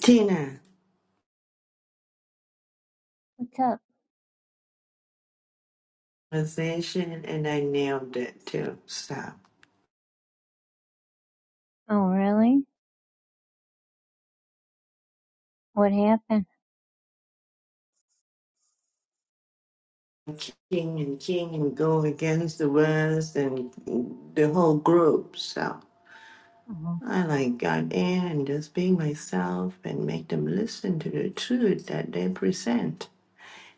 Tina What's up? possession, and I nailed it too. Stop. Oh, really? What happened? King and King and go against the rest and the whole group. So Oh. I like got in and just being myself and make them listen to the truth that they present.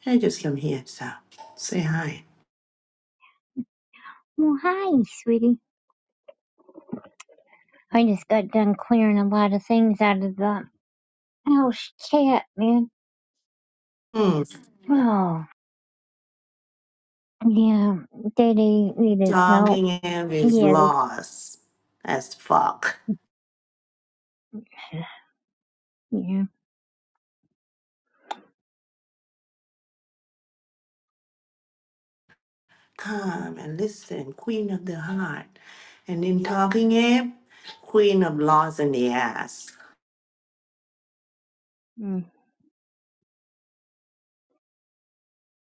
I just come here, so say hi. Well, hi, sweetie. I just got done clearing a lot of things out of the house cat, man. Hmm. Oh, yeah. Day-Day needed help. Talking Eve is Yeah, lost as fuck. this- yeah, Come and listen, Queen of the Heart. And in Talking Eve, Queen of Laws in the Ass. mm,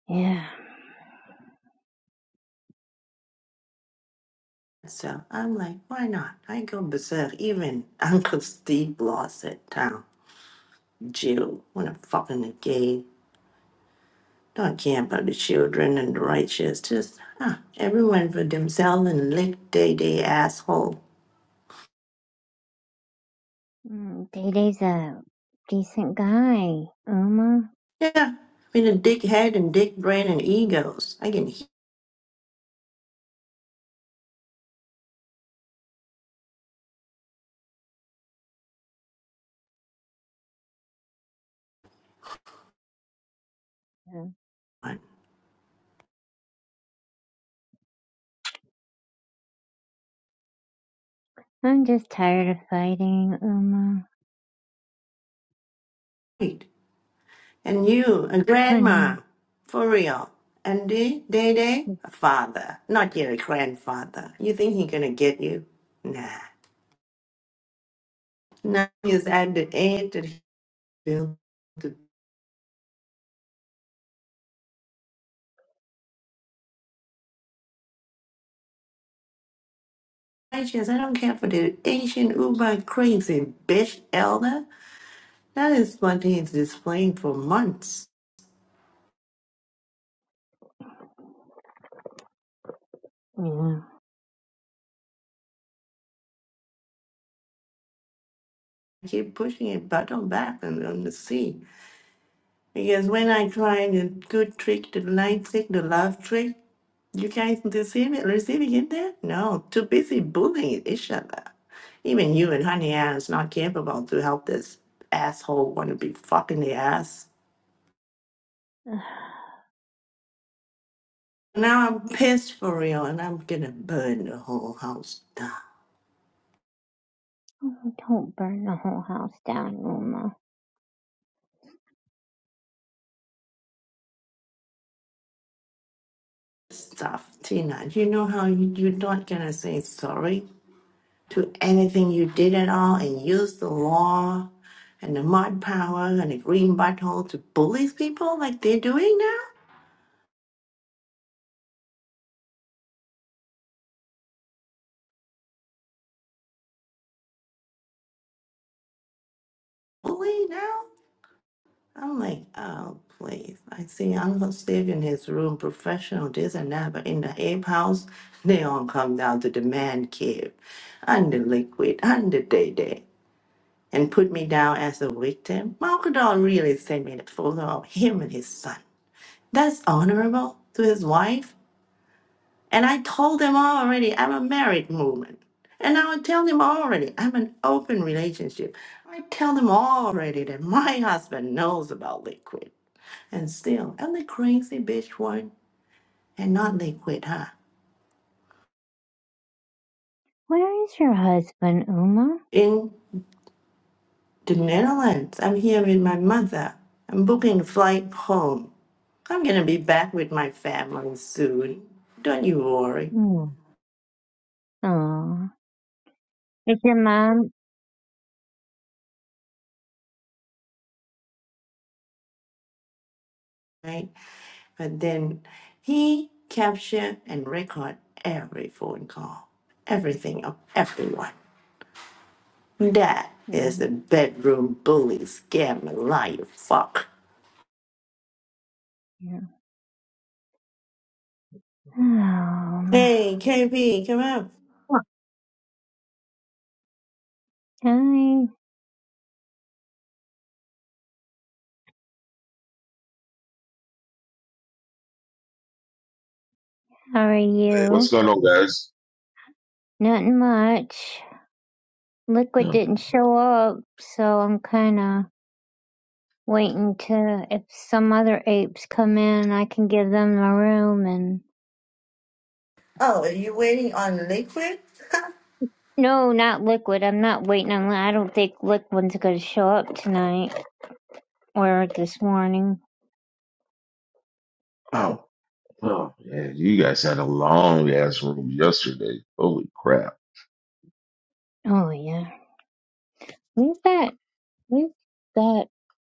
yeah. So I'm like, why not? I go berserk. Even Uncle Steve lost at town. Jill, wanna fucking the gay. Don't care about the children and the righteous. Just huh, everyone for themselves and lick they they asshole. Mm, Day-Day's a decent guy, Uma. Yeah, with a dick head and dick brain and egos. I can hear Yeah. one. I'm just tired of fighting, Uma. Wait. And you, a I know. grandma, for real. And they, they, they, a father, not your grandfather. You think he gonna get you? Nah. Now is at the end of the field. The Christians, I don't care for the ancient Uber crazy bitch elder. That is what he is displaying for months. I keep pushing it bottom back and on the sea. Because when I try the good trick, the light trick, the love trick, you guys receive it, receiving it there? No, too busy bullying each other. Even you and Honey Ass not capable to help this asshole want to be fucking the ass. Yeah. Now I'm pissed for real and I'm gonna burn the whole house down. Oh, don't burn the whole house down, Uma. Stuff, Tina. You know how you, you're not gonna say sorry to anything you did at all and use the law and the mud power and the green butthole to bully people like they're doing now? Bully now? I'm like, oh, please. I see Uncle Steve in his room, professional, this and that, but in the ape house, they all come down to the man cave and the liquid and the day day. and put me down as a victim, Malkadon really sent me the photo of him and his son. That's honorable to his wife. And I told him already I'm a married woman. And I would tell him already I'm an open relationship. I tell him already that my husband knows about liquid. And still, I'm the crazy bitch one and not liquid, huh? Where is your husband, Uma? In the Netherlands, I'm here with my mother. I'm booking a flight home. I'm gonna be back with my family soon. Don't you worry, Mm. Aw. Is your mom? right? But then he captured and record every phone call, everything of everyone. That is a Mm, bedroom bully, scammer liar, fuck. Yeah. Um, Hey, KP, come up. hi, how are Hey, you? What's going on, guys? Nothing much. Liquid Yeah. didn't show up, so I'm kinda waiting to if some other apes come in, I can give them a room and. Oh, are you waiting on liquid? No, not Liquid. I'm not waiting on. Li- I don't think Liquid's gonna show up tonight or this morning. Oh, oh, yeah. You guys had a long ass room yesterday. Holy crap. Oh yeah, where's that? Where's that?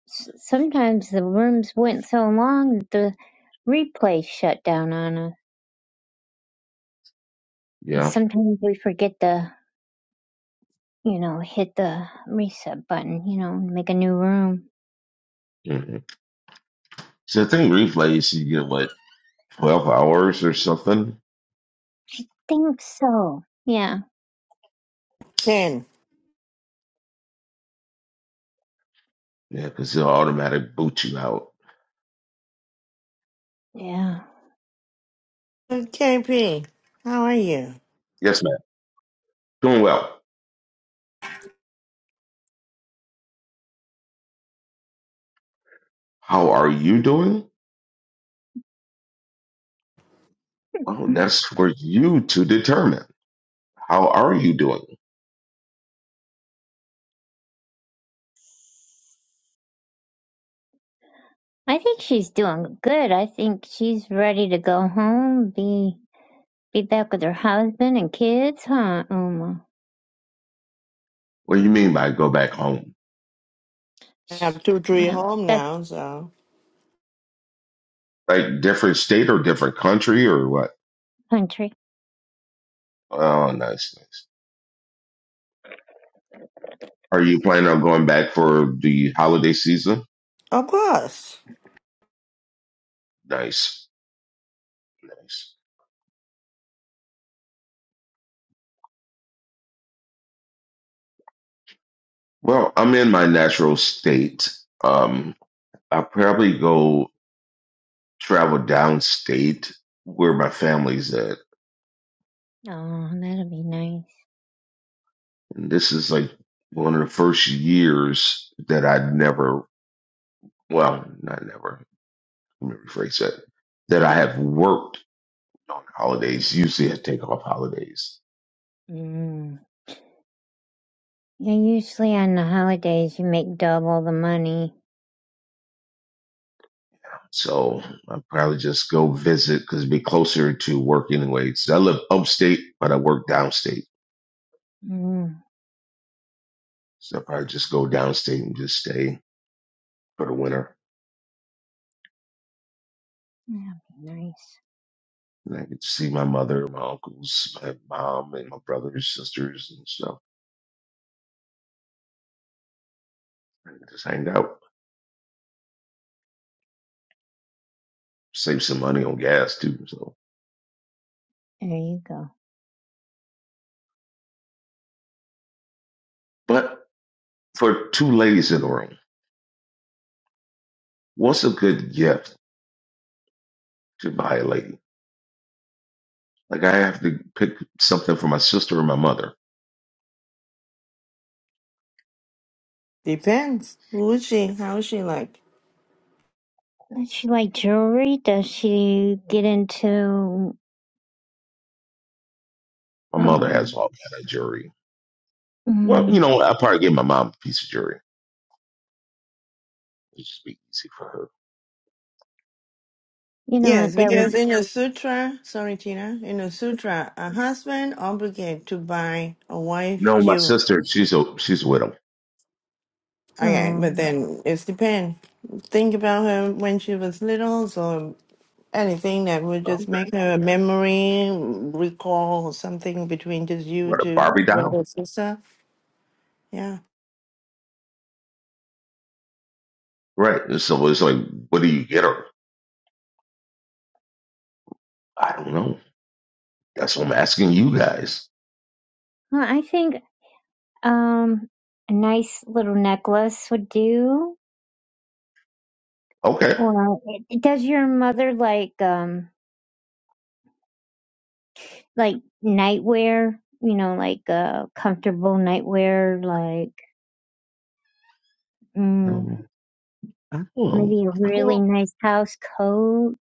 S- sometimes the rooms went so long that the replay shut down on us. And Yeah. Sometimes we forget to, you know, hit the reset button, you know, and make a new room. hmm So I think replays, you get like 12 hours or something. Think so. Yeah. Ken, Yeah, because it'll automatic boot you out. Yeah. KP, how are you? Yes, ma'am. Doing well. How are you doing? Oh, that's for you to determine. How are you doing? I think she's doing good. I think she's ready to go home, be be back with her husband and kids, huh, Uma? What do you mean by go back home? I Sh- have two, three Well, home that's now, so Like different state or different country or what? country. Oh, nice, nice. Are you planning on going back for the holiday season? Of course. Nice, nice. Well, I'm in my natural state. Um, I'll probably go travel downstate where my family's at. Oh, that'll be nice. And this is like one of the first years that I never, well, not never, let me rephrase that, that I have worked on holidays. Usually I take off holidays. Mm. Yeah, usually on the holidays you make double the money So I'll probably just go visit because it'd be closer to work anyways. I live upstate, but I work downstate. Mm, So I'll probably just go downstate and just stay for the winter. that'd be nice. And I get to see my mother, my uncles, my mom, and my brothers, sisters, and stuff. And just hang out, save some money on gas too. So, There you go. but for two ladies in the room, what's a good gift to buy a lady? Like I have to pick something for my sister and my mother. depends. Who is she? How is she like? Does she like jewelry? Does she get into, My mother has um, all kind of jewelry. Well, you mm, know, I'll probably give my mom a piece of jewelry. It'd just be easy for her. you know Yes, what? That because would, in the sutra, sorry Tina, in the sutra, a husband obligated to buy a wife No, my jewelry. sister, she's a she's a widow. Okay, oh, but then it's depend. Think about her when she was little, so anything that would just Okay. make her a memory, recall or something between just you What a two, Barbie doll? brother, sister. Yeah. Right. And so it's like, what do you get her? I don't know. That's what I'm asking you guys. well, I think, um, a nice little necklace would do. Okay. Or eh, does your mother like, um, like nightwear? You know, like, uh, comfortable nightwear, like, mm, Um, I don't know. maybe a I don't really know. nice house coat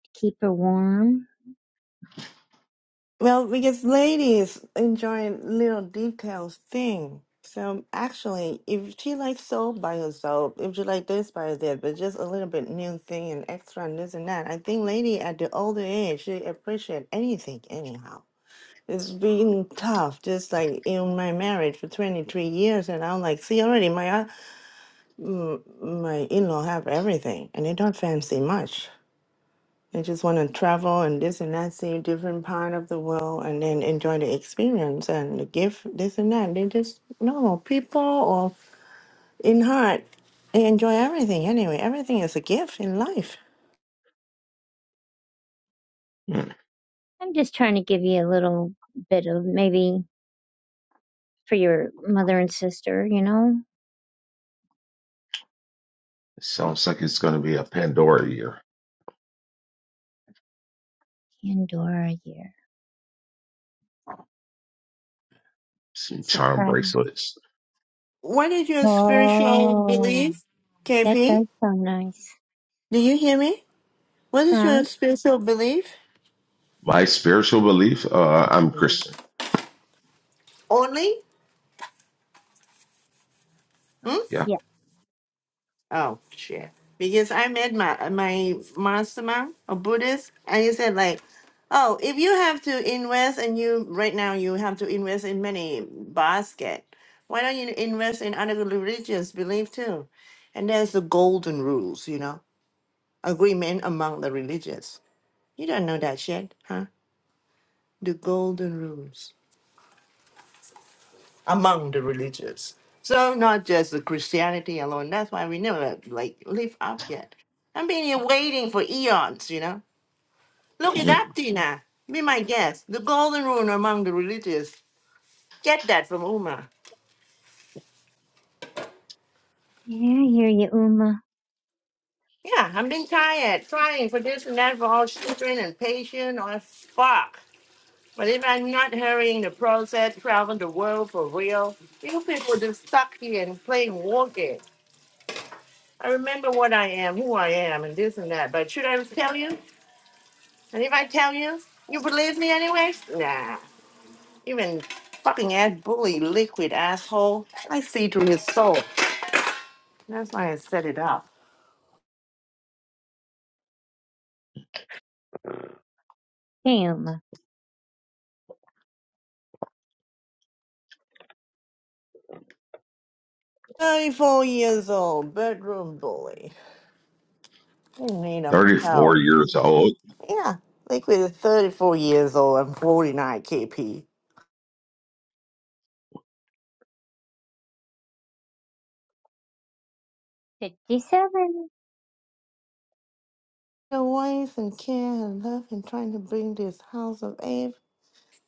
to keep her warm? Well, because ladies enjoy little details thing. So actually, if she likes soap by herself, if she like this by her that, but just a little bit new thing and extra and this and that, I think lady at the older age she appreciate anything anyhow. It's been tough, just like in my marriage for twenty three years, and I'm like, see already my uh, m- my in law have everything, and they don't fancy much. They just want to travel and this and that, see different part of the world, and then enjoy the experience and the gift, this and that. They just no people or in heart, they enjoy everything anyway. Everything is a gift in life. Hmm. I'm just trying to give you a little bit of maybe for your mother and sister, you know? It sounds like it's going to be a Pandora year. Pandora year. Some charm Surprise. bracelets. What is your spiritual Oh, belief, that KP? does sound nice. Do you hear me? What is Huh? your spiritual belief? My spiritual belief, uh, I'm Christian. Only? Hmm? Yeah. Yeah. Oh shit! Because I met my my mastermind, a Buddhist, and he said like, oh, if you have to invest and you right now you have to invest in many basket, why don't you invest in other religious belief too? And there's the golden rules, you know, agreement among the religious. You don't know that shit, huh? The golden rules. among the religions. So not just the Christianity alone. That's why we never like live up yet. I've been here waiting for eons, you know. Look it hmm up, Tina. Be my guest. The golden rule among the religious. Get that from Uma. Yeah, I hear you, Uma. Yeah, I've been tired, trying for this and that for all children and patient or fuck. But if I'm not hurrying the process, traveling the world for real, you people just stuck here and playing war games. I remember what I am, who I am, and this and that. But should I tell you? And if I tell you, you believe me anyway? Nah. Even fucking ass bully, liquid asshole. I see through his soul. That's why I set it up. Hey, Uma. 34 years old, bedroom bully. In need of 34 help. years old. Yeah, liquid is 34 years old. I'm 49 KP. 57. The ways and care and love and trying to bring this house of Eve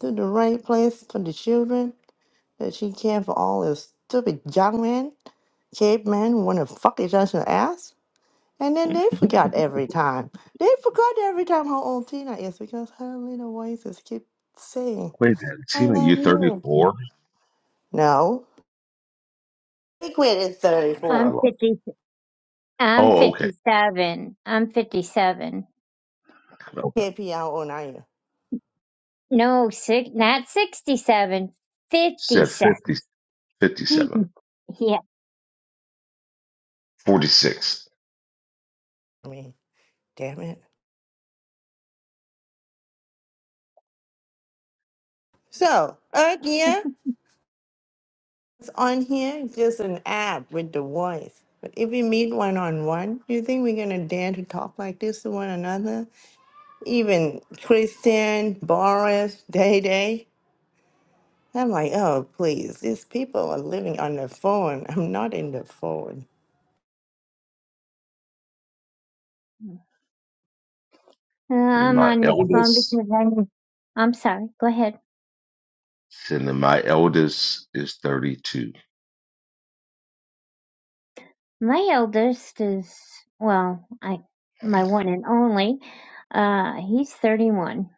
to the right place for the children that she can for all this stupid young man, caveman, want to fuck each other's ass. And then they forgot every time. They forgot every time how old Tina is because her little voices keep saying, Wait a minute, I Tina, you love you. 34? No. Big Wit is Wait a minute, I I'm 34. lost. 50. I'm Oh, okay. 57. I'm 57. okay. KP, how old are you? No, six, not 67. Said 57. 50. 57, yeah. 46, I mean, damn it. So, uh, yeah. It's on here, just an app with the voice. But if we meet one on one, do you think we're gonna dare to talk like this to one another? Even Christian, Boris, Day Day. I'm like, oh please, these people are living on the phone. I'm not in the phone. Uh, And I'm my on the phone eldest, because I need- I'm sorry. Go ahead. and then my eldest is 32. My eldest is well, I my one and only. Uh, he's 31,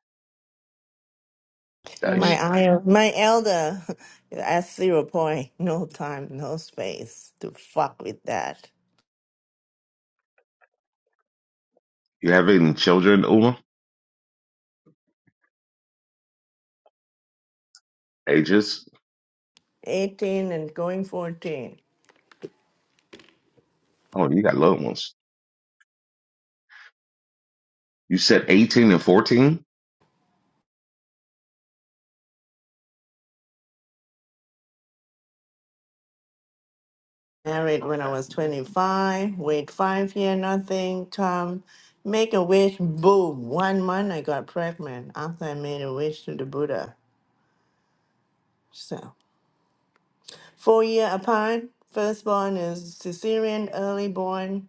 Nice. and My IL, my elder at zero point, no time, no space to fuck with that. You have any children, Uma? Ages? 18 and going 14. Oh, you got little ones. You said 18 and 14? Married Okay. when I was Yeah. 25, wait five year, nothing. Tom, make a wish, boom. One month I got pregnant after I made a wish to the Buddha. So, four year apart. Firstborn is cesarean, early born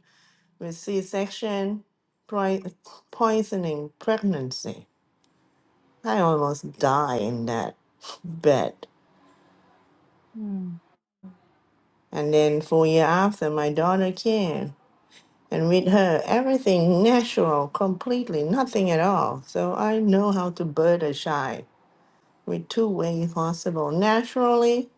with C section, pri- poisoning pregnancy. I almost died in that bed. Hmm. And then four year after, my daughter came. And with her, everything natural, completely, nothing at all. So I know how to bird a shy with two ways possible, naturally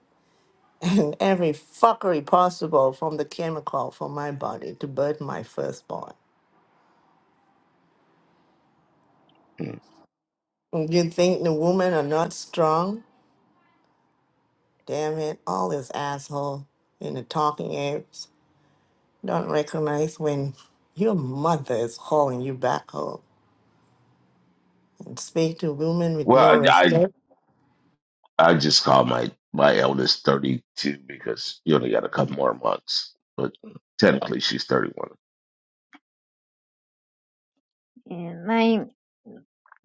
and every fuckery possible from the chemical for my body to birth my firstborn. Hmm. You think the women are not strong? Damn it, all this asshole in the talking apes don't recognize when your mother is calling you back home and speak to women with no Well, I, I, respect. I just called my, my eldest 32 because you only got a couple more months, but technically she's 31. and my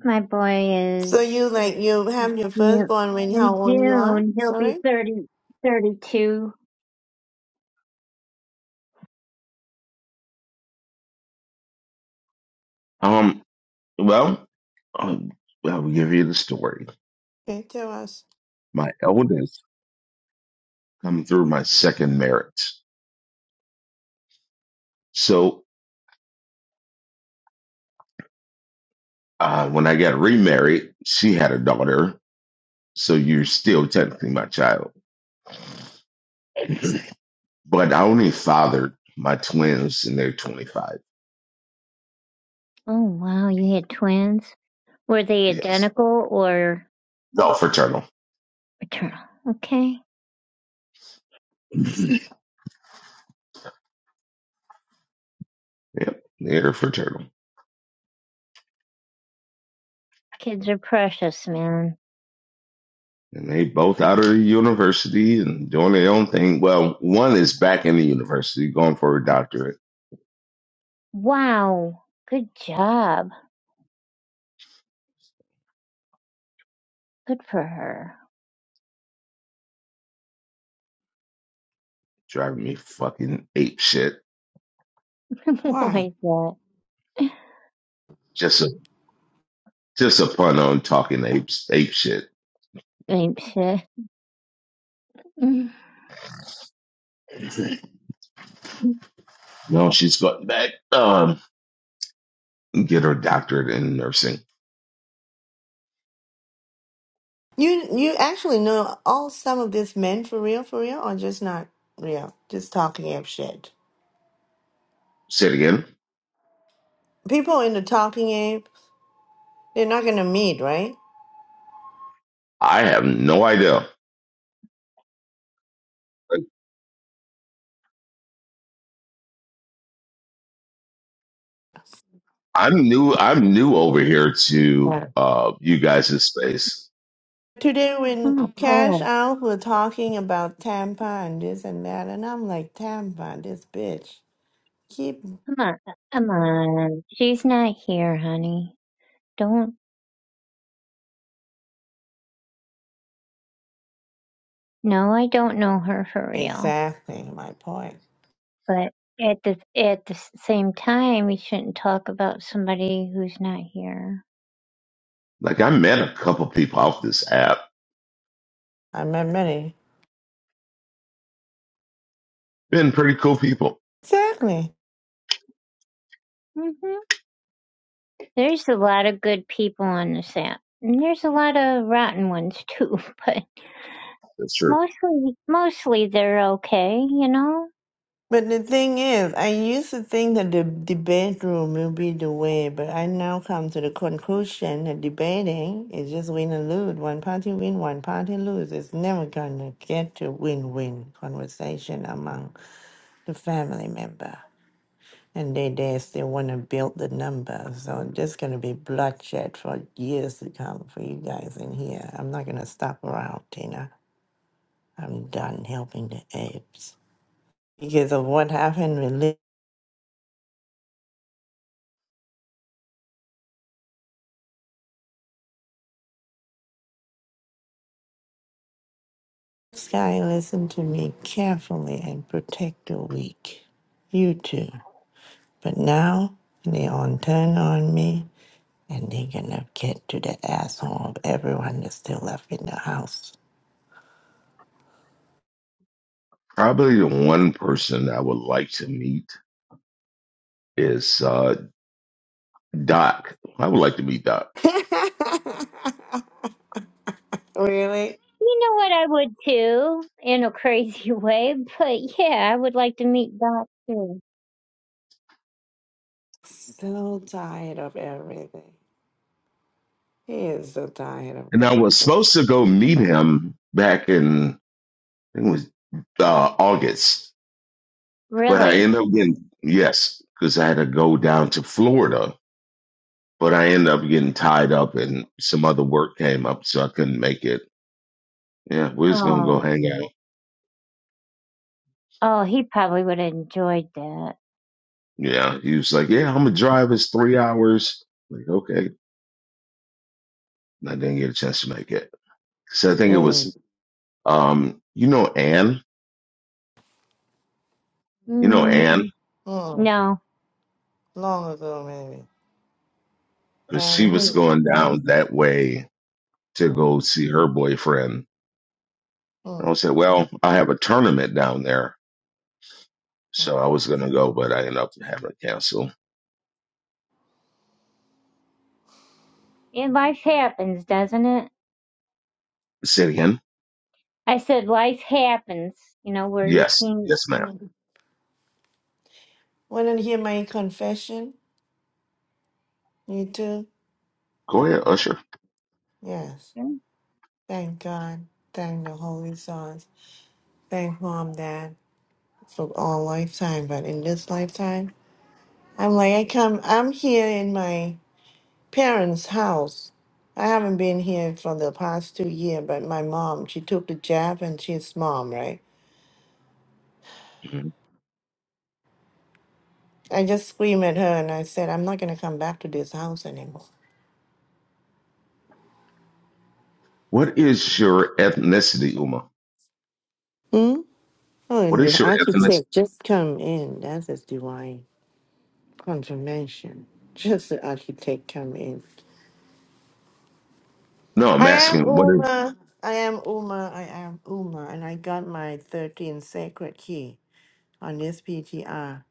my boy So is you uh, like you have your yeah, firstborn when how in old you are? June he'll be Sorry? 30, 32. Um, well, um, well, I'll give you the story. Okay, tell us. My eldest come through my second marriage. So Uh, when I got remarried, she had a daughter, so you're still technically my child. But I only fathered my twins, and they're 25. Oh wow, you had twins? Were they Yes. identical or No, fraternal. maternal? Okay. Yep, they're fraternal. Kids are precious, man. And they both out of the university and doing their own thing. Well, one is back in the university going for a doctorate, Wow. Good job. Good for her. driving me fucking ape shit. Why? Why that? Just a just a pun on talking apes ape shit. Ain't shit. Mm. No, she's going back um get her doctorate in nursing. You you actually know all some of these men for real, for real, or just not real? Just talking ape shit. Say it again. People in the talking ape, they're not gonna meet, right? I have no idea. I'm new. I'm new over here to Yeah. uh, you guys in space. Today Oh, when Cash cool. Out were talking about Tampa and this and that, and I'm like, Tampa, this bitch. Keep Come on. Come on. She's not here, honey. Don't. No, I don't know her for real. exactly my point. But at the at the same time, we shouldn't talk about somebody who's not here. Like I met a couple people off this app. I met many. Been pretty cool people. Exactly. Mhm. There's a lot of good people on this app. And there's a lot of rotten ones too, but That's true. mostly mostly they're okay, you know? But the thing is, I used to think that the, the bedroom will be the way, but I now come to the conclusion that debating is just win and lose. One party win, one party lose. It's never gonna get to win-win conversation among the family member. And they, they still wanna build the number, so there's gonna be bloodshed for years to come for you guys in here. I'm not gonna stop around, Tina. I'm done helping the apes because of what happened with Sky, listen to me carefully and protect the weak. You too. But now they on turn on me and they gonna get to the asshole of everyone that's still left in the house. Probably the one person I would like to meet is uh, Doc. I would like to meet Doc. really? You know what I would too, in a crazy way, but yeah, I would like to meet Doc too. So tired of everything. He is so tired of And I was supposed to go meet him back in I think it was uh, August, but I Really? ended up getting yes because I had to go down to Florida. But I ended up getting tied up, and some other work came up, so I couldn't make it. Yeah, we are just gonna go Oh. hang out. Oh, he probably would have enjoyed that. Yeah, he was like, "Yeah, I'm gonna drive. It's three hours." Like, okay, And I didn't get a chance to make it. So I think it mm. was, um, you know, Anne. You know, Anne, Mm, Mm. no. long ago maybe. because she And he was going down that way to mm. go see her boyfriend. And Mm. I said, Well, I have a tournament down there. So Mm. I was going to go, but I ended up having to cancel. Yeah, life happens, doesn't it? Say it again. I said life happens, you know, where you Yes. can't. Yes, ma'am. Mm. Wanna hear my confession? You too? Go ahead, Usher. Yes. Thank God. Thank the Holy Sons. Thank Mom, Dad for all lifetime. But in this lifetime, I'm like, I come, I'm here in my parents' house. I haven't been here for the past two years, but my mom, she took the jab and she's mom, right? Mhm. I just screamed at her and I said, I'm not going to come back to this house anymore. What is your ethnicity, Uma? Hmm? Oh, What and is the your ethnicity? architect just come in. That is divine confirmation. Just the architect come in. No, I'm I am asking, what is, Uma. I am Uma. I am Uma. And I got my 13 sacred key on this PTR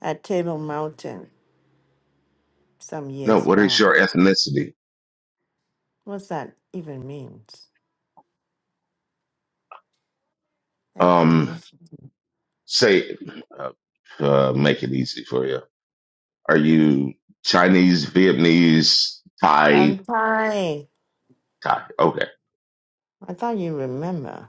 at Table Mountain some no, years what is back. your ethnicity? What's that even means? Um, Ethnicity. say, uh, uh, make it easy for you. Are you Chinese, Vietnamese, Thai? I'm Thai. Thai. okay. I thought you remember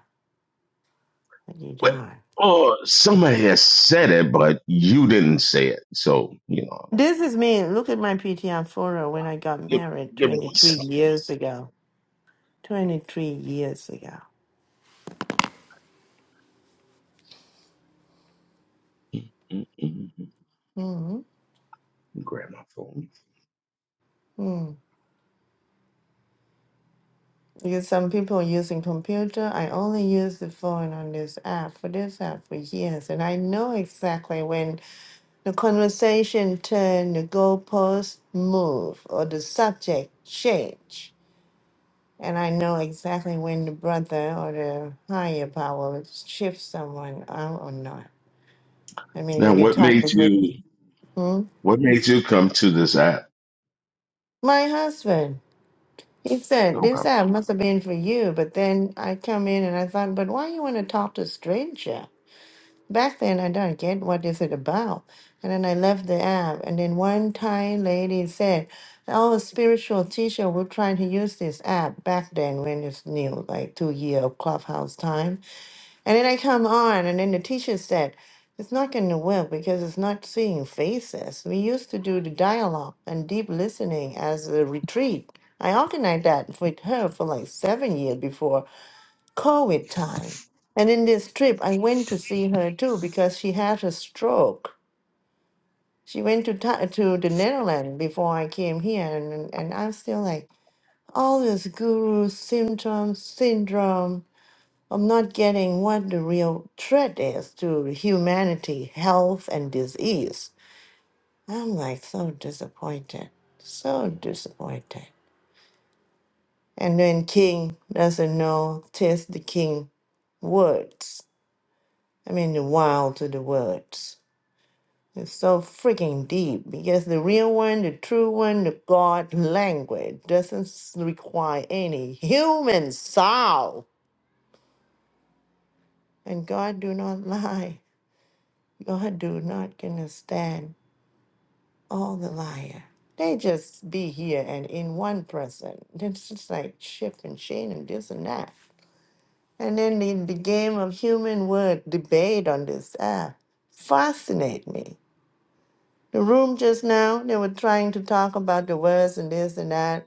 that you Well, died. oh, somebody has said it, but you didn't say it. So, you know, This is me. Look at my PTR photo when I got give, married give me one 23 second. years ago. 23 years Mm, mm, ago. Grab my phone. Hmm. Because some people using computer, I only use the phone on this app for this app for years, and I know exactly when the conversation turn, the goalpost move, or the subject change, and I know exactly when the brother or the higher power shifts someone out or not. I mean, Now, in the what made topic. you, Hmm? what made you come to this app? My husband. He said, Okay. this app must have been for you, but then I come in and I thought, but why you want to talk to stranger? back then I don't get what is it about. And then I left the app. And then one Thai lady said, "Oh, a spiritual teacher will try to use this app back then when it's new, like two year of clubhouse time." And then I come on, and then the teacher said. It's not going to work because it's not seeing faces. We used to do the dialogue and deep listening as a retreat. I organized that with her for like seven years before COVID time. And in this trip, I went to see her too because she had a stroke. She went to Tha- to the Netherlands before I came here, and and I'm still like all this guru symptom syndrome. I'm not getting what the real threat is to humanity, health, and disease. I'm like so disappointed, so disappointed. And then King doesn't know test the King words. I mean, the wild to the words. It's so freaking deep because the real one, the true one, the God language doesn't s- require any human soul. And God do not lie. God do not gonna stand all the liar. They just be here and in one person. It's just like shift and chain and this and that. And then the, the game of human word debate on this app fascinate me the room just now, they were trying to talk about the words and this and that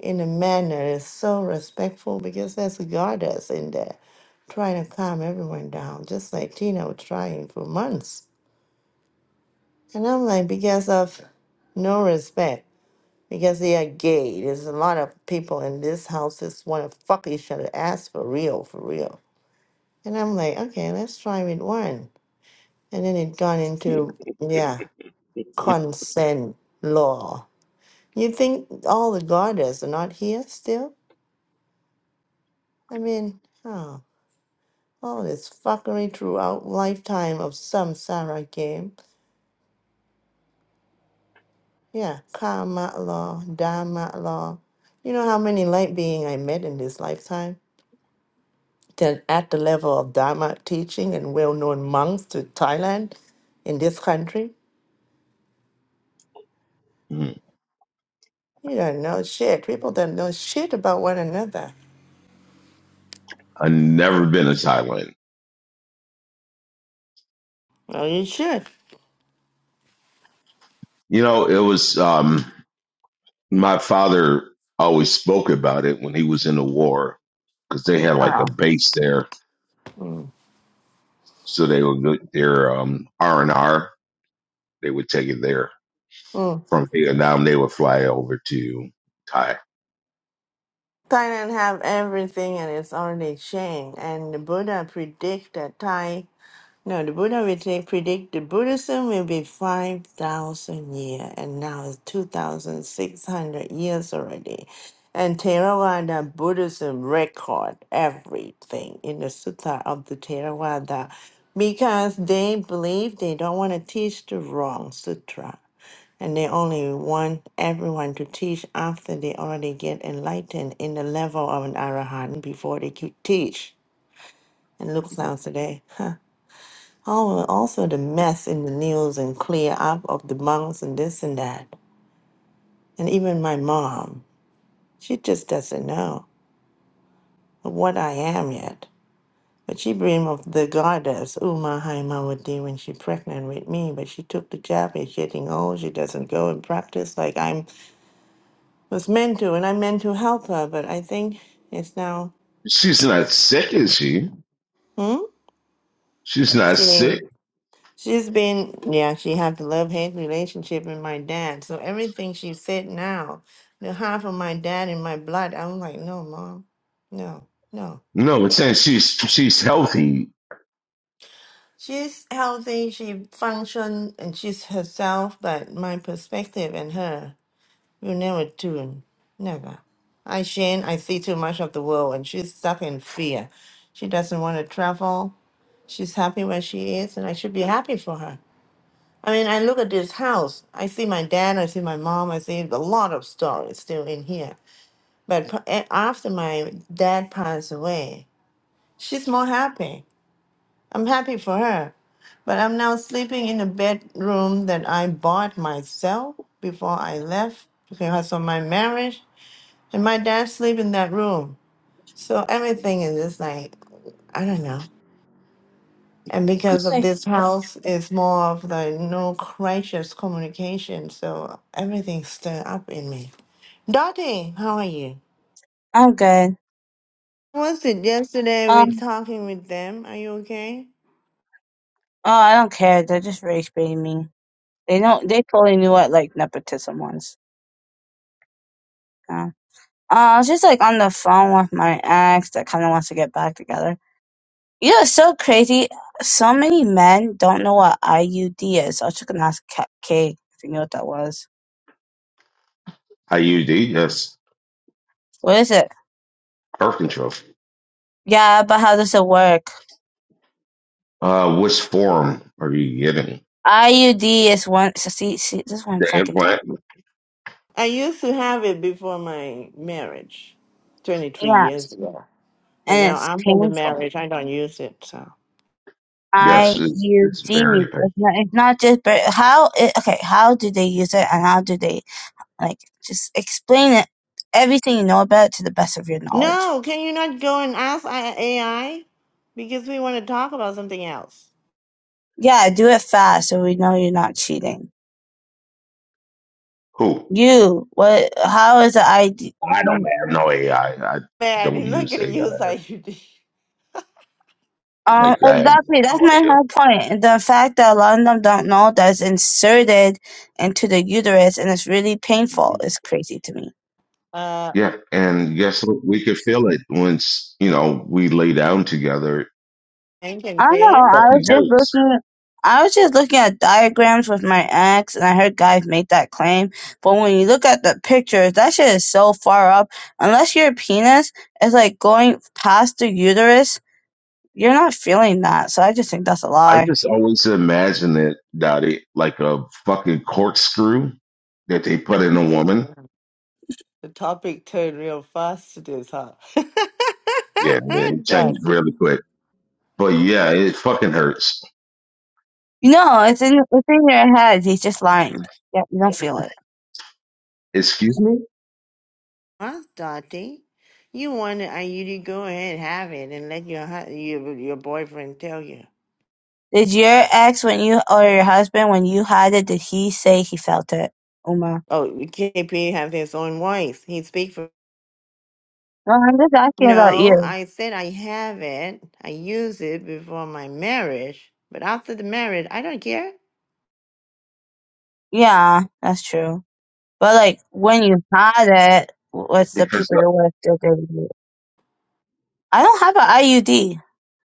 in a manner is so respectful because there's a goddess in there trying to calm everyone down, just like Tina was trying for months. And I'm like, because of no respect, because they are gay. There's a lot of people in this house that want to fuck each other ass for real, for real. And I'm like, okay, let's try with one. And then it gone into, yeah, consent law You think all the goddess are not here still? I mean, oh, all this fuckery throughout lifetime of samsara game. Yeah, karma law, dharma law. You know how many light being I met in this lifetime? Then at the level of dharma teaching and well-known monks to Thailand in this country. Mm. You don't know shit. People don't know shit about one another. I've never been to Thailand. Well, you should. You know, it was, um, my father always spoke about it when he was in the war because they had like Oh. a base there. Mm. So they would go their, um, R and R. They would take it there from Vietnam. They would fly over to Thailand Thailand have everything and it's already changed. And the Buddha predict that Thai, no, the Buddha will say predict the Buddhism will be 5,000 years and now it's 2,600 years already. And Theravada Buddhism record everything in the Sutta of the Theravada because they believe they don't want to teach the wrong sutra and they only want everyone to teach after they already get enlightened in the level of an arahant before they could teach. And look now today. Huh. Oh, also the mess in the news and clear up of the monks and this and that. And even my mom, she just doesn't know what I am yet. But she dreamed of the goddess Uma Haimawati when she pregnant with me. But she took the jab. She's getting old. She doesn't go and practice like I'm was meant to, and I meant to help her, but I think it's now, She's not sick, is she? hmm? She's not She, sick. she's been, yeah, she had the love hate relationship with my dad. So everything she said now, the half of my dad in my blood, I'm like, no, mom, no, no. No, it's saying she's she's healthy She's healthy, she functions, and she's herself, but my perspective and her will never tune. Never. I, Shane, I see too much of the world, and she's stuck in fear. She doesn't want to travel. She's happy where she is, and I should be happy for her. I mean, I look at this house. I see my dad, I see my mom, I see a lot of stories still in here. But p- a- after my dad passed away, she's more happy. I'm happy for her. But I'm now sleeping in a bedroom that I bought myself before I left because of my marriage. And my dad sleep in that room. So everything is just like, I don't know. And because because of Like, this house is more of the no crisis communication, so everything's stirred up in me. Dottie, how are you? I'm good. Was it yesterday we Um, talking with them? Are you okay? oh, I don't care. They're just race baiting me. They know they totally knew what like nepotism was. Uh, uh, I was just like on the phone with my ex that kind of wants to get back together. You know, it's so crazy. So many men don't know what IUD is. I was just gonna ask Ka- Kay if you knew what that was. IUD. That's What is it? birth control. Yeah, but how does it work? Uh, which form are you getting? IUD is one. So see, see, this is what I'm The fucking implant. talking. About. I used to have it before my marriage, twenty three years Yes, ago. But and now it's I'm in the painful. marriage, I don't use it. So Yes, I it's U it's D. very painful. It's not, it's not just, but how, it, okay, how do they use it and how do they, like, just explain it, everything you know about it to the best of your knowledge. no, can you not go and ask I- AI because we want to talk about something else? Yeah, do it fast so we know you're not cheating. Who? You, what, how is the ID? I don't you- have no AI. I I Man, don't he's not use gonna AI. use IUD. Um, Like I have exactly, that's no my whole idea. point. The fact that a lot of them don't know that's inserted into the uterus and it's really painful is crazy to me. Uh, Yeah, and guess what? We could feel it once you know we lay down together. It I can I don't say know. it. I was fucking just hurts. looking. I was just looking at diagrams with my ex, and I heard guys make that claim. But when you look at the pictures, that shit is so far up. Unless your penis is like going past the uterus, you're not feeling that. So I just think that's a I lie. just always imagine it, Dottie, like a fucking corkscrew that they put in a Yeah. woman. The topic turned real fast to this, huh? Yeah, man, it changed Dottie? really quick. But yeah, it fucking hurts. No, it's in it's in your head. He's just lying. Yeah, you don't feel it. Excuse me? Huh, Dottie, You wanted uh, you to go ahead and have it and let your hu- your, your boyfriend tell you. Did your ex, when you or your husband, when you had it, did he say he felt it, Uma? Oh, KP have his own voice. He speak for. No, I'm just asking about No, you. I said I have it. I use it before my marriage, but after the marriage, I don't care. Yeah, that's true. But like when you had it, what's the Because people uh, you're with? Did they do it? I don't have an IUD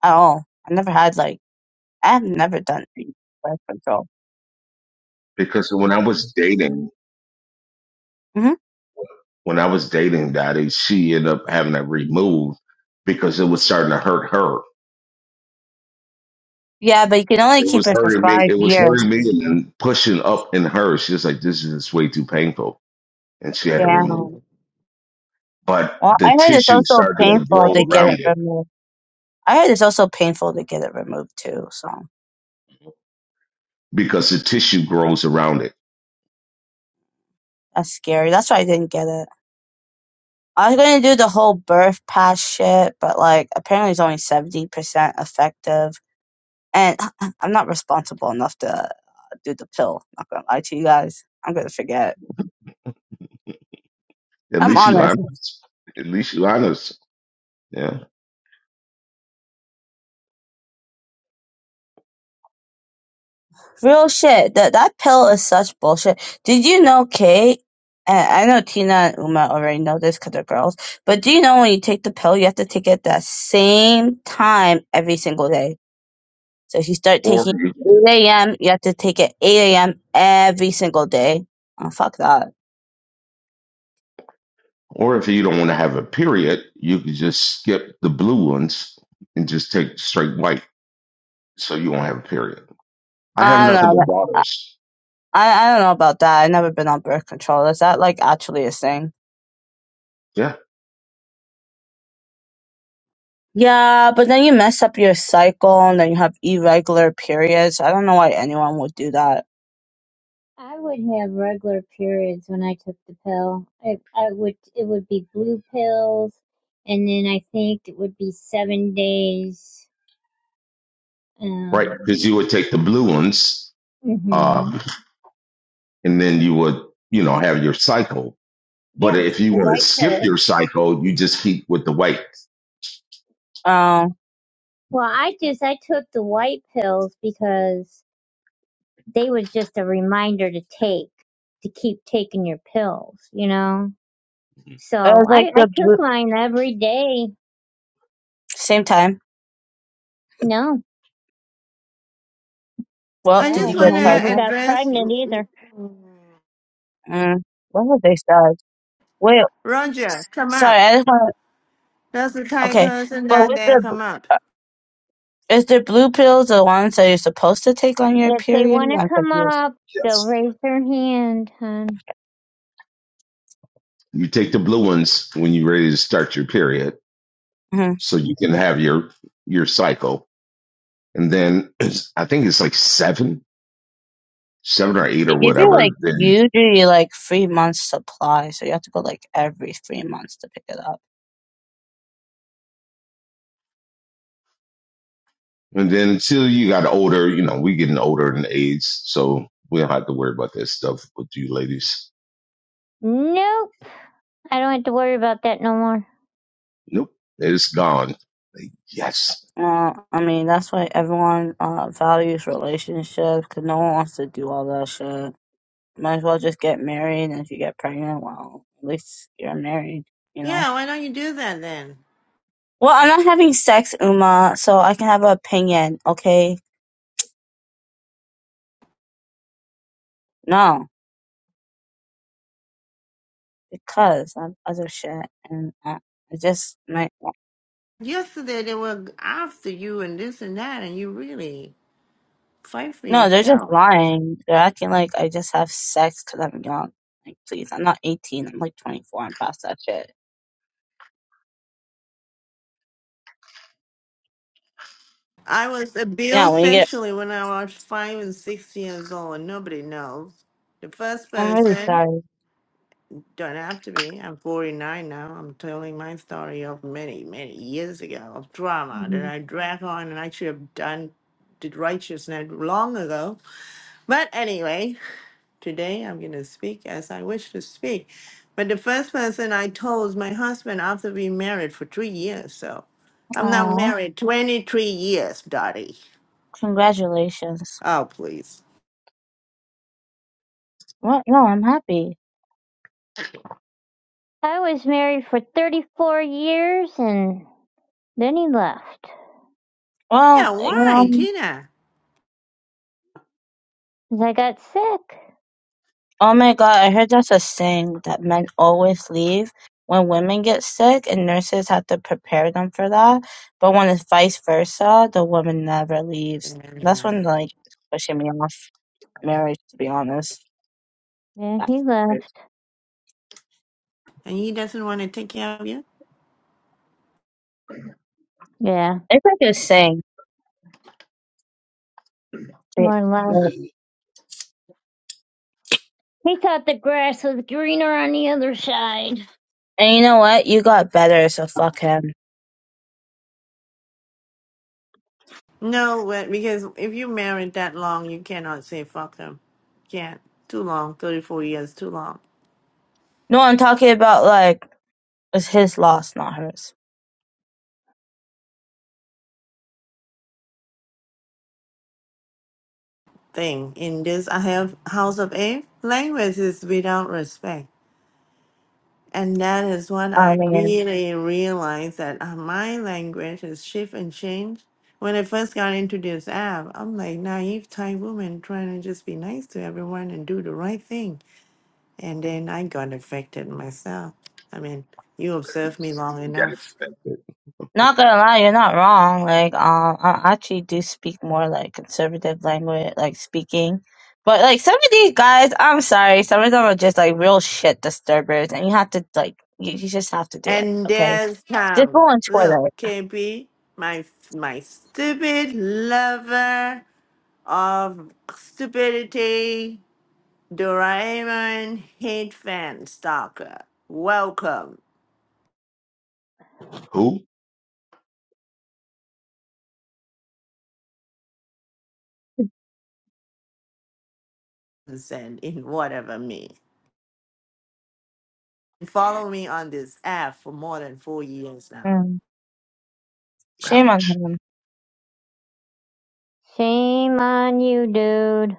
at all. I never had like I have never done birth control. because when I was dating, hmm when I was dating Dottie, she ended up having that removed because it was starting to hurt her. Yeah, but you can only It keep was it for hurting me. five It was years. hurting me and then pushing up in her. She was like, this is way too painful. And she had it removed. Damn. Ooh. But Well, I the heard it's tissue also started to painful grow to get around it it removed. I heard it's also painful to get it removed too. So because the tissue grows around it. that's scary. That's why I didn't get it. I was going to do the whole birth pass shit, but like apparently it's only 70% effective. And I'm not responsible enough to uh, do the pill. Not gonna lie to you guys. I'm gonna forget. At I'm least you honest. honest. At least you honest. Yeah. Real shit. That that pill is such bullshit. Did you know, Kate? And I know Tina and Uma already know this because they're girls. But do you know when you take the pill, you have to take it the same time every single day. So if you start Or taking it you can just- at 8 a.m., you have to take it 8 a.m. every single day. Oh, fuck that. or if you don't want to have a period, you can just skip the blue ones and just take straight white, so you won't have a period. I have I don't nothing know. but daughters. I, I don't know about that. I've never been on birth control. Is that like actually a thing? Yeah. Yeah, but then you mess up your cycle and then you have irregular periods. I don't know why anyone would do that. I would have regular periods when I took the pill. It, I would it would be blue pills, and then I think it would be seven days. Right. Um, Because you would take the blue ones, uh, hmm and then you would, you know, have your cycle. But yeah, if you the want to white skip pill. your cycle, you just keep with the white. Um, Well, I just I took the white pills because they was just a reminder to take to keep taking your pills, you know. it So was I like I the took bl- mine every day. same time. No, Well, I did you just no, and get want to I never pregnant? got address pregnant mm, either. mm, mm, Mm, what have they said? Wait, Roger. Come up. sorry, I just want That's the to. type of Okay, person but that with they the b- come up. uh, is the blue pills the ones that you're supposed to take on your If they period? want to I'm come confused. up, they'll Yes. raise their hand, hon. You take the blue ones when you're ready to start your period, hmm so you can have your your cycle. And then it's- I think it's like seven, seven or eight They or give you like whatever. Then usually like three months supply, so you have to go like every three months to pick it up. and then until you got older, you know, we getting older in age, so we don't have to worry about that stuff with you ladies. Nope. I don't have to worry about that no more. Nope, it's gone. Like, yes, Uh, I mean, that's why everyone uh, values relationships because no one wants to do all that shit. Might as well just get married, and if you get pregnant, well, at least you're married, you know? Yeah, why don't you do that then? Well, I'm not having sex, Uma, so I can have an opinion, okay? No, because of other shit, and I, I just might. Yesterday they were after you and this and that, and you really fight for No, they're just yourself. lying. They're acting like I just have sex because I'm young. Like, please, I'm not 18. I'm like 24. I'm past that shit. I was Yeah, abused when you get, sexually when I was five and six years old, and nobody knows. The first I'm really person, don't have to be, I'm 49 now. I'm telling my story of many, many years ago of drama sorry. that I drag on and I should have done did righteousness long ago. But anyway, Today I'm going to speak as I wish to speak. But the first person I told is my husband after we married for three years. So I'm now Oh, married 23 years, Dottie. congratulations. Oh, please. Well, no, I'm happy. I was married for 34 years and then he left. Well, Yeah, you why, know, Tina? 'Cause I got sick. oh my God, I heard that's a saying that men always leave when women get sick and nurses have to prepare them for that. But when it's vice versa, the woman never leaves. That's Yeah. when, like, it's pushing me off marriage, to be honest. Yeah, That he hurt. left. And he doesn't want to take care of you? Yeah, It's like a saying. more left. Like, He thought the grass was greener on the other side. And you know what? You got better, so fuck him. No, but because if you married that long, you cannot say fuck him. Can't. Too long. 34 years, too long. No, I'm talking about, like, it's his loss, not hers. Thing. In this, I have House of A. Language is without respect. And that is when I I mean. really realized that uh, my language is shift and change. When I first got into this app, I'm like naive Thai woman trying to just be nice to everyone and do the right thing. And then I got affected myself. I mean, you observe me long got it. enough. Not gonna lie, you're not wrong. Like, um, I actually do speak more like conservative language, like speaking. But like some of these guys, I'm sorry, some of them are just like real shit disturbers, and you have to like, you, you just have to do it, And okay? there's Just go Tom. on Twitter. Look, KB, my my stupid lover of stupidity Doraemon hate fan stalker. Welcome, Who? send in whatever me. Follow me on this app for more than four years now. Mm, shame on Ouch. him. Shame on you, dude.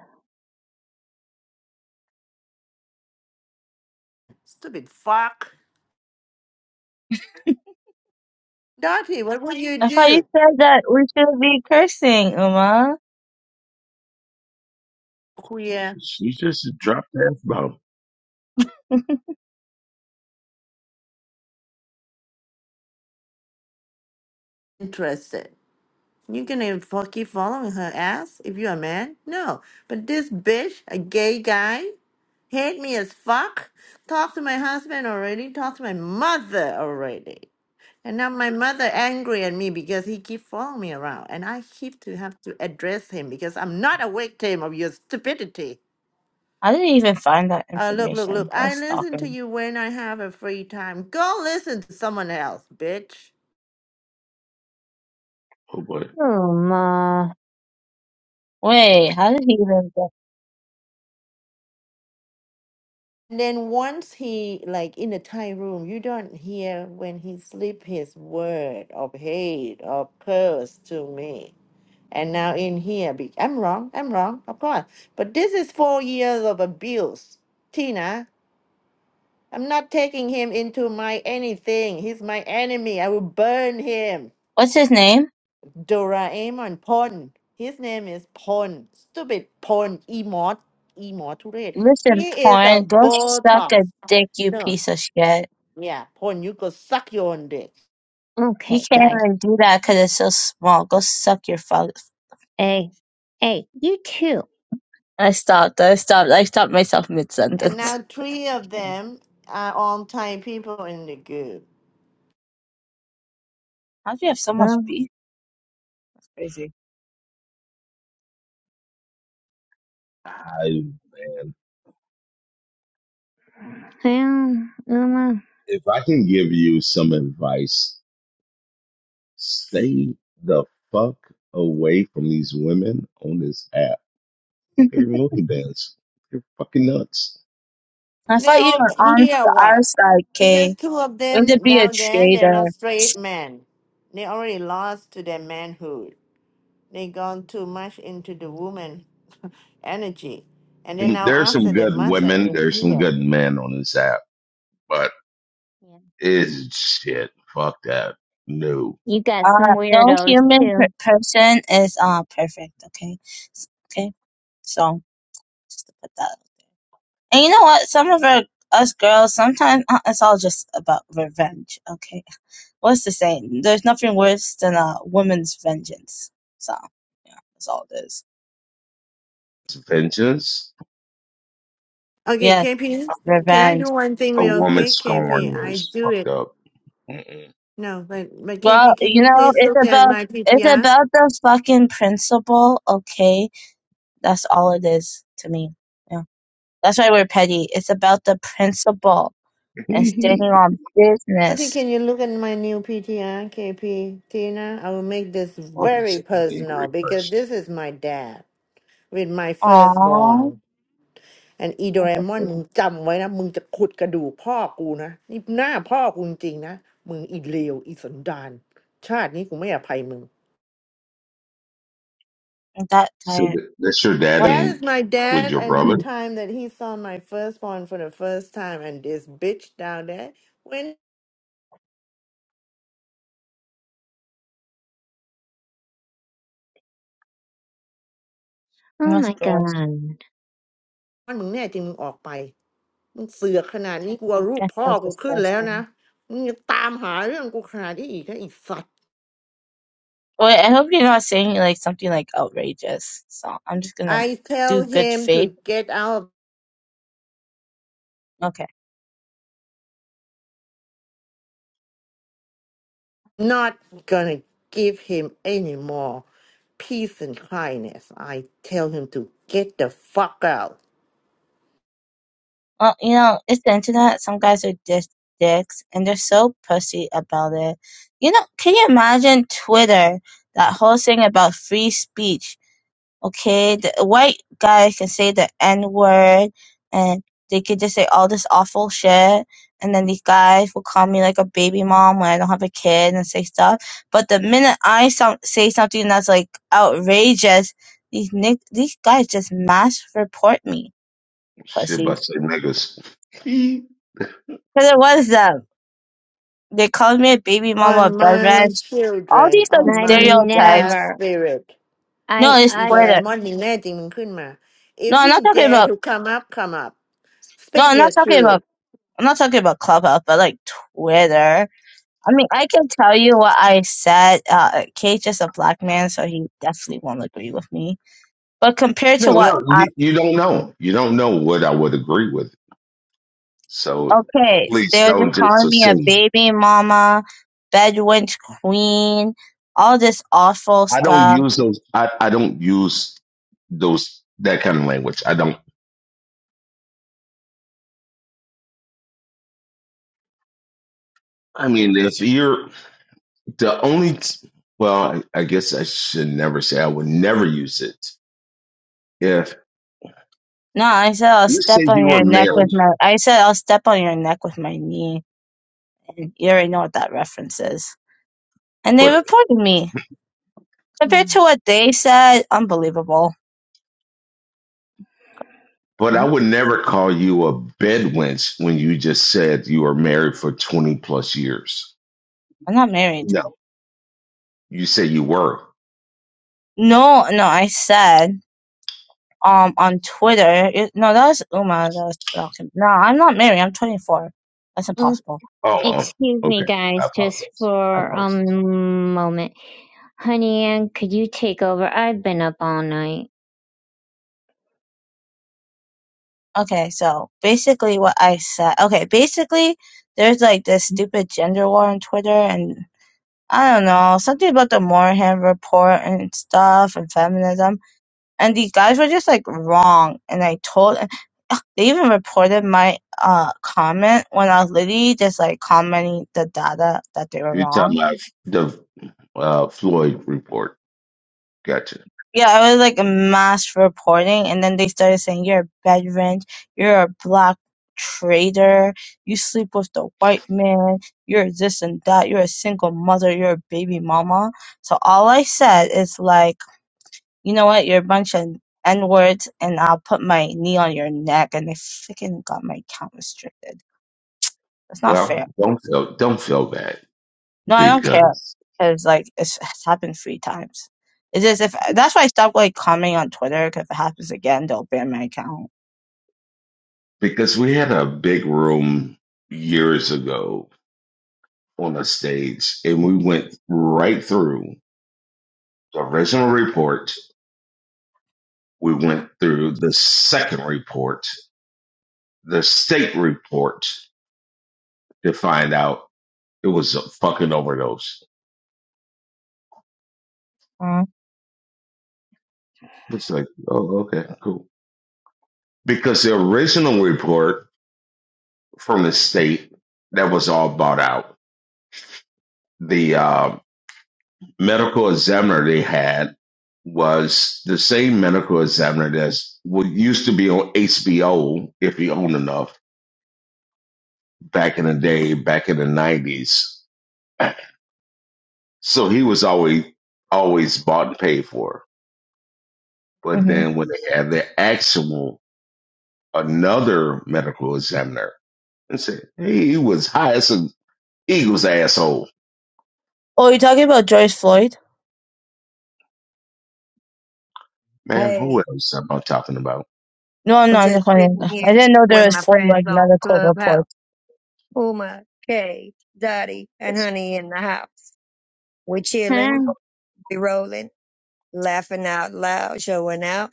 Stupid fuck. Dottie, what would you I thought you do? said that we should be cursing, Uma. Queer She just dropped the F bomb. interested. You gonna fo- keep following her ass if you're a man? No. But this bitch, a gay guy, hate me as fuck. Talk to my husband already. Talk to my mother already. And now my mother angry at me because he keep following me around, and I keep to have to address him because I'm not a victim of your stupidity. I didn't even find that Uh, look, look, look! information. What a I listen stalker. to you when I have a free time. Go listen to someone else, bitch. Oh boy. Oh, ma. Wait, how did he even get? And then once he like in a tight room, you don't hear when he slip his word of hate or curse to me. And now in here, be- I'm wrong. I'm wrong, of course. But this is four years of abuse, Tina. I'm not taking him into my anything. He's my enemy. I will burn him. What's his name? Doraemon Pon. His name is Pon. Stupid Pon. Emot. Emoturate. Listen, He is a porn, go suck Botox. a dick, you No. piece of shit. Yeah. Pon, you go suck your own dick. You Okay, can't guy. even do that because it's so small. Go suck your father. Hey, hey, you too. I stopped. I stopped. I stopped myself mid And sentence. now three of Well, them are all Thai people in the group. How'd you have so much well, beef? That's crazy. I man, Uma. if I can give you some advice Stay the fuck away from these women on this app. They're really bands. They're fucking nuts. I They're thought you all were on queer, to our what? side, Because Kay. two of Way to them be a down there, they're traitor. not straight men. They already lost to their manhood. they gone too much into the woman energy. And then now There's after some the good mother women. is There's some here. good men on this app, but Yeah. it's shit. Fuck that. No. You got some Uh, no weirdos human per- too. person is uh perfect. Okay, S- okay. So just to put that. And you know what? Some of our us girls sometimes uh, it's all just about revenge. Okay what's the saying? There's nothing worse than a woman's vengeance. So yeah, that's all it is. It's vengeance. Okay, Yes, KP, can I revenge. do one thing A real woman quick? KP, scorn I is do fucked it. up. Mm-mm. No, but but Well, KP, can you you know, please it's look at about my it's PTR? about the fucking principle, okay? That's all it is to me. Yeah. That's why we're petty. It's about the principle and standing on Okay, business. can you look at my new PTR, KP Tina? I will make this Fucking very sick and personal angry because person. this is my dad with my Aww. firstborn. and That's so sweet. อีโดเรมอนมึงจำไว้นะมึงจะขุดกระดูกพ่อกูนะนี่หน้าพ่อกูจริงๆนะมึงอีเลวอีสันดานชาตินี้กูไม่อภัยมึง That So diet. th- that's your dad What? That is and my with dad, your and the brother? Hmm. time that he saw my firstborn for the first time, and this bitch down there. When? Oh That's my gross. god. มึงแน่จริงมึงออกไปมึงเสือขนาดนี้กลัวรูป That's พ่อ so กูขึ้นแล้วนะ disgusting. มึงยังตามหาเรื่องกูขนาดนี้อีกน่ะอีสัตว Well, I hope you're not saying like something like outrageous. So I'm just gonna do good faith. ์. Okay. not gonna give him any more peace and kindness. I tell him to get the fuck out. Well, you know, it's the internet. Some guys are dis- dicks, and they're so pussy about it. You know, can you imagine Twitter? That whole thing about free speech. okay? The a white guy can say the N word and they could just say all this awful shit. And then these guys will call me like a baby mom when I don't have a kid and say stuff. But the minute I so- say something that's like outrageous, these nick- these guys just mass report me, Shit, about pussies. to say niggas. Because it was them. They called me a baby mama, a On bad my bitch. All children, these other on I my stereotypes. dad's never. spirit. No, I it's I. Twitter. อีโดเรมอนยิงแน่จริงมันขึ้นมา If No, I'm not he talking dare about. to come up, come up. No, Speak I'm not your talking about. truth. I'm not talking about Clubhouse, but like Twitter. I mean, I can tell you what I said. Uh, Cage is a black man, so he definitely won't agree with me. But compared No, to what no, I, you, you don't know. You don't know what I would agree with. So okay, please they were just don't just calling me a assume. baby mama, bedouin queen, all this awful I don't stuff. use those. I, I don't use those that kind of language. I don't. I mean, if you're the only, t- well, I, I guess I should never say. I would never use it. If No, I said I'll you step say you on were your neck with married, my, I said I'll step on your neck with my knee. And you already know what that reference is. And they but reported me. Compared to what they said, unbelievable. but I Hmm? would never call you a bedwench when you just said you were married for twenty plus years. I'm not married. No, you say you were. No, no, I said um on Twitter. It, no, that was Uma. That was talking. No, I'm not married. I'm 24. That's Mm, impossible. Oh, Excuse oh, okay. me, I guys, just apologize. I for a apologize. moment. Honey Ann, could you take over? I've been up all night. Okay, so basically what I said. Okay, basically there's like this stupid gender war on Twitter, and I don't know something about the Moorhead report and stuff and feminism, and these guys were just like wrong, and I told. uh, They even reported my uh comment when I was literally just like commenting the data that they were You're wrong talking about the uh, Floyd report. Gotcha. yeah, I was like a mass reporting, and then they started saying you're a bed rent, you're a black trader, you sleep with the white man, you're this and that, you're a single mother, you're a baby mama. So all I said is like, you know what, you're a bunch of n words, and I'll put my knee on your neck, and they freaking got my account restricted. That's not Well, fair. don't feel don't feel bad No, I don't care, because cause like it's, it's happened three times. It's if that's why I stopped like commenting on Twitter. Cause if it happens again, they'll ban my account. because we had a big room years ago on a stage, and we went right through the original report. We went through the second report, the state report, to find out it was a fucking overdose. Uh, It's like, oh, okay, cool. because the original report from the state that was all bought out the uh, medical examiner they had was the same medical examiner that's what used to be on hbo if you own enough back in the day back in the 90s so he was always always bought and paid for but hmm then when they had the actual another medical examiner and said hey, he was high as an eagle's asshole Oh, you talking about George Floyd? Ma'am, Hey, who else am I talking about? No, I'm I'm not. I'm just just wondering. sitting here I didn't know with there was my four like friends on medical Clubhouse. reports. Uma, Kay, Dottie, and Yes. Honey in the house. We're chilling, Huh? we rolling, laughing out loud, showing out,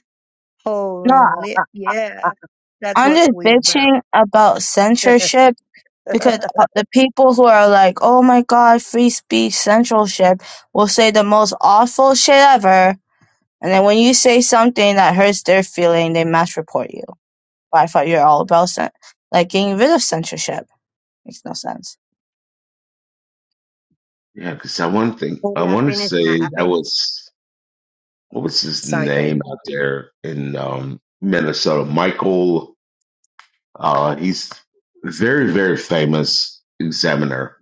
whole No, room lit. Yeah, that's I'm what just we about. bitching about censorship because uh, the people who are like, "Oh my God, free speech censorship," will say the most awful shit ever, and then when you say something that hurts their feeling, they mass report you. But I thought you're all about cen- like getting rid of censorship. Makes no sense. Yeah, because I want to think, I Katie, I want to finished my, say I that fin- was, what was his sorry, Kay. name out there in um, Minnesota? Michael, uh, he's a very, very famous examiner.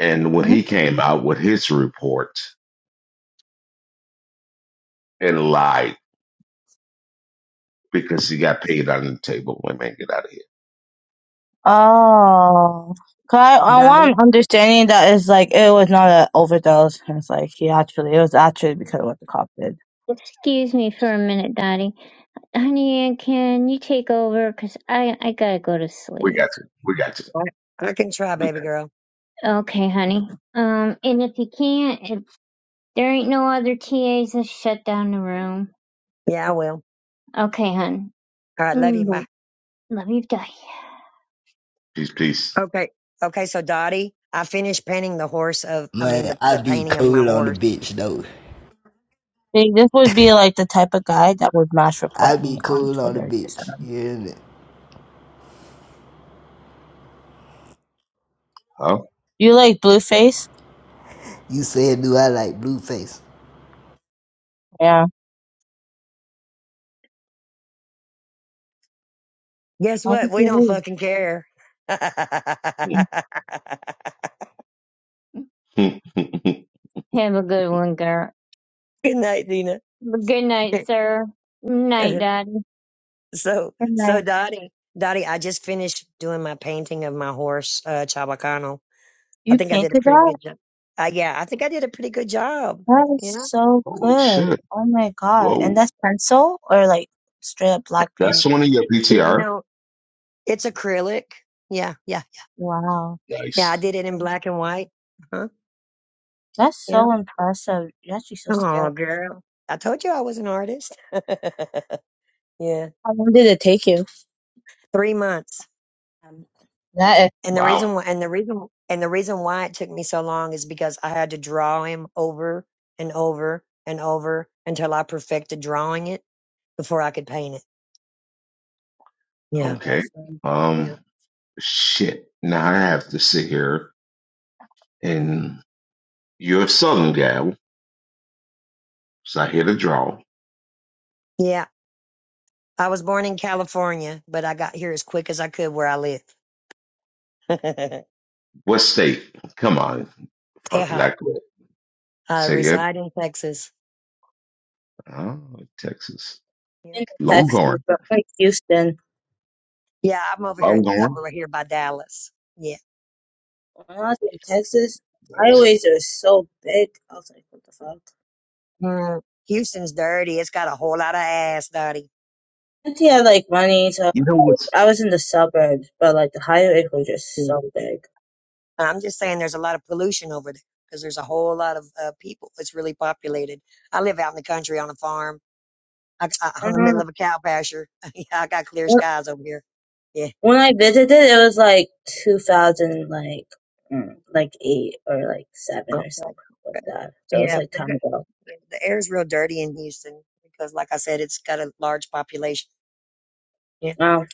And when he came out with his report and lied because he got paid on the table, wait, man, get out of here. Oh, 'Cause I, I Dottie, want understanding that it's like it was not an overdose. and It's like he actually, it was actually because of what the cop did. Excuse me for a minute, Dottie. Honey Ann, can you take over? Cause I, I gotta go to We sleep. got you. We got you. I, I can try, We baby got you. girl. Okay, honey. Um, and if you can't, if there ain't no other TAs, just shut down the room. Yeah, I will. Okay, hun. All right, love you. Mm, Bye. Love you, Di. Peace, peace. Okay. Okay, so Dottie, I finished painting the horse of, I mean, Man, the, I the be painting of my cool on the horse bitch though. See, this would be like the type of guy that would mass I report be me on cool on the Twitter. Just, bitch. You um, hear me? Huh? You like Blueface? You said, do I like Blueface? Yeah. Guess Why what? did We don't you fucking care. Good leave? Have a good one, girl. night, Dina. good night, sir. Night, Dad. so, Good so night. Dottie, Dottie, I just finished doing my painting of my horse, uh, Chabacano. I You think I did a painted pretty that? good job. Uh, yeah, I think I did a pretty good job. That is You know, so Holy good. shit. Oh my god. And Whoa. that's pencil or like straight up black paint? That's one of your Yeah, you PTR? know, it's acrylic. Yeah, yeah, Wow. yeah. I Nice. did it in black and white. Huh? That's Yeah. so impressive. You're actually so Oh, skilled. girl, I told you I was an artist. yeah, How long did it take you? three months. Um, that is And the Wow. reason why, and the reason, and the reason why it took me so long is because I had to draw him over and over and over until I perfected drawing it before I could paint it. Yeah. Okay. interesting. Yeah. Um shit. Now I have to sit here and you're a southern gal, so I hear the draw. Yeah. I was born in California, but I got here as quick as I could where I live. What state? Come on. Fuck it, I Teja. quit. I Say it. reside in Texas. Oh, Texas. Yep. In Texas, Longhorn. but like Houston, Yeah. I'm over here, Longhorn. over here by Dallas. Yeah. when I was in Texas, Nice. highways are so big. I was like, what the fuck? Mm, Houston's dirty. It's got a whole lot of ass, dirty. I think I had like money, so You know what's I was in the suburbs, but like the highways were just so big. And I'm just saying there's a lot of pollution over there because there's a whole lot of uh, people. It's really populated. I live out in the country on a farm. I, I, I on don't the middle know. of a cow pasture. yeah, I got clear When skies over here. Yeah. when I visited, it was like 2000, like, mm, like eight or like seven Okay. or something like okay. that. So it was Yeah. like The, time ago. the air's real dirty in Houston because, like I said, it's got a large population. Yeah. Um,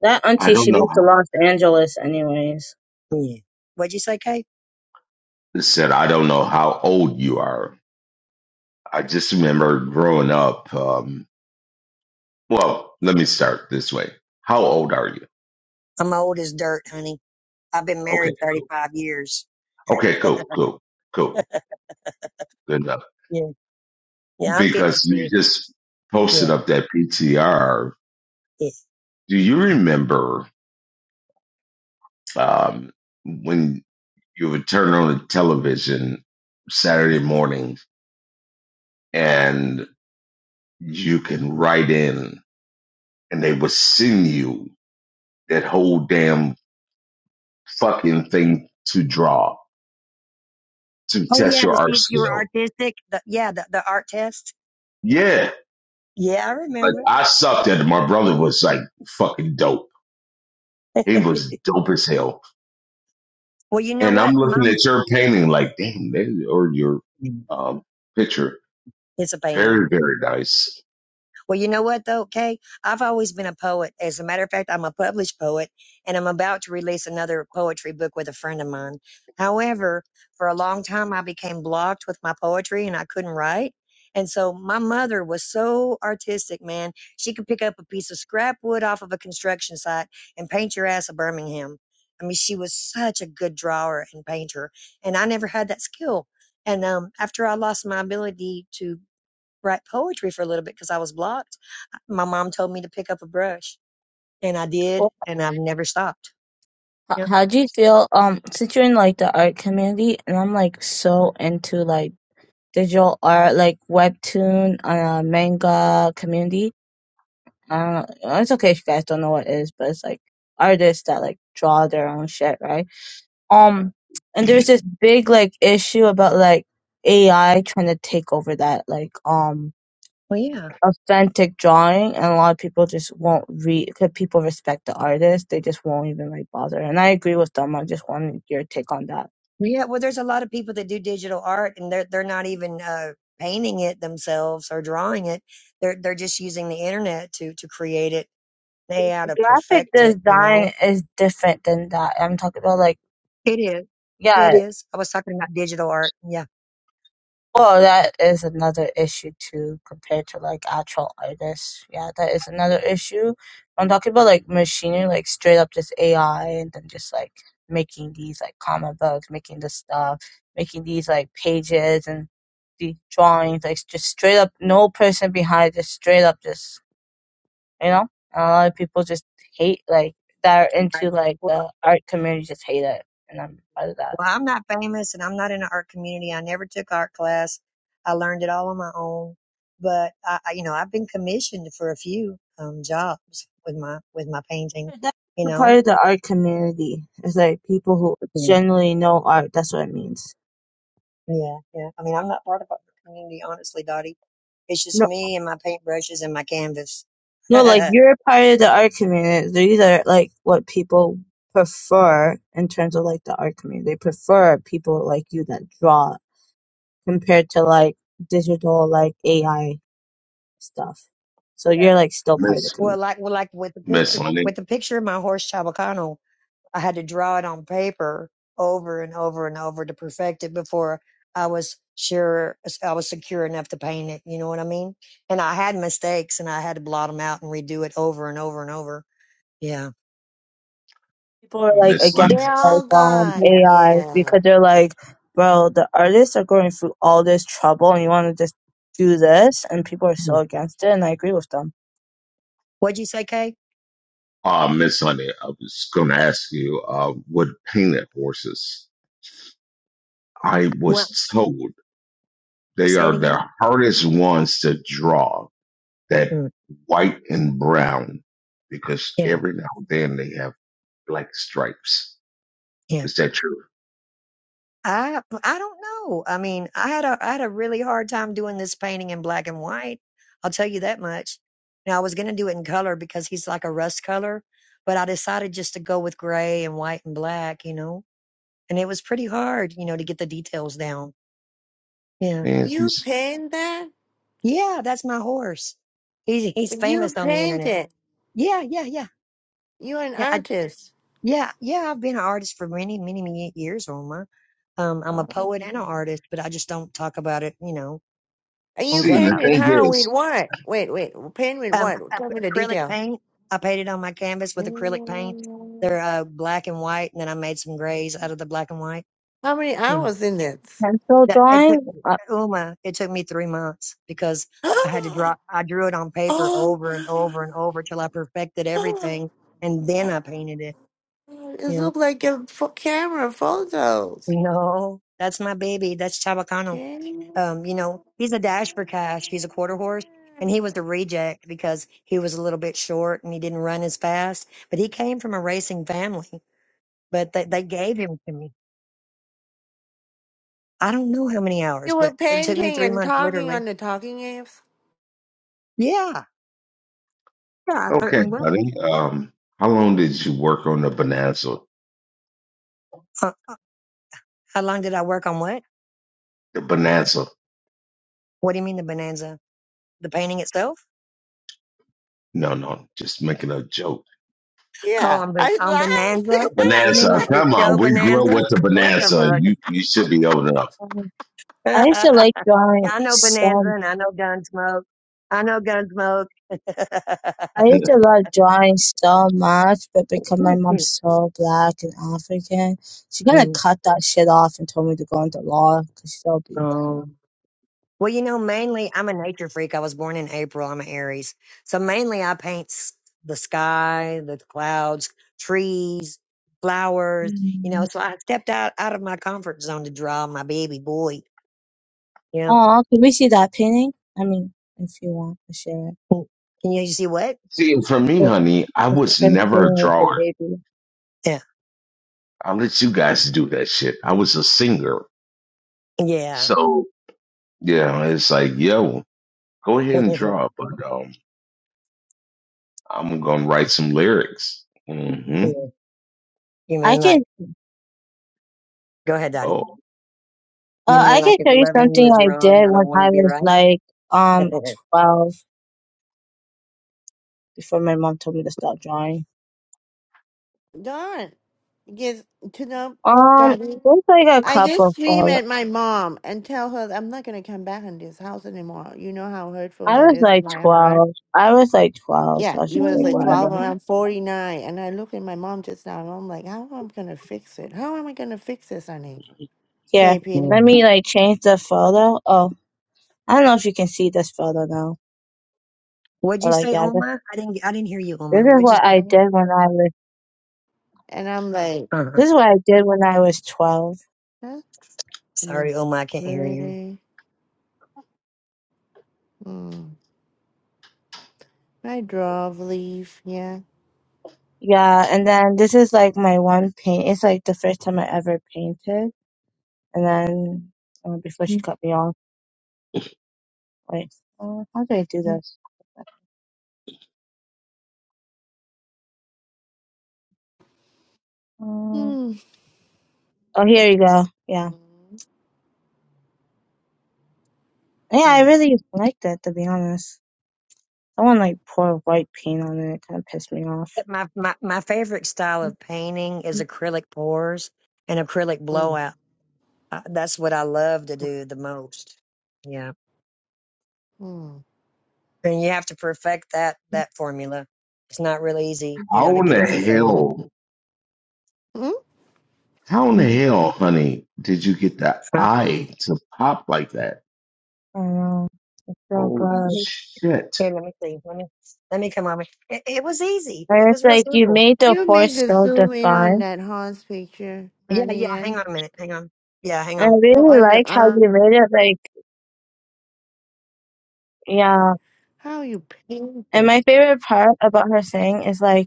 that I auntie, don't she know. moved to How, Los Angeles, anyways. Yeah. What'd you say, Kate? I said I don't know how old you are. I just remember growing up. Um, well, let me start this way. How old are you? I'm old as dirt, honey. I've been Okay, married cool. 35 years. Okay, cool, cool, cool. Good enough. Yeah. Yeah. I'm Because 53. you just Yeah. posted up that PTR. Yeah. Do you remember um, when you would turn on the television Saturday morning and you can write in and they would send you that whole damn fucking thing to draw to Oh, yeah. test To your see art if you were skill. artistic. The, yeah. The, the art test. Yeah. Yeah, I Like remember. I sucked at it. My brother was like fucking dope. He was dope as hell. Well, you know And I'm what? My looking mom at your painting like, damn, that- or your um, picture. is a painting. Very, very nice. Well, you know what though, Kay? I've always been a poet. As a matter of fact, I'm a published poet and I'm about to release another poetry book with a friend of mine. However, for a long time, I became blocked with my poetry and I couldn't write. And so my mother was so artistic, man. She could pick up a piece of scrap wood off of a construction site and paint your ass a Birmingham. I mean, she was such a good drawer and painter, and I never had that skill. And um, after I lost my ability to write poetry for a little bit because I was blocked. My mom told me to pick up a brush, and I did, and I've never stopped. How, Yeah. how do you feel um situating like the art community? And I'm like so into like digital art, like webtoon, uh, manga community. Uh, it's okay if you guys don't know what it is, but it's like artists that like draw their own shit, right? Um, and there's this big like issue about like AI trying to take over that, like um Well, yeah, authentic drawing and a lot of people just won't read because people respect the artist they just won't even like bother and i agree with them i just wanted your take on that yeah. Well, there's a lot of people that do digital art, and they're they're not even uh, painting it themselves or drawing it. They're they're just using the internet to to create it. They how to graphic perfect it. You design know, is different than that i'm talking about like it is. Yeah, yeah it is. I was talking about digital art. Yeah. Well, that is another issue too, compared to like actual artists. Yeah, that is another issue. I'm talking about like machinery, like straight up just AI, and then just like making these like comic books, making this stuff, making these like pages and the drawings, like just straight up no person behind, just straight up just you know. And a lot of people just hate like that are into Right. like the art community, just hate it, and I'm part of that. Well, I'm not famous and I'm not in the art community. I never took art class. I learned it all on my own. But I, I- you know, I've been commissioned for a few um, jobs with my with my painting. That's You a know, part of the art community. It's like people who Yeah. generally know art. That's what it means. yeah, yeah. I mean, I'm not part of the community, honestly, Dottie. It's just No, me and my paintbrushes and my canvas. no, like you're a part of the art community. These are like what people prefer in terms of like the art community. They prefer people like you that draw compared to like digital like AI stuff. So Yeah. you're like still part of Miss the community. well, like well, like with the Miss picture Lenny, with the picture of my horse Chabacano. I had to draw it on paper over and over and over to perfect it before I was sure I was secure enough to paint it. You know what I mean? And I had mistakes, and I had to blot them out and redo it over and over and over. Yeah. people uh, are like Miss against They're Lenny, like all um gone, Yeah. AI yeah. because they're like, bro, the artists are going through all this trouble and you want to just do this, and people are so against it, and I agree with them. What'd you say, Kay? uh, Miss Lenny, I was going to ask you, uh, with painted horses, I What? was told they Say it are the again. hardest ones to draw, that Mm. white and brown, because Yeah. every now and then they have black stripes. Yeah. Is that true? I I don't know. I mean, I had a I had a really hard time doing this painting in black and white. I'll tell you that much. Now I was gonna do it in color because he's like a rust color, but I decided just to go with gray and white and black, you know. And it was pretty hard, you know, to get the details down. Yeah. And You just paint that? Yeah, that's my horse. He's he's But you famous on the internet. painted. Yeah, yeah, yeah. You're an Yeah. I artist. yeah, yeah, I've been an artist for many, many, many years, Oma. Um, I'm a poet and an Oh. artist, but I just don't talk about it, you know, And on you see, and the paint Clubhouse. it thing how with is, what? Wait, wait. Paint with um, what? Tell ac- me the acrylic detail. paint. I painted on my canvas with acrylic paint. Mm, They're uh, black and white, and then I made some grays out of the black and white. How many Yeah. hours in it? Pencil That, it took drawing, uh, Uma. It took me three months because I had to oh, draw. I drew it on paper over and my- over and over till I perfected oh, everything, and then wow. I painted it. It You know, looks like a fo- camera photos. no, that's my baby. That's Chabacano. Damn. Um, you know, he's a dash for cash. He's a quarter horse and he was the reject because he was a little bit short and he didn't run as fast, but he came from a racing family, but they, they gave him to me. I don't know how many hours, You were but it took me painting three and months, talking literally. on the talking apps? Yeah. Yeah, I okay, certainly will. honey, um, how long did you work on the Bonanza? Huh. How long did I work on what? The Bonanza? What do you mean the bonanza? The painting itself? No, no, just making a joke. Oh, Yeah. on, I Bon- on laughed. and bonanza? You I mean Bonanza. was like the Come on, show we grew up bonanza? with the What Bonanza. the You you should be old enough. um, I used fuck? to like Yeah, drawing I know Bonanza so. and I know Gunsmoke. I know Gunsmoke. I used to love drawing so much, but because my mom's so black and African, she kind of cut that shit off and told me to go into law because she so beautiful. um, well, you know, mainly I'm a nature freak. I was born in April. I'm an Aries. So mainly I paint s- the sky, the clouds, trees, flowers, you know, Oh, so I stepped out, out of my comfort zone to draw my baby boy, you know, can we see that painting? I mean, if you want to share Mm. can you see what? See, and for me, it. honey, I just was never a breastfeeding with the drawer. baby. Yeah. I'll let you guys do that shit. I was a singer. Yeah. So yeah, it's like, yo, go ahead and yeah. draw, but um, I'm gonna write some lyrics. hmm You I mean can like, go ahead, Dottie. Oh, You uh mean I like can if tell you loving you something is I wrong, did I don't when want to I be was right? like um twelve before my mom told me to stop drawing. like, darn. Yes, to Um, know, there's like a I just couple scream of at my mom and tell her that I'm not gonna come back in this house anymore. You know how hurtful I that was is in like my heart. twelve. I was like twelve, so Yeah, I it should was like like twelve whatever. and Mhm. I'm forty nine, and I look at my mom just now, and I'm like, how am I gonna fix it? How am I gonna fix this, honey? Here, KP, let Yeah. me like change the photo. Oh, I don't know if you can see this photo now, What'd you but like say, yeah, this Oma? I didn't. I didn't hear you, this Oma. is What'd you what say, I honey? did when I was. and I'm like, Uh-huh. This is what I did when I was twelve. huh? Sorry, It's Oma, I can't hear you. pretty. Mm. I draw a leaf. Yeah. Yeah, and then this is like my one paint. It's like the first time I ever painted, and then uh, before she cut me off, like, uh, how do I do this? Uh, Mm. oh, here you go. Yeah, Mm. yeah, I Mm. really liked it to be honest. Someone like poured white paint on it. It kind of pissed me off. But My, my my favorite style of painting is acrylic pours and acrylic Mm. blowout. Uh, that's what I love to do the most. Yeah, Mm. and you have to perfect that that formula. It's not real easy, you know, how to in get the it perfected. hell? Mm? How in the hell, honey, did you get the Huh? eye to pop like that? I know it's so Holy good, Mhm. shit. Here, let me see. Let me let me come on. It, it was easy. It and it's was real like you simple. made the You make horse the so zoom in on defined. that horse picture, Yeah, yeah. honey, Hang and on a minute. Hang on. Yeah, hang And on. I really on the like how arm. you made it. Like, yeah. How you paint And it? my favorite part about her saying is like.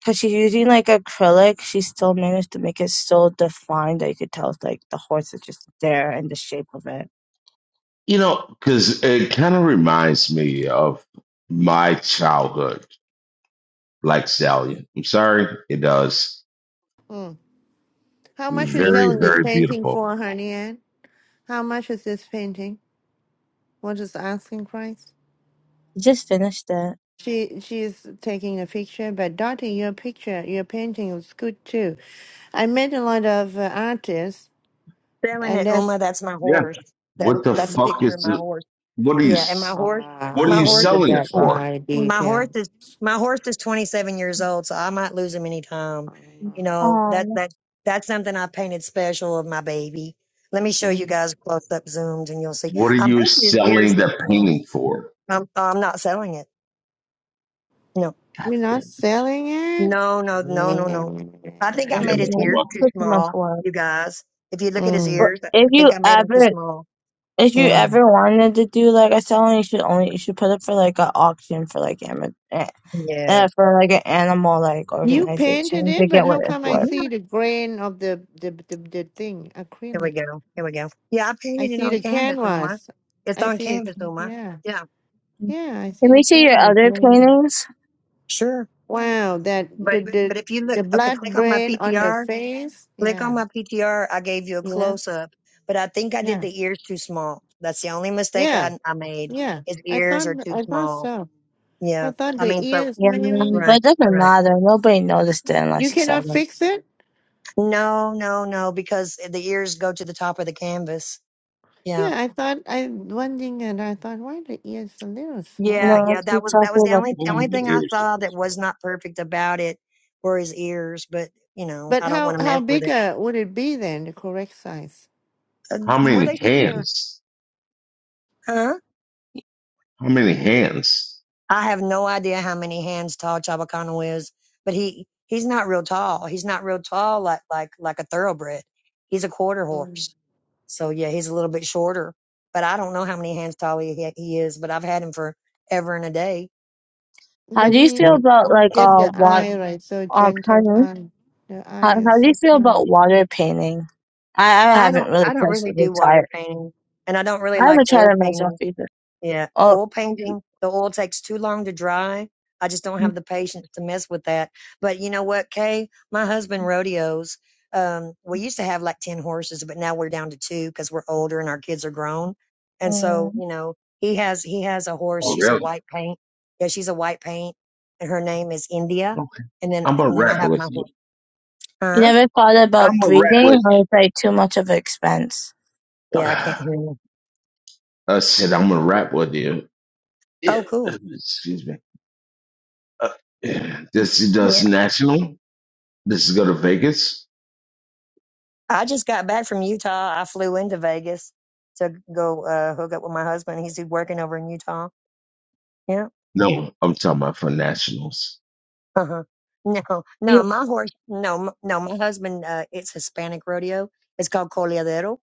because she's using like acrylic, she still managed to make it so defined that you could tell like the horse is just there and the shape of it. You know, because it kind of reminds me of my childhood, Black Stallion. I'm sorry, it does. Hmm. How much you Right? Very, selling this very painting beautiful. for, honey? Ann? How much is this painting? What is the asking price? just finished it. She she's taking a picture, but Dottie, your picture, your painting was good too. I met a lot of uh, artists, Selling and at Uma, that's that's my Yeah. horse. That What the that's a fuck picture is of my this? horse. What are you? Yeah, and my s- horse, What are my you wow. Look horse is at selling it that for? eye my detail. horse is my horse is 27 years old, so I might lose him anytime. You know that Um, that that's something I painted special of my baby. Let me show you Hmm. guys close up zooms, and you'll see. What are I'm you painting his ears selling real that small. painting for? I'm I'm not selling it. No, You're not Damn selling it. no, no, no, Yeah. no, no. I think it! I made Damn it! his Hold ears on. too so much small, work. you guys. If you look at his Mm, But ears, if I think you I made them too ever, small. if you Yeah, mm. ever wanted to do like a selling, you should only you should put it for like an auction for like ama- eh, yeah. uh, for like an animal like You painted organization to it, but get what how it's come I worth. see the grain of the the the, the thing Here we acrylic? go. Here we go. Yeah, I I painted it see on the canvas, Uma. canvas. It's I on see the canvas, can- Uma. yeah Yeah, yeah. I see Can the we see your canvas other grain. paintings? sure. Wow, that But the the but if you look, the okay, blood click on my brain on the PTR. face. Click on Yeah my PTR. I gave you a yeah close up, but I think I did yeah the ears too small. That's the only mistake yeah I I made. yeah. His I ears thought are too I thought small. so. I Yeah, thought I the mean, so ears Yeah, maybe but right, it doesn't right. matter. Nobody noticed it you unless you said cannot it. fix it. No, no, no, because the ears go to the top of the canvas. Yeah. Yeah, I thought I one thing and I thought why the ears a little small. Yeah, No, yeah, it's that just was that was talking the about the only the Hold only on. thing cameras. I Here's- saw that was not perfect about it were his ears, but you know, But I don't want how to how mess with big it. uh, would it be then, the correct size? Uh, How well, many they should be a hands? huh? How many hands? I have no idea how many hands tall Chabacano is, but he he's not real tall. He's not real tall like like like a thoroughbred. He's a quarter Um, horse, so yeah, he's a little bit shorter. But I don't know how many hands tall he he is. But I've had him for ever and a day. How but do you he feel Yeah. about he like did uh the water eye right, so um gentle honey? eye. The eye How is how do you so feel fine. about water painting? I, I I haven't don't really I don't really personally do water tried. painting, and I don't really I Mm. like haven't tried oil it myself painting either. Yeah, Oh, oil painting, the oil takes too long to dry. I just don't have the patience to mess with that. But you know what, Kay? My husband rodeos. Um, we used to have like 10 horses, but now we're down to two because we're older and our kids are grown. And so, mm, you know, he has, he has a horse. Oh, She's a really? white paint. Yeah, she's a white paint and her name is India. Okay. And then, I'm gonna and then I rap have with my you. horse. you Huh? never thought I'm about gonna rap breeding, with or it's like too much of an expense? you. Yeah, I can't hear you. I said I'm gonna rap with you. Yeah, Oh, cool. uh, excuse me. Uh, yeah, this does national. This is go to Vegas. I just got back from Utah. I flew into Vegas to go uh, hook up with my husband. He's working over in Utah. Yeah. No, I'm talking about for nationals. Uh huh. No, no, You, my horse. No, m- no, my husband. Uh, it's Hispanic rodeo. It's called coleadero.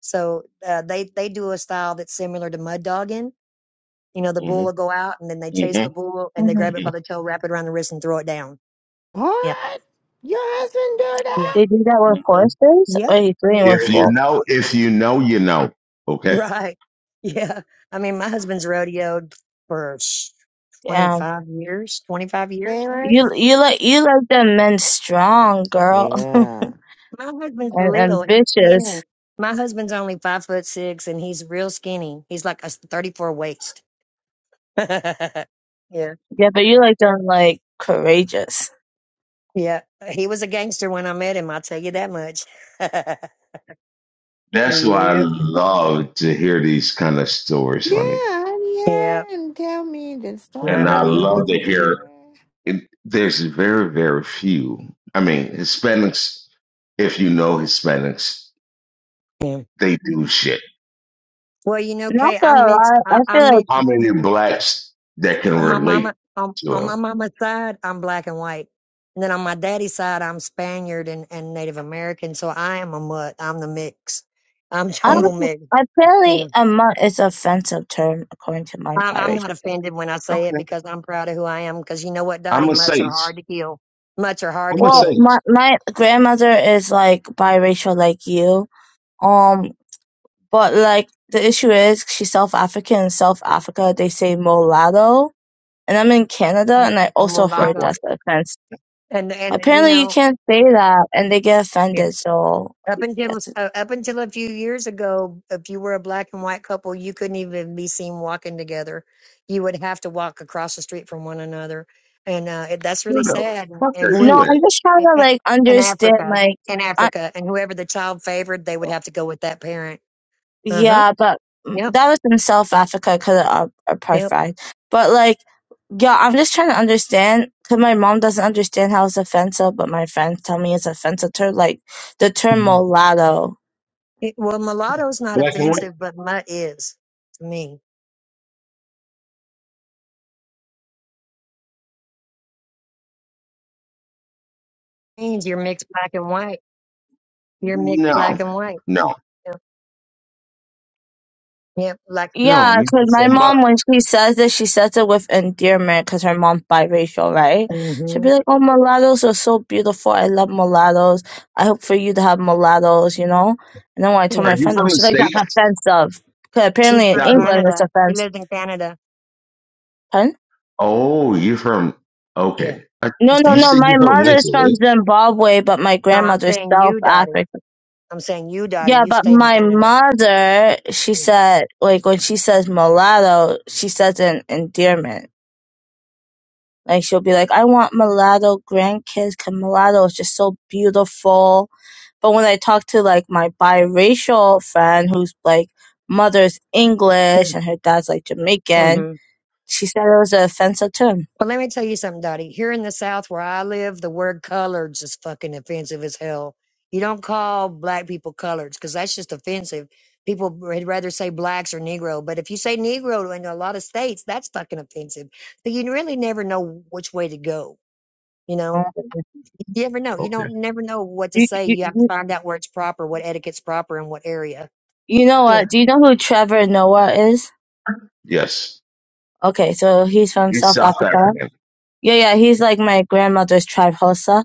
So uh, they they do a style that's similar to mud dogging. You know, the hmm bull will go out and then they chase hmm the bull and they hmm grab it by hmm the tail, wrap it around the wrist, and throw it down. Yeah. What? Your husband do Yeah. that? They do that with horses, or Yep. you doing Yep. with If you both? know, if you know, you know. Okay, Right. Yeah. I mean, my husband's rodeoed for sh- Yeah. 25 years, 25 years. You Famous? you like you like them men strong, girl, Yeah. My husband's and little. He's skinny. ambitious. My husband's only five foot six and he's real skinny. He's like a s- 34 waist. yeah. Yeah, but you like them like courageous. Yeah. He was a gangster when I met him. I'll tell you that much. that's why I yep. love to hear these kind of stories, honey. Yeah, honey Yeah. Ann, tell me the My And I story. husband love was a to G. hear. It, there's very, very few. I mean, Hispanics. If you know Hispanics, Yeah. they do shit. Well, you know, Not Kay, gonna I'm mixed. lie, I I, feel I'm like mixed. How many blacks that can On my mama, relate on, on to my mama's side, I'm black and white, and then on my daddy's side, I'm Spaniard and, and Native American. So I am a mutt. I'm the mix. I'm I him? total don't. mix. Apparently, Yeah. a mutt is an offensive term according to my I'm, I'm biracial. not friend. offended when I say it Okay. because I'm proud of who I am. Because you know what, I'm Dottie, a mutts are sage. hard to kill. Mutts are hard to I'm a Well, kill. sage. my my grandmother is like biracial, like you. Um, but like the issue is she's South African. In South Africa, they say mulatto, and I'm in Canada, and I It's a also Black heard and white. mulatto, that's offensive. and and you Apparently, you know, can't say that, and they get yeah. offended. So Up until that's it. uh, up until a few years ago, if you were a black and white couple, you couldn't even be seen walking together. You would have to walk across the street from one another, and uh, it, that's Where really the sad. And, fuck and are no, whoever you the at? I'm just trying in, to in like in understand. Africa, Like, in I, Africa, and whoever the child favored, they would have to go with that parent. Uh huh. yeah, but mm, Yep. that was in South Africa because of uh, Yep. apartheid. But like, yeah, I'm just trying to understand because my mom doesn't understand how it's offensive, but my friends tell me it's offensive. Ter- like the term Mhm. mulatto. It, well, mulatto's not Black and white? offensive, but mutt is to me. Means you're mixed black and white. You're mixed black No. and white. No. Yep. Yep. Like. No. Yeah, You because my from my, mom, when she says it, she says it with endearment because her mom's biracial, right? She'll hmm be like, Oh, mulattoes are so beautiful. I love mulattoes. I hope for you to have mulattoes, you know? And then when I Yeah. told are my you friend, that, from the she's like, That's States? offensive. Because She's apparently in from Got it. England, it's Canada. She offensive. lived in Canada. Pardon? Oh, you from Yeah, okay. I, she No, no, you stayed. there. no. said My you from mother's Windsor, from right? Zimbabwe, but my No, I'm grandmother's saying South you, Dottie. African. I'm saying you, Dottie. Yeah, You but stay in my Canada. mother, she said, like, when she says mulatto, she says an endearment. Like she'll be like, I want mulatto grandkids 'cause mulatto is just so beautiful. But when I talk to like my biracial friend who's like mother's English and her dad's like Jamaican, Mm-hmm. she said it was an offensive term. But let me tell you something, Dottie. Here in the South where I live, the word coloreds is fucking offensive as hell. You don't call black people coloreds because that's just offensive. People would rather say blacks or Negro. But if you say Negro in a lot of states, that's fucking offensive. So you really never know which way to go, you know? Oh. You never know. You Okay. don't never know what to You, say. you, You have to you find out where it's proper, what etiquette's proper in what area. you know Yeah. what? Do you know who Trevor Noah is? Yes. Okay, so he's from You South South Africa. African. Yeah, yeah, he's like my grandmother's tribe Hosa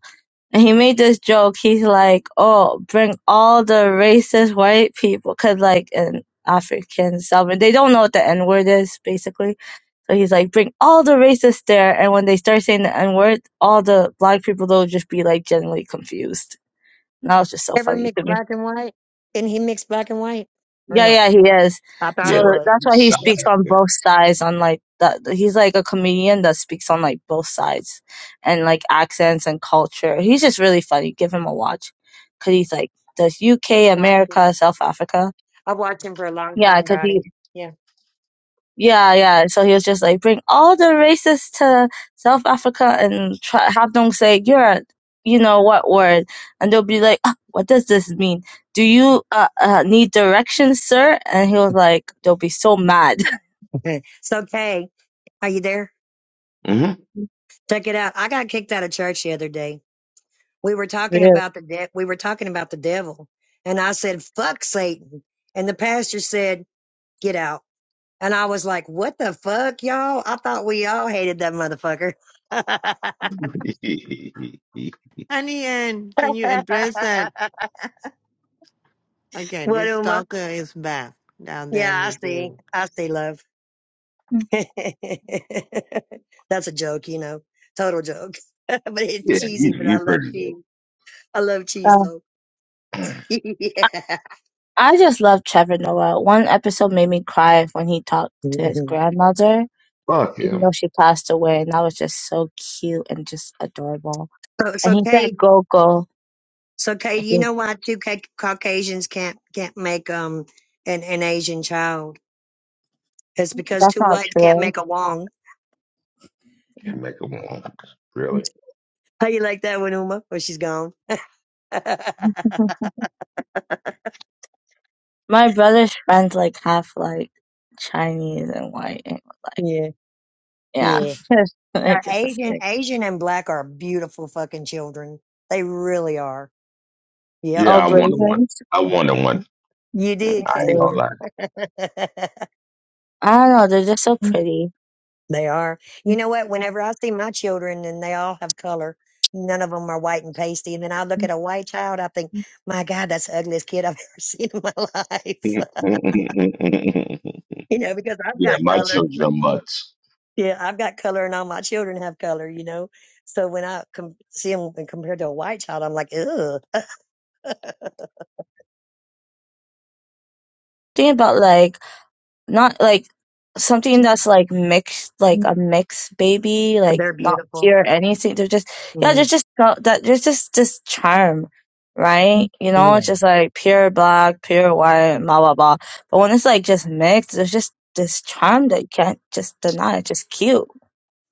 And he made this joke. He's like, "Oh, bring all the racist white people, 'cause like in African Salvador, they don't know what the N word is, basically. So he's like, bring all the racists there, and when they start saying the N word, all the black people will just be like generally confused. And that was just so Ever funny mix to me. black and white? Didn't he mix black and white? Or Yeah, no? yeah, he is. I thought he So Yeah. was. that's You why he South Yep. speaks on both sides. On like that, he's like a comedian that speaks on like both sides, and like accents and culture. He's just really funny. Give him a watch, cause he's like the UK, Watched America, him. South Africa. I watched him for a long Yeah, time, cause he Dottie. Yeah. yeah, yeah. So he was just like, bring all the races to South Africa and try, have them say, you're, a- you know what word. And they'll be like, "Ah, what does this mean? Do you uh, uh, need directions, sir? And he was like, they'll be so mad. Okay. so Kay, are you there? hmm Check it out. I got kicked out of church the other day. We were talking Really? about the de- we were talking about the devil. And I said, Fuck Satan. And the pastor said, Get out. And I was like, what the fuck, y'all? I thought we all hated that motherfucker. Yeah, Honey Ann, can you address that again? what, This Uma? stalker is back down there in Yeah, I the see. group. I see love. That's a joke, you know, total joke. but it's you cheesy, but I you love pretty good. cheese. I love cheese Uh, though. yeah. I just love Trevor Noah. One episode made me cry when he talked to his grandmother, Fuck even him. though she passed away. And that was just so cute and just adorable. So, And so he said, Cade, go, go. so I Cade, you think know why two ca- Caucasians can't, can't make, um, an, an Asian child? It's because that's two not whites can't true. make a Wong. Can make him one. Really? How you like that one, Uma? Or she's gone. My brother's friends like half like Chinese and white and like yeah, yeah. yeah. just Our like it's just Asian, like Asian and black are beautiful fucking children. They really are. Yep. all Yeah, I wanted one. blazers. I wanted one. You Me did, I ain't Kate. gonna too. lie. I don't know, they're just so pretty. they are. You know what? Whenever I see my children and they all have color, none of them are white and pasty. And then I look at a white child, I think, my God, that's the ugliest kid I've ever seen in my life. yeah, you know, because I've got my color. children are mutts. Yeah, I've got color and all my children have color, you know. So when I com- see them compared to a white child, I'm like, ugh, Think about like not like something that's like mixed like a mixed baby like they're not beautiful. pure anything they're just yeah there's Mm, just so- that there's just this charm right you know yeah. it's just like pure black pure white blah blah blah but when it's like just mixed there's just this charm that you can't just deny it's just cute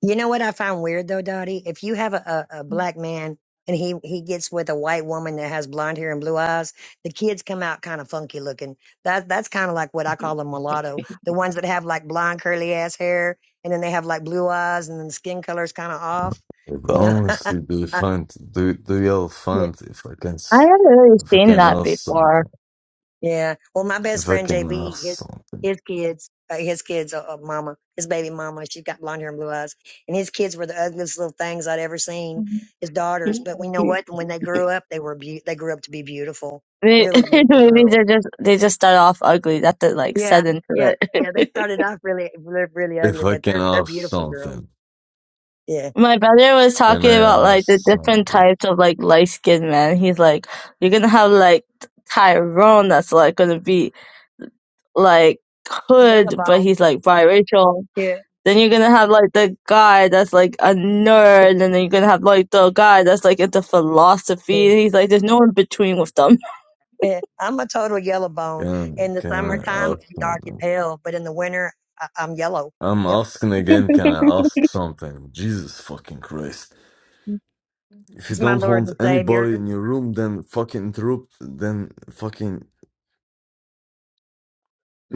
You know what I find weird though, Dottie? If you have a, a, a Mm. black man and he, he gets with a white woman that has blonde hair and blue eyes, the kids come out kind of funky looking. That that's kind of like what I call a mulatto. The ones that have like blonde curly ass hair and then they have like blue eyes and then the skin color's kind of off. It'd You know, Honestly, do I, fun, to do do your fun. If I can, I s- haven't really if I seen can that ask before. something, Yeah. Well, my best if I friend can JB, ask his, something, his kids, uh, his kids, uh, uh, mama, his baby mama, she's got blonde hair and blue eyes. And his kids were the ugliest little things I'd ever seen, Mhm. his daughters. But we know This what? When they grew up, they were, beau they grew up to be beautiful, May- really beautiful Maybe girls. they're just they just start off ugly. That's the like Yeah. set Yeah. into it. Yeah. They started off really, really, really if ugly, I but can they're, they're ask beautiful girls. something, Yeah. My brother was can talking about I ask like the different something? types of like light skinned men. He's like, you're gonna have like Tyrone that's like gonna be like Yellow hood, but bone. he's like biracial. Yeah. Then you're gonna have like the guy that's like a nerd, and then you're gonna have like the guy that's like into Yeah. philosophy. And he's like, there's no in between with them. Yeah. I'm a total yellow bone. Can In the can Mm. I summertime, ask I'm dark as something? hell, but in the winter, I- I'm yellow. I'm Yep. asking again. Can I ask something? Jesus fucking Christ! If you It's my don't Lord want and Savior. anybody in your room, then fucking interrupt. Then fucking,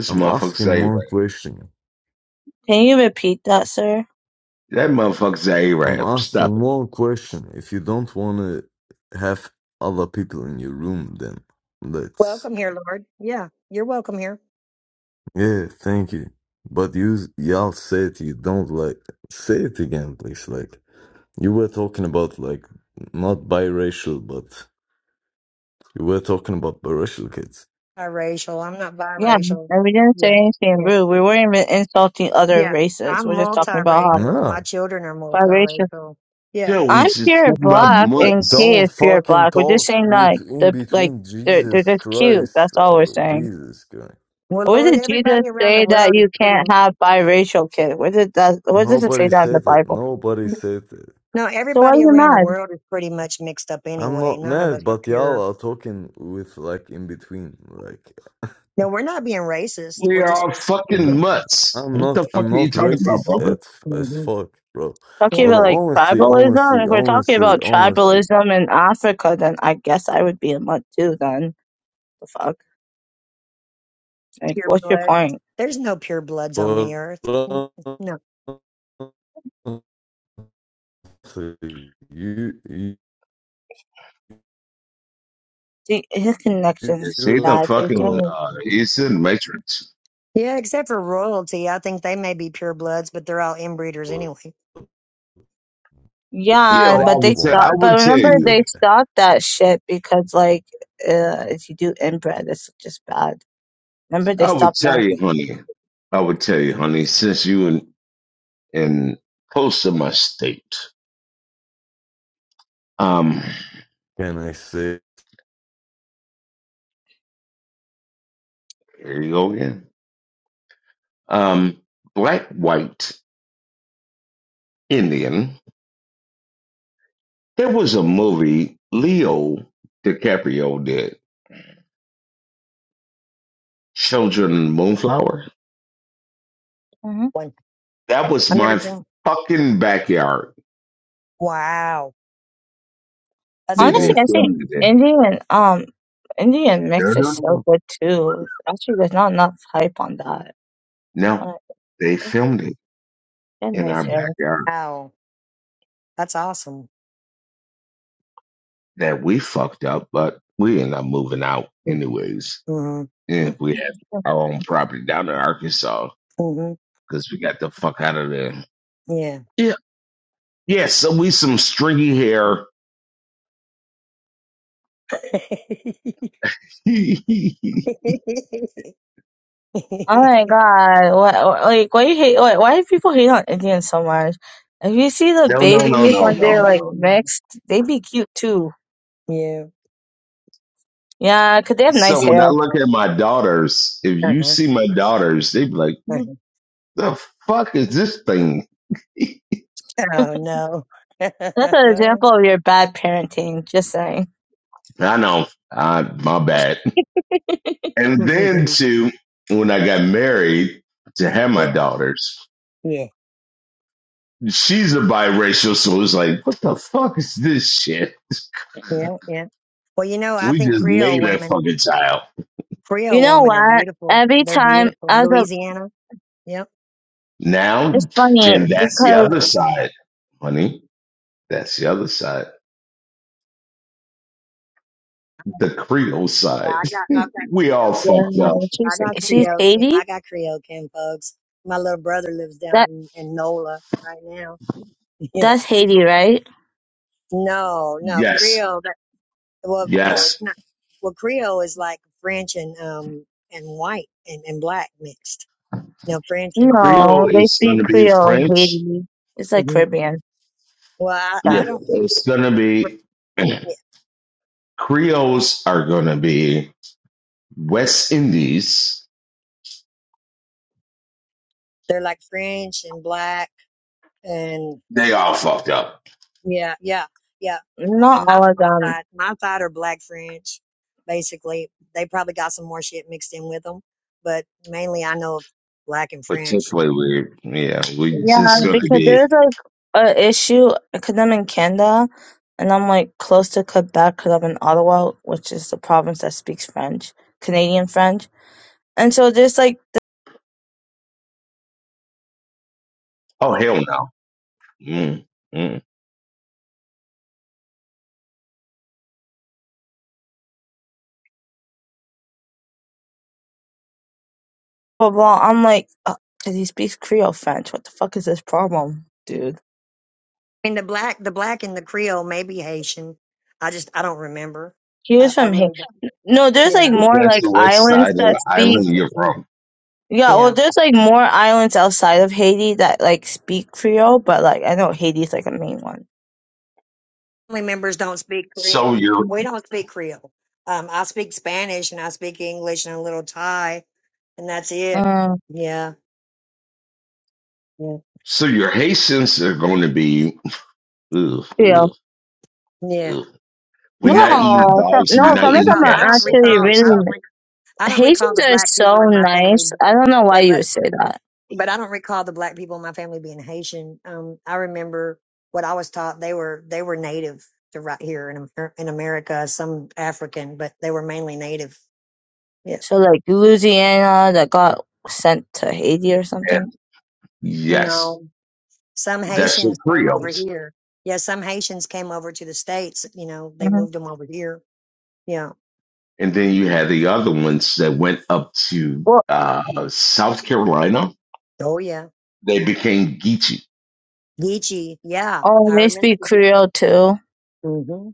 I'm motherfucker's asking A-Rap. more question. Can you repeat that, sir? That motherfucker's I'm A-Rap. Stop asking it. one question. If you don't want to have other people in your room, then let's. Welcome here, Lord. Yeah, you're welcome here. Yeah, thank you. But you, y'all said you don't like. Say it again, please. Like, you were talking about, like, not biracial, but you were talking about biracial kids. Biracial. I'm not Yeah, biracial. and we didn't say Yeah, anything yeah, rude. We weren't even insulting other yeah. races. I'm We're just talking about how multiracial, and Nah, my children are biracial. multiracial. Yeah. Yo, we I'm just pure talking about black and mutts. Kay Don't is pure fucking black. We're just talk saying with like in the like between they're they're Jesus just cute. Christ. That's all we're Oh, saying. Jesus Christ. Well, Where Lord, did Jesus everybody around the say that world is you pretty. can't have biracial kids? Where did that? Where does it say Nobody that in the said it. Bible? Nobody said it. No, So why are everybody you around the mad? world is pretty much mixed up I'm anyway. not None of mad, us are but y'all pure. are talking with like in between. Like, No, we're not being racist. We We're just are no, fucking speaking. mutts. I'm What the not. fuck I'm are you not talking about, racist brother? at, as hmm fuck, bro. Talking Yeah, But about like honestly, honestly, tribalism. If we're talking honestly, about honestly, tribalism in Africa, then I guess I would be a mutt too. Then the fuck? Like, pure what's your blood. point? There's no pure bloods on the but earth. honestly, No. you, you, See, his connection's Yes, he's you a bad, but he fucking, can't. are really, uh, he's in the Matrix. Yeah, except for royalty. I think they may be pure bloods, but they're all inbreeders anyway. a Yeah, Yeah, well, black I but they would tell, I stopped. woman. But would tell remember, they you. stopped that shit because like, uh, if you do inbred, it's just bad. Remember, they I would stopped tell that. you, honey. I would tell you, honey, since you in, in close to my state. Um, Can I say? here you go again. Um, black, white. Indian. There was a movie Leo DiCaprio did, Children of the Moonflower. That was I've never my been. fucking backyard Wow, that's that they Honestly, cool. I think filmed it in. Indian um Indian No, mix is no, so no. good too. Actually, there's not enough hype on that. No, Not, they filmed it that in our makes it. backyard Wow, that's awesome. that we fucked up, but we ended up moving out anyways. Mm-hmm. And we had our own property down in Arkansas hmm because we got the fuck out of there. Yeah. Yeah. Yeah, so we some stringy hair. no, Oh my God! What what- like why you hate? Why, why do people hate on Indians so much? If you see the no, babies no, no, when no, they're like no. mixed, they be cute too. yeah. Yeah, 'cause they have So nice when I hair. look at my daughters, if you Uh-huh. see my daughters, they be like, "What Uh-huh. the fuck is this thing?" Oh no. That's an example of your bad parenting. Just saying. I know, I, my bad. And then Mhm. too, when I got married to have yeah. my daughters, Yeah. she's a biracial, so it's like, "What the fuck is this shit?" Yeah. Yeah. Well, you know, I We think just Creole made a women, fucking child You Creole know women are what? beautiful. Every They're time beautiful. as a, Louisiana. Yep. now, it's funny and that's the because other side, honey. That's the other side, the Creole Yeah, side. I got. I've got we all Creole. yeah, fucked up. I she's got she's Creole. kin- Haiti. I got Creole kin folks. My little brother lives down in, in NOLA right now Yeah. That's Haiti, right? No, no, Yes, Creole. that- Well, no, yes. it's not. Well, Creole is like French and um and white and, and black mixed. No, French and and No, Creole they is going speak to be Creole in French. Haiti. It's like hmm Caribbean. well, I, Um, I Yeah, don't speak. it's going to Fr- be Yeah, Creoles are going to be West Indies. they're like French and black and They all fucked up. yeah, yeah, yeah. I mean, Not my all of my them. side, my side are black French. Basically, they probably got some more shit mixed in with them, but mainly I know of black and French. Particularly, we yeah, we Yeah, Mm-hmm. just going to because be there's like a issue because I'm in Canada and I'm like close to Quebec because I'm in Ottawa, which is the province that speaks French, Canadian French. And so there's like oh hell no. Mm, mm. blah blah. I'm like, because he speaks Creole French. What the fuck is this problem, dude? I mean, the black, the black and the Creole, maybe Haitian. I just, I don't remember. He I, was I from Haiti. really don't. No, there's like Yeah, more Depends like on what side islands of the that island speak. you're from. Yeah, well, yeah. there's like more islands outside of Haiti that like speak Creole, but like I know Haiti's like a main one. Family members don't speak Creole. So your We don't speak Creole. Um, I speak Spanish and I speak English and a little Thai, and that's it. Um, Yeah, yeah, so your Haitians are going to be. Ugh, Creole. ugh, yeah. ugh. We're No, Yeah, I not don't, eating some, dogs. no, I, We're I not don't some of eating recall, them are I don't cats. Okay, actually recall, let's I really. stop don't, rec- I don't recall Haitians the are black so people in my family nice. I being. don't know why Yeah, you would say that. but I don't recall the black people in my family being Haitian. Um, I remember what I was taught. They were they were native to right here in Amer- in America. Some African, but they were mainly native. Yeah, So like Louisiana that got sent to Haiti or it. something. And yes, no, some that's your Haitians came over Creoles. here. Yeah, some Haitians came over to the states. You know, they hmm moved them over here. Yeah. And then you had the other ones that went up to Well, uh, South Carolina. Oh yeah, They became Geechee. Geechee. Yeah, oh, I they remember speak the. Creole too. hmm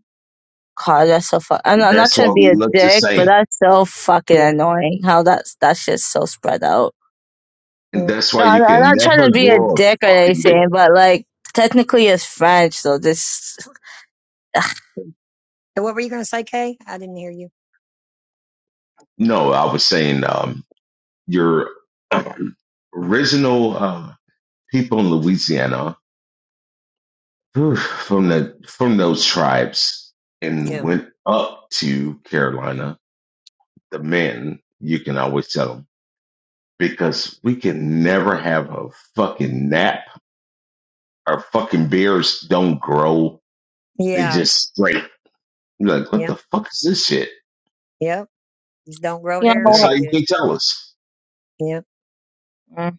God, that's so fuck. I'm, I'm not That's trying why to be we a look the dick, but same. that's so fucking Yeah. annoying. How that's that's just so spread out. And Yeah. that's why No, you I'm I'm can not trying never to be a grow a dick or fucking beard. anything, but like technically it's French, so this And what were you going to say, Kay? I didn't hear you. No, I was saying um, your um, original uh, people in Louisiana whew, from the from those tribes and Yeah. went up to Carolina. The men, you can always tell them because we can never have a fucking nap our fucking beers don't grow. They Yeah. just straight. You're like, what Yeah. the fuck is this shit? Yep. Don't grow you hair That's know very how you good. can tell us. mm,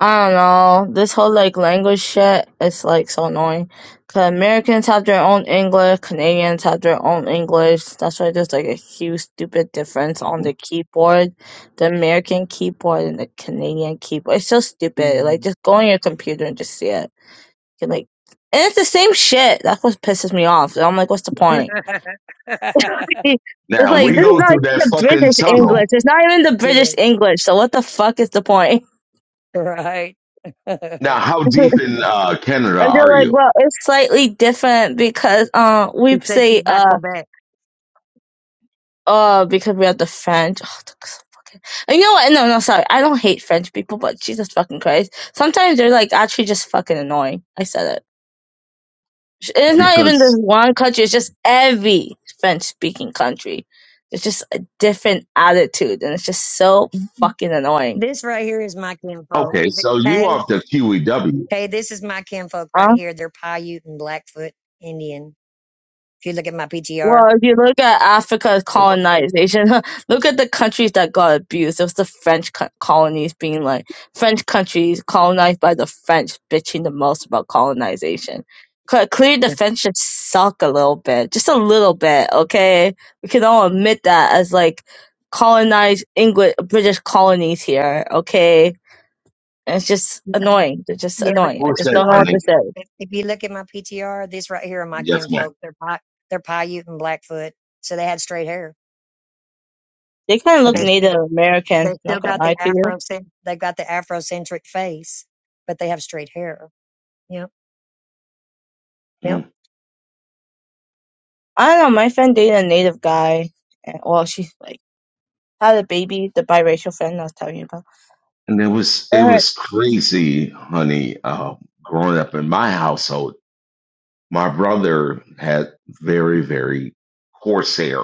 I don't know. This whole like language shit is like so annoying. 'Cause Americans have their own English, Canadians have their own English. That's why there's like a huge stupid difference on Mm-hmm. the keyboard, the American keyboard and the Canadian keyboard. It's so stupid. Yeah. Like just go on your computer and just see it. You can, like and it's the same shit. That's what pisses me off. So I'm like, what's the point? It's Now like we this is go not through even that the fucking British English. tunnel. It's not even the British English. So what the fuck is the point? right. Now, he how and deep in uh, Canada they're are like, you? well, it's slightly different because uh, we said she's say by uh Quebec. uh because we have the French. Oh, the fucking- and you know what? No, no, sorry. I don't hate French people, but Jesus fucking Christ. Sometimes they're like actually just fucking annoying. I said it. It's not even this Because one country. It's just every French-speaking country. It's just a different attitude, and it's just so fucking annoying. This right here is my kinfolk. okay, so you Hey, off the QEW. hey, this is my kinfolk Uh, right here. They're Paiute and Blackfoot Indian. If you look at my PTR. Well, if you look at Africa's Wait colonization, look at the countries that got abused. It was the French co- colonies being like French countries colonized by the French bitching the most about colonization. Cle- Clearly, the Yeah. French just suck a little bit, just a little bit. Okay, we can all admit that as like colonized English British colonies here. Okay, and it's just Yeah, annoying. They're just yeah, but, annoying. I but What's just that, don't these know right what to honey? say. if if you look at my PTR, these right here are my Yes, ma'am. kinfolk. They're Pi they're Paiute and Blackfoot. So they had straight hair. They kind of But look they Native They American. still Not gonna got lie the to you. afro. They've got the Afrocentric face, but they have straight hair. Yep, yep. Mm. I don't know. My friend dated a native guy, and well, she like had a baby. The biracial friend I was telling you about. And it was it Uh, was crazy, honey. Uh, growing up in my household, my brother had very very coarse hair,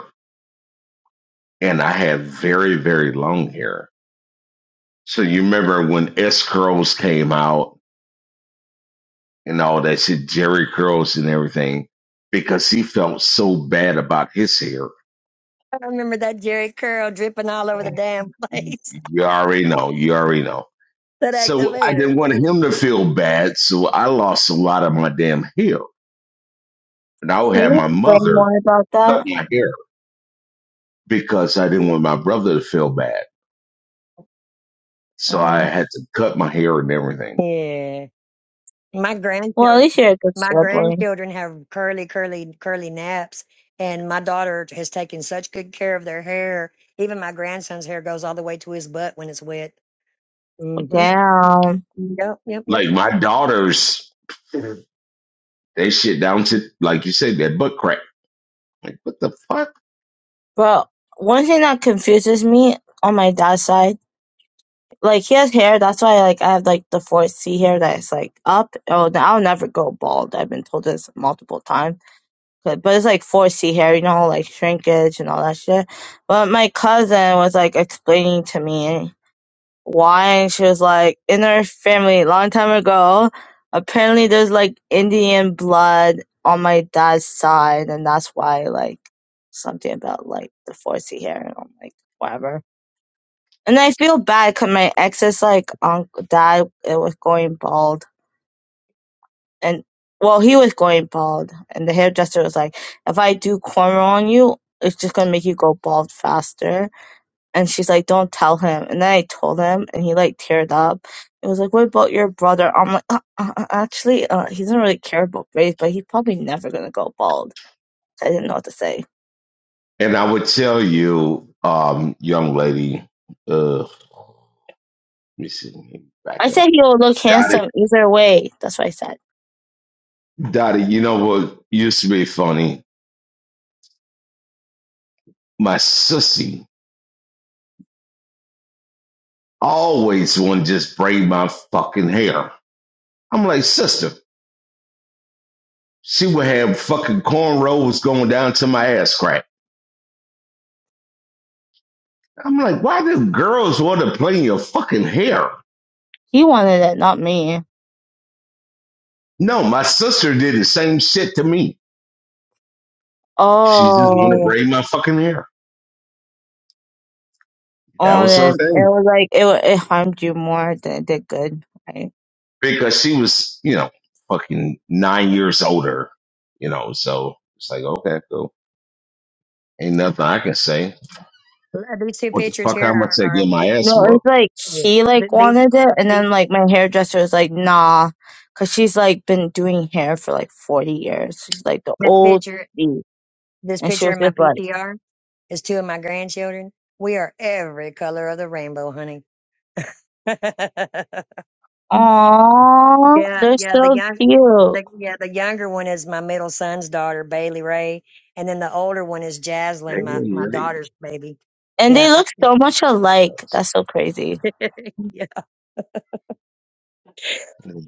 and I had very, very long hair. So you remember when S curls came out and all that shit, Jerry curls and everything, because he felt so bad about his hair. I remember that Jerry curl dripping all over the damn place. You already know. You already know. that So I activator. didn't want him to feel bad. So I lost a lot of my damn hair, and I would can have you my explain mother more about cut that? my hair because I didn't want my brother to feel bad. So I Mm. had to cut my hair and everything. Yeah. My Well, at grandchildren, least you're a good my sibling. grandchildren have curly, curly, curly naps, and my daughter has taken such good care of their hair. Even my grandson's hair goes all the way to his butt when it's wet. Well, Mm-hmm. Damn, Yep, yep, yep. Like my daughters. They shit down to like you said that butt crack. Like what the fuck? bro. One thing that confuses me on my dad's side, like he has hair. That's why, like, I have like the fourth C hair that's like up. Oh, no, I'll never go bald. I've been told this multiple times. But, but it's like four C hair, you know, like shrinkage and all that shit. But my cousin was like explaining to me. why she was like in her family long time ago apparently there's like indian blood on my dad's side and that's why like something about like the foresee hair and i'm like whatever and i feel bad because my ex's like uncle dad it was going bald and well he was going bald and the hairdresser was like if i do cornrow on you it's just gonna make you go bald faster and she's like, don't tell him. And then I told him, and he like teared up. It was like, what about your brother? I'm like, uh, uh, uh, actually, uh, he doesn't really care about race, but he's probably never gonna go bald. I didn't know what to say. And I would tell you, um, young lady, uh, let me see, let me back I up, said he'll look Dottie, handsome either way. That's what I said. Dottie. You know what used to be funny? My sissy always want to just braid my fucking hair. I'm like, sister, she would have fucking cornrows going down to my ass crack. I'm like, why do girls want to play in your fucking hair? He wanted it, not me. No, my sister did the same shit to me. She just want to Oh, braid my fucking hair. That on was her it. It thing was like it wa- it harmed you more than it did good. right? because she was, you know, fucking nine years older, you know. So it's like, okay, cool. Ain't nothing I can say. Uh, These two What the pictures fuck? here I'm gonna are, say, are get of two. my No, ass it's whooped. like The, he like the, wanted it, and the, then like my hairdresser was like, nah, cause she's like been doing hair for like forty years. She's like the the old picture lady, This and she picture was in my just like, PTR is two of my grandchildren. We are every color of the rainbow, honey. yeah, "Aw, they're yeah. The so young, cute, the yeah, the younger one is my middle son's daughter, Bailey Ray, and then the older one is They Jaslyn, my ain't my ready. daughter's baby. and they Yeah, I, look so much alike. That's so crazy. yeah,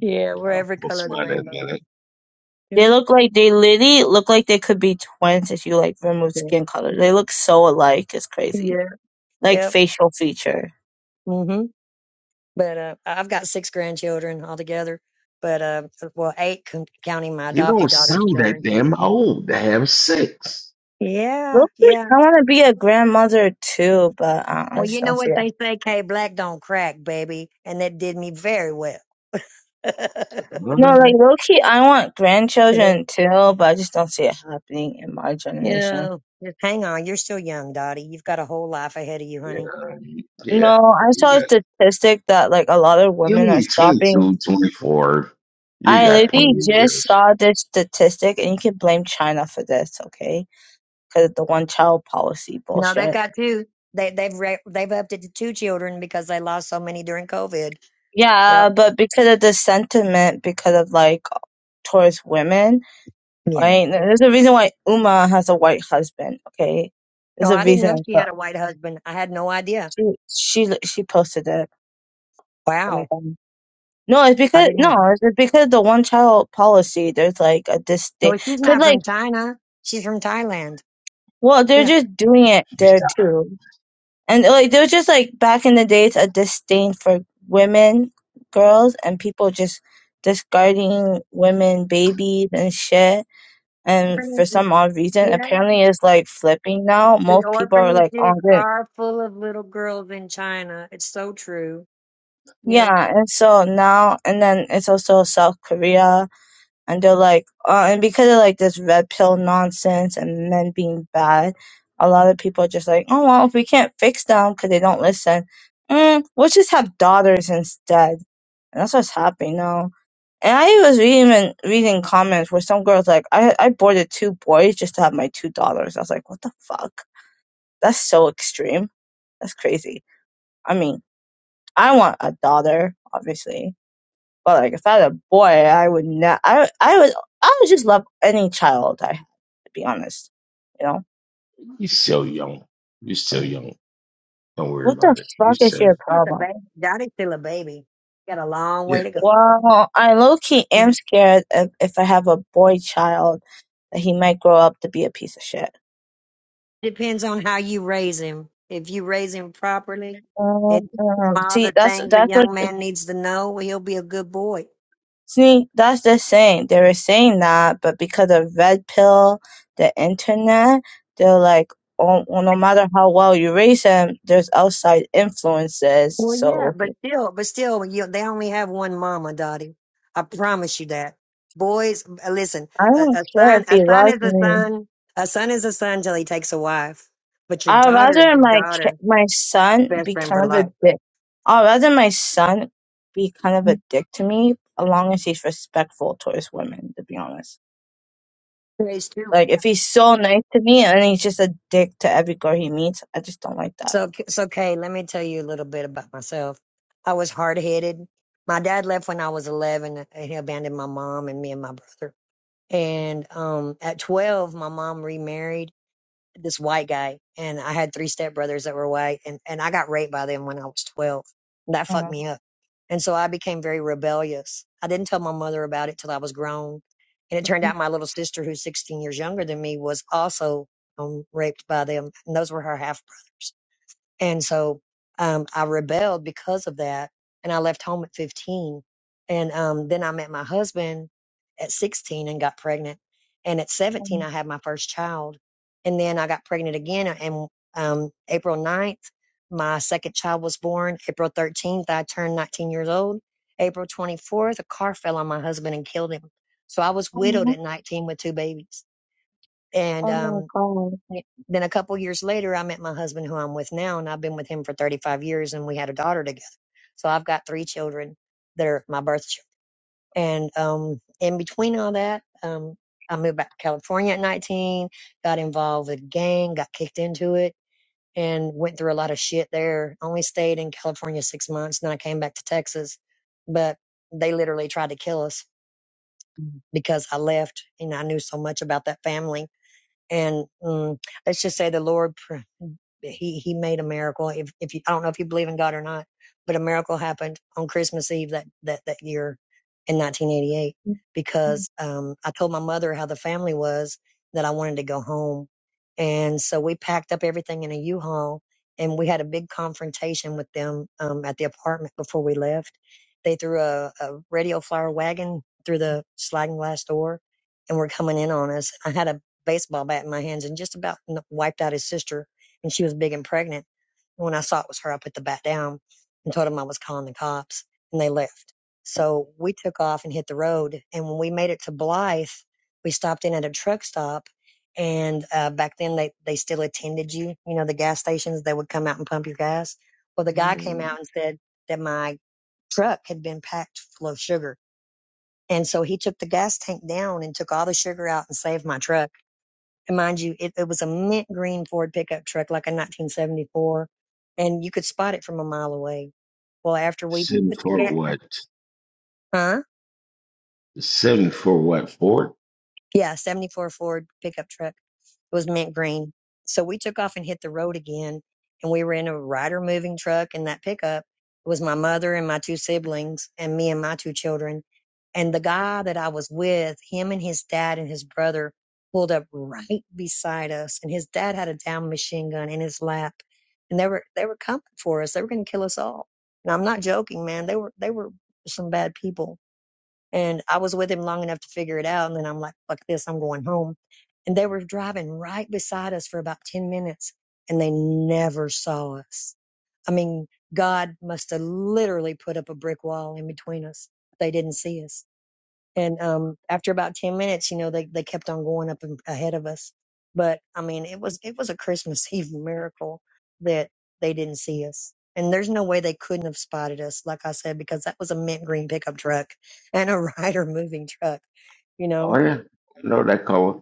yeah. We're I'll every color post of the mine in a rainbow. minute. Yep. They look like they literally look like they could be twins if you like remove Yeah. skin color. They look so alike. It's crazy, Yeah. like Yep. facial feature. Mhm. But uh, I've got six grandchildren altogether. But uh, well, eight con- counting my You adopted don't daughter's sound that children. damn old to have sex. Yeah. Look, Yeah. I want to be a grandmother too, but uh, I Well, just you know don't see what it. they say, K Black don't crack, baby. And that did me very well. No, like Yeah, low key, I want you grandchildren too, but I just don't see it happening in my generation. know, just hang on. You're still young, Dottie. You've got a whole life ahead of you, honey. yeah. No, I You saw a got statistic that like a lot of you women are only twenty stopping. two, 24. You I got plenty literally of just years. saw this statistic, and you can blame China for this, okay? Because of the one child policy No, they've bullshit. got two. They, they've re- they've upped it to two children because they lost so many during COVID. Yep. Yeah, but because of the sentiment, because of like towards women, Yeah. right? There's a reason why Uma has a white husband, okay? There's No, a I didn't know reason. she But had a white husband. I had no idea. she she she posted it. Let me Wow. go. No, it's I because no, didn't. it's just because the one child policy. There's like a No, distinct, she's cause not like, from China. She's from Thailand. well, they're Yeah. just doing it You there still, too, and like there was just like back in the days a disdain for women, girls, and people just discarding women, babies, and shit. And for some odd reason, Yeah. apparently it's like flipping now. The Most people are like orphanages on it, are full of little girls in China. It's so true. You know, yeah. And so now, and then it's also South Korea and they're like, uh, and because of like this red pill nonsense and men being bad, a lot of people are just like, oh well, if we can't fix them because they don't listen, mm, we'll just have daughters instead, and that's what's happening now. And I was even reading comments where some girls like, I I boarded two boys just to have my two daughters. I was like, what the fuck? That's so extreme. That's crazy. I mean, I want a daughter, obviously, but like if I had a boy, I would not. I I would I would just love any child. I be honest. You know, you still young. you still young. Don't worry what the about it. You fuck is said your it. she's a problem? baby. Daddy's still a baby. Got a long Yeah. way to Well, I low key am go. scared if, if I have a boy child that he might grow up to be a piece of shit. Depends on how you raise him. If you raise him properly and Um, teach him um, all see, the that's things the that's what young man needs to know, well, he'll be a good boy. see that's the saying. They were saying that, but because of red pill, the internet, they're like, oh, well, no matter how well you raise him, there's outside influences. Well, yeah, So but he- still, but still, you, they only have one mama, Dottie. I promise you that. Boys, uh, listen, I a, don't a care son, if a he son loves is a me. son. A son is a son till he takes a wife. But your I'd daughter is rather your my ki- daughter, my son best be friend for kind of a life. dick. I'd rather my son be kind of a dick to me, as long as he's respectful towards women. To be honest. Praise too. Like if he's so nice to me and he's just a dick to every girl he meets, I just don't like that. So, so Kay, let me tell you a little bit about myself. I was hard headed. My dad left when I was 11 and he abandoned my mom and me and my brother. And, um, at 12, my mom remarried this white guy, and I had three stepbrothers that were white, and and I got raped by them when I was twelve. That fucked Um, me up, and so I became very rebellious. I didn't tell my mother about it till I was grown, and it turned out my little sister, who's sixteen years younger than me, was also um, raped by them, and those were her half brothers. And so um, I rebelled because of that. And I left home at 15. And um, then I met my husband at 16 and got pregnant. And at 17, I had my first child. And then I got pregnant again. And um, April 9th, my second child was born. April 13th, I turned 19 years old. April 24th, a car fell on my husband and killed him. So I was widowed oh at 19 with two babies. And oh my um, god. yeah. Then a couple years later, I met my husband, who I'm with now, and I've been with him for 35 years, and we had a daughter together. So I've got three children that are my birth children. And um, in between all that, um, I moved back to California at 19, got involved with a gang, got kicked into it, and went through a lot of shit there. Only stayed in California six months, and I came back to Texas. But they literally tried to kill us because I left and I knew so much about that family and mm, let's just say the Lord he he made a miracle. If if you, I don't know if you believe in God or not, but a miracle happened on Christmas Eve that that that year in 1988 Mm, because um, I told my mother how the family was that I wanted to go home, and so we packed up everything in a U-Haul and we had a big confrontation with them um, at the apartment before we left. They threw a, a radio flyer wagon through the sliding glass door and were coming in on us. I had a baseball bat in my hands and just about wiped out his sister, and she was big and pregnant. And when I saw it was her, I put the bat down and told him I was calling the cops, and they left. So we took off and hit the road. And when we made it to Blythe, we stopped in at a truck stop. And uh, back then, they, they still attended you. You know, the gas stations, they would come out and pump your gas. Well, the guy came Mm, out and said that my truck had been packed full of sugar. And so he took the gas tank down and took all the sugar out and saved my truck and mind you, it, it was a mint green Ford pickup truck, like a 1974, and you could spot it from a mile away. Well, after we Seven put the for gas, what? huh? Seven for what? Ford? Yeah, 74 Ford pickup truck. It was mint green. So we took off and hit the road again. And we were in a rider moving truck. And that pickup was my mother and my two siblings and me and my two children. And the guy that I was with, him and his dad and his brother pulled up right beside us. And his dad had a down machine gun in his lap. And they were, they were coming for us. They were going to kill us all. And I'm not joking, man. They were, they were some bad people and I was with him long enough to figure it out. And then I'm like, fuck this, I'm going home. And they were driving right beside us for about 10 minutes and they never saw us. I mean, God must have literally put up a brick wall in between us. They didn't see us and um after about 10 minutes you know they they kept on going up in, ahead of us but i mean it was it was a christmas eve miracle that they didn't see us and there's no way they couldn't have spotted us like i said because that was a mint green pickup truck and a rider moving truck you know Oh yeah. I know that color.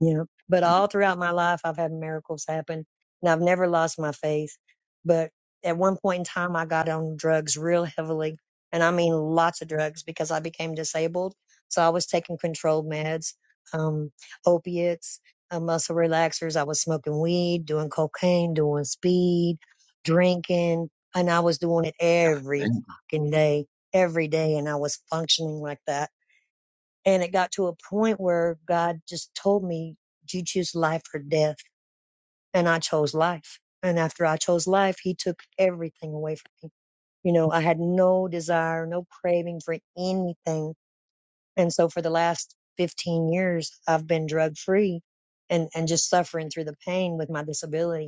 yeah. But all throughout my life, I've had miracles happen and I've never lost my faith. But at one point in time, I got on drugs real heavily. And I mean lots of drugs because I became disabled. So I was taking controlled meds, um, opiates, uh, muscle relaxers. I was smoking weed, doing cocaine, doing speed, drinking. And I was doing it every Thank fucking day, every day. And I was functioning like that. And it got to a point where God just told me, do you choose life or death? And I chose life. And after I chose life, he took everything away from me. You know, I had no desire, no craving for anything. And so for the last 15 years, I've been drug free and, and just suffering through the pain with my disability.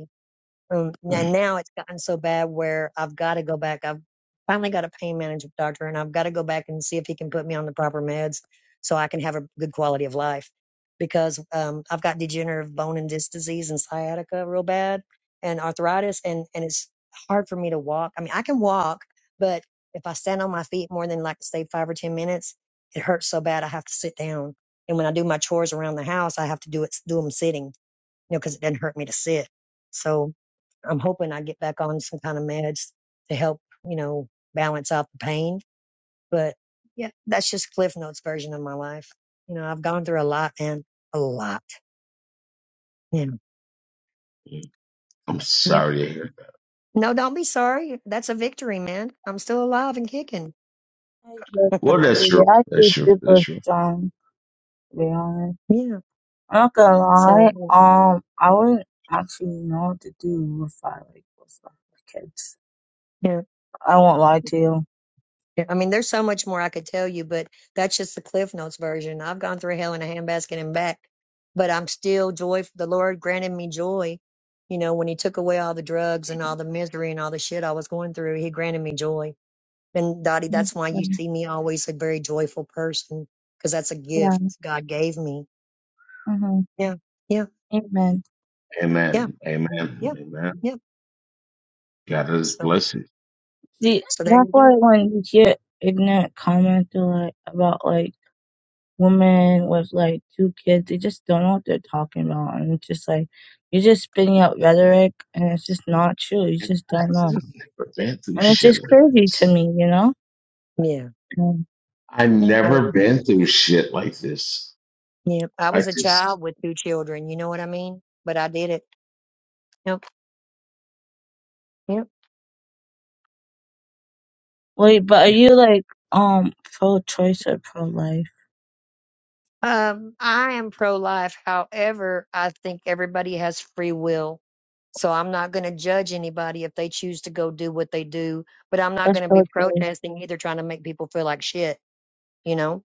Um, now, now it's gotten so bad where I've got to go back. I've finally got a pain management doctor, and I've got to go back and see if he can put me on the proper meds so I can have a good quality of life. Because um, I've got degenerative bone and disc disease and sciatica real bad, and arthritis, and and it's hard for me to walk. I mean, I can walk, but if I stand on my feet more than like say five or ten minutes, it hurts so bad I have to sit down. And when I do my chores around the house, I have to do it do them sitting, you know, because it doesn't hurt me to sit. So I'm hoping I get back on some kind of meds to help, you know, balance out the pain. But yeah, that's just Cliff Notes version of my life. You know, I've gone through a lot and a lot. Yeah. you. I'm Yep. sorry to hear. that. No, don't be sorry. That's a victory, man. I'm still alive and kicking. I love this Well, that's baby. true. I That's feel true. That's super true. strong, to be honest. yeah. I'm not gonna lie, So, um, I wouldn't actually know what to do if I like was not with kids. yeah. I won't lie to you. Yeah, I mean, there's so much more I could tell you, but that's just the Cliff Notes version. I've gone through hell in a handbasket and back, but I'm still joy. The Lord granted me joy. You know, when He took away all the drugs and all the misery and all the shit I was going through, He granted me joy. And Dottie, that's why you Mhm. see me always a very joyful person, because that's a Yeah. gift God gave me. hmm Yeah, yeah, Amen. yeah, Amen. Amen. yeah, Amen. yeah. God is So, blessing. See, so there that's you why go. when you hear ignorant comments like about like women with like two kids, they just don't know what they're talking about, and it's just like you're just spitting out rhetoric, and it's just not true. You And just I don't just know, have never been through and it's shit just like crazy to this. me, you know. Yeah, Yeah. I I, wa- never been through shit like this. yeah. I I was a just child with two children. You know what I mean? But I did it. Yep. Yep. Wait, but are you like um pro-choice or pro-life? Um, I am pro-life. However, I think everybody has free will. So I'm not going to judge anybody if they choose to go do what they do, but I'm not That's going to be pro-choice. protesting either trying to make people feel like shit, you know?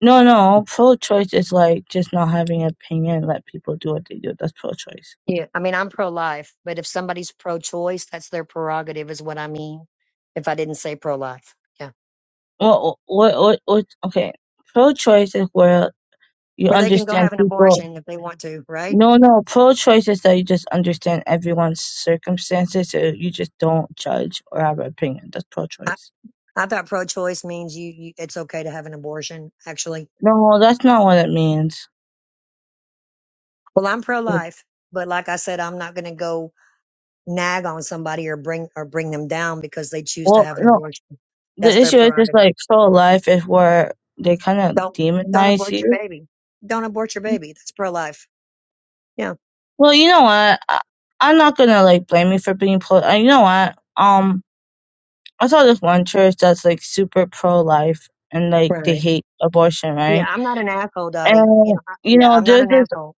No, no, pro-choice is like just not having an opinion, let people do what they do. That's pro-choice. Yeah. I mean, I'm pro-life, but if somebody's pro-choice, that's their prerogative is what I mean. If I didn't say pro-life. Yeah. Well, what, what, what? Okay, pro-choice is where you Or they can go understand have an people. abortion if they want to, right? No, no, pro-choice is that you just understand everyone's circumstances, so you just don't judge or have an opinion. That's I, pro-choice. I thought pro-choice means you, you, it's okay to have an abortion, actually. No, that's not what it means. Well, I'm pro-life, but like I said, I'm not going to go nag on somebody or bring or bring them down because they choose to Well, have an no, abortion. The That's their issue is just prerogative. like pro life is where they kind of Don't don't demonize abort your you. baby. Don't abort your baby. That's pro life. Yeah. Well, you know what? I, I'm not gonna like blame you for being pro. Uh, you know what? Um, I saw this one church that's like super pro life and like they Right. hate abortion, Yeah, right? I'm not an asshole, Dottie. You know, And I, you yeah, know, I'm not there's an this. asshole.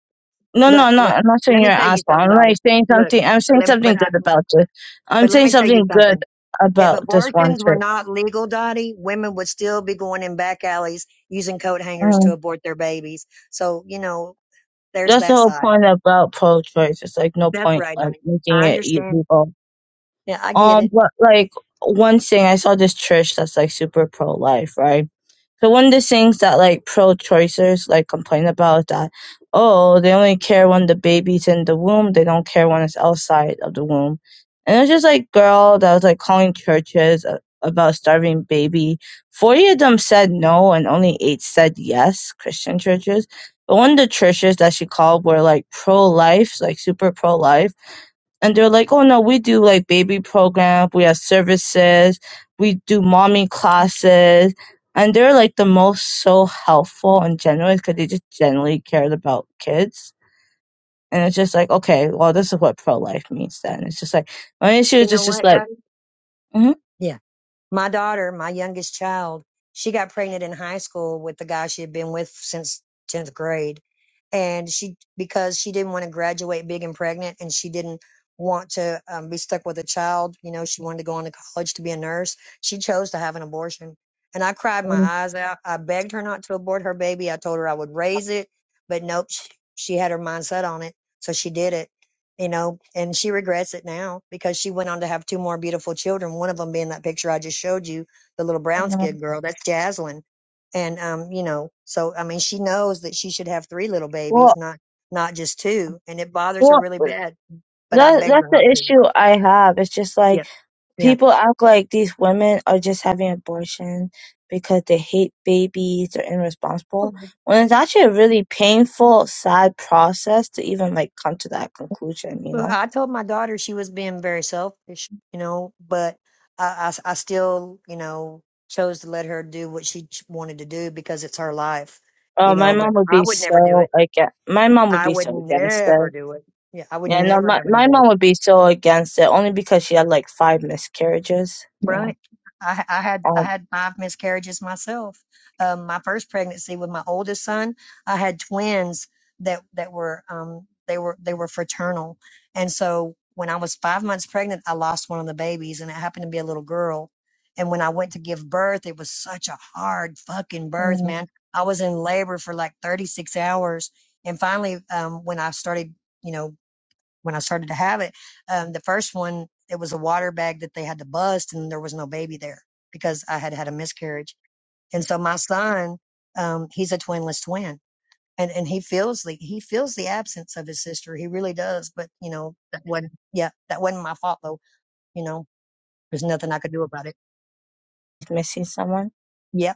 No, Look, no, no. look. I'm not saying Let you're me an tell you asshole. something, I'm like Dottie. saying Look, something. I'm saying let, but something I, good about this. I'm but let saying me tell you something good something. If about this one abortions were church. not legal, Dottie, women would still be going in back alleys using coat hangers to Mm. abort their babies. So you know, there's That's the that whole side. point about pro choice. It's like no That's point right, like honey. making I it understand illegal Yeah, I get Um, it. but like one thing, I saw this church that's like super pro life, right? So one of the things that like pro choicers like complain about is that oh they only care when the baby's in the womb, they don't care when it's outside of the womb. And it's just like girl that was like calling churches a- about starving baby. Forty of them said no, and only eight said yes. Christian churches, but one of the churches that she called were like pro life, like super pro life and they're like, "Oh no, we do like baby programs, we have services, we do mommy classes," and they're like the most so helpful and generous because they just generally cared about kids. And it's just like, okay, well, this is what pro life means then. It's just like my issue You is know just just what, like, Donnie? mm-hmm, Yeah. My daughter, my youngest child, she got pregnant in high school with the guy she had been with since 10th grade. And she, because she didn't want to graduate big and pregnant and she didn't want to um, be stuck with a child, you know, she wanted to go on to college to be a nurse. She chose to have an abortion. And I cried my eyes out. I begged her not to abort her baby. I told her I would raise it, but nope, she, she had her mind set on it. So she did it you know, and she regrets it now because she went on to have two more beautiful children. One of them being that picture I just showed you, the little brown skinned girl. That's Jaslyn. And, um, you know, so, I mean, she knows that she should have three little well, babies, not, not just two. And it bothers her well, really bad, but I that begged her that's the not to. issue I have. It's just like Yeah. Yeah. People act like these women are just having abortions because they hate babies, or irresponsible, when it's actually a really painful, sad process to even like come to that conclusion, you But know? I told my daughter she was being very selfish, you know, but I, I, I still, you know, chose to let her do what she ch- wanted to do because it's her life, Oh, you my know, but mom would I be would never do it so against. My mom would I be would so against it. never do it. Yeah, I would Yeah, no, never my have an my mom abortion. would be so against it only because she had like five miscarriages. You know, Right. I, I had I um, had five miscarriages myself. Um, my first pregnancy with my oldest son, I had twins that that were um they were they were fraternal, and so when I was five months pregnant, I lost one of the babies, and it happened to be a little girl. And when I went to give birth, it was such a hard fucking birth, mm, man. I was in labor for like 36 hours, and finally, um, when I started, you know, when I started to have it, um, the first one, it was a water bag that they had to bust and there was no baby there because I had had a miscarriage. And so my son, um, he's a twinless twin and, and he feels the, he feels the absence of his sister. He really does. But you know, that wasn't, yeah, that wasn't my fault though. You know, there's nothing I could do about it. missing someone. Yeah,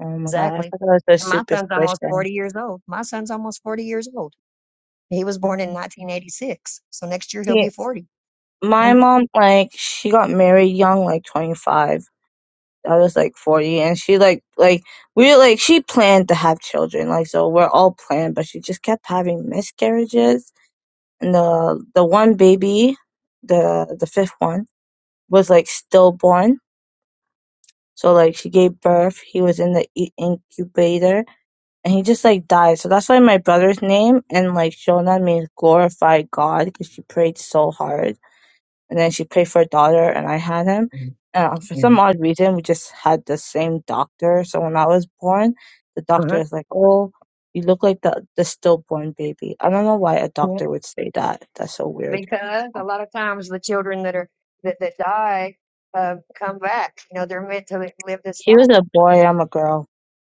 Oh my god, I exactly. forgot it was a And my son's almost superstition. 40 years old. My son's almost 40 years old. He was born in Mm. 1986. So next year he'll be 40. my hmm mom like she got married young like 25 i was like 40 and she like like we like she planned to have children like so we're all planned but she just kept having miscarriages and the the one baby the the fifth one was like stillborn so like she gave birth he was in the i- incubator and he just like died so that's why my brother's name and like shona means glorify god because she prayed so hard and then she paid for a daughter and I had him. And for Yeah. some odd reason, we just had the same doctor. So when I was born, the doctor was Uh-huh. like, "Oh, you look like the the stillborn baby." I don't know why a doctor would say that. That's so weird. because a lot of times the children that are that, that die uh, come back. You know, they're meant to live this He was life. a boy. I'm a girl.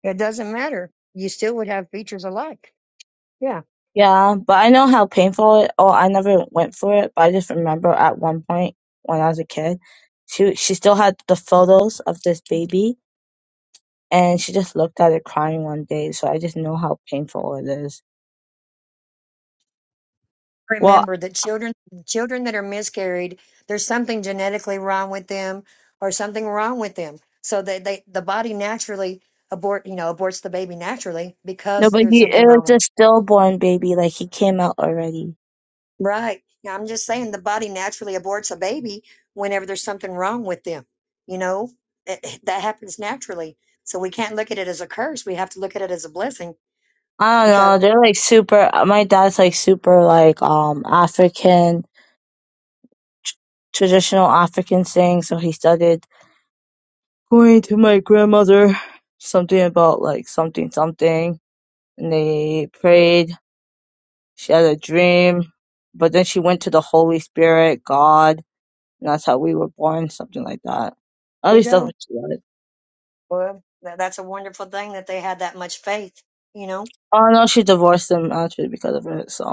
It doesn't matter. You still would have features alike. Yeah. Yeah, but I know how painful it. Oh, I never went for it, but I just remember at one point when I was a kid, she she still had the photos of this baby, and she just looked at it crying one day. So I just know how painful it is. Well. Remember that children children that are miscarried, there's something genetically wrong with them or something wrong with them. So they, they the body naturally abort you know aborts the baby naturally No, because but there's he something it was wrong with a stillborn baby. Like he came out already. Right. Yeah, I'm just saying the body naturally aborts a baby whenever there's something wrong with them. You know, Eh, eh, that happens naturally. So we can't look at it as a curse. We have to look at it as a blessing I don't because know. They're like super. My dad's like super like um African tr- traditional African thing. So he started going to my grandmother something about like something something, and they prayed. She had a dream, but then she went to the Holy Spirit, God, and that's how we were born. Something like that. At there you least that's go. what she said. Well, tha- that's a wonderful thing that they had that much faith, you know? Oh no, she divorced him actually because of it. So.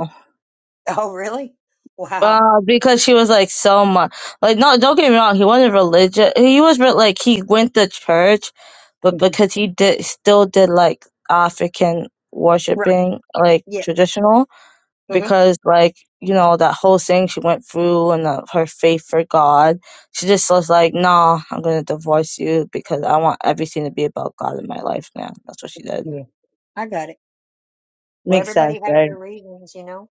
Oh, really? Wow. Uh, because she was like so much like no, don't get me wrong, he wasn't religious. He was re- like he went to church, but Mhm. because he did still did like African Right. worshiping, like Yeah. traditional, hmm because like you know that whole thing she went through and uh, her faith for God, she just was like, "Nah, I'm gonna divorce you because I want everything to be about God in my life now." That's what she did. Yeah. I got it. Well, Makes sense, everybody has right? their reasons, you know?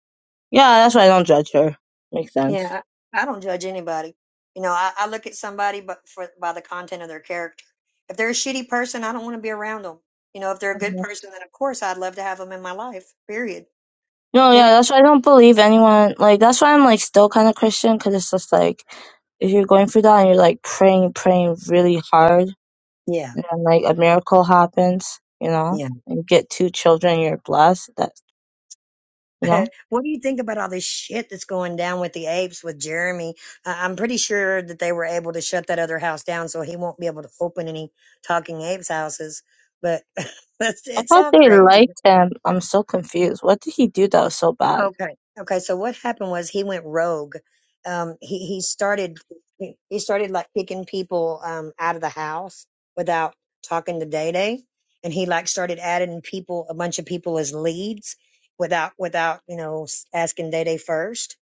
Yeah, that's why I don't judge her. Makes sense. Yeah, I, I don't judge anybody. You know, I, I look at somebody but for by the content of their character. If they're a shitty person, I don't want to be around them. You know, if they're a good person, then of course I'd love to have them in my life. Period. No, yeah, Yep. that's why I don't believe anyone. Like, that's why I'm like still kind of Christian because it's just like if you're going through that and you're like praying, praying really hard, Yeah. and then like a miracle happens, you know, Yeah. and you get two children, you're blessed. That you know, what do you think about all this shit that's going down with the apes with Jeremy? I- I'm pretty sure that they were able to shut that other house down, so he won't be able to open any talking apes houses. But that's I it's thought all they crazy. liked him. I'm so confused. What did he do that was so bad? Okay. Okay. So what happened was he went rogue. Um, he he started he he started like kicking people um out of the house without talking to Day Day, and he like started adding people a bunch of people as leads without without you know s- asking Day Day first.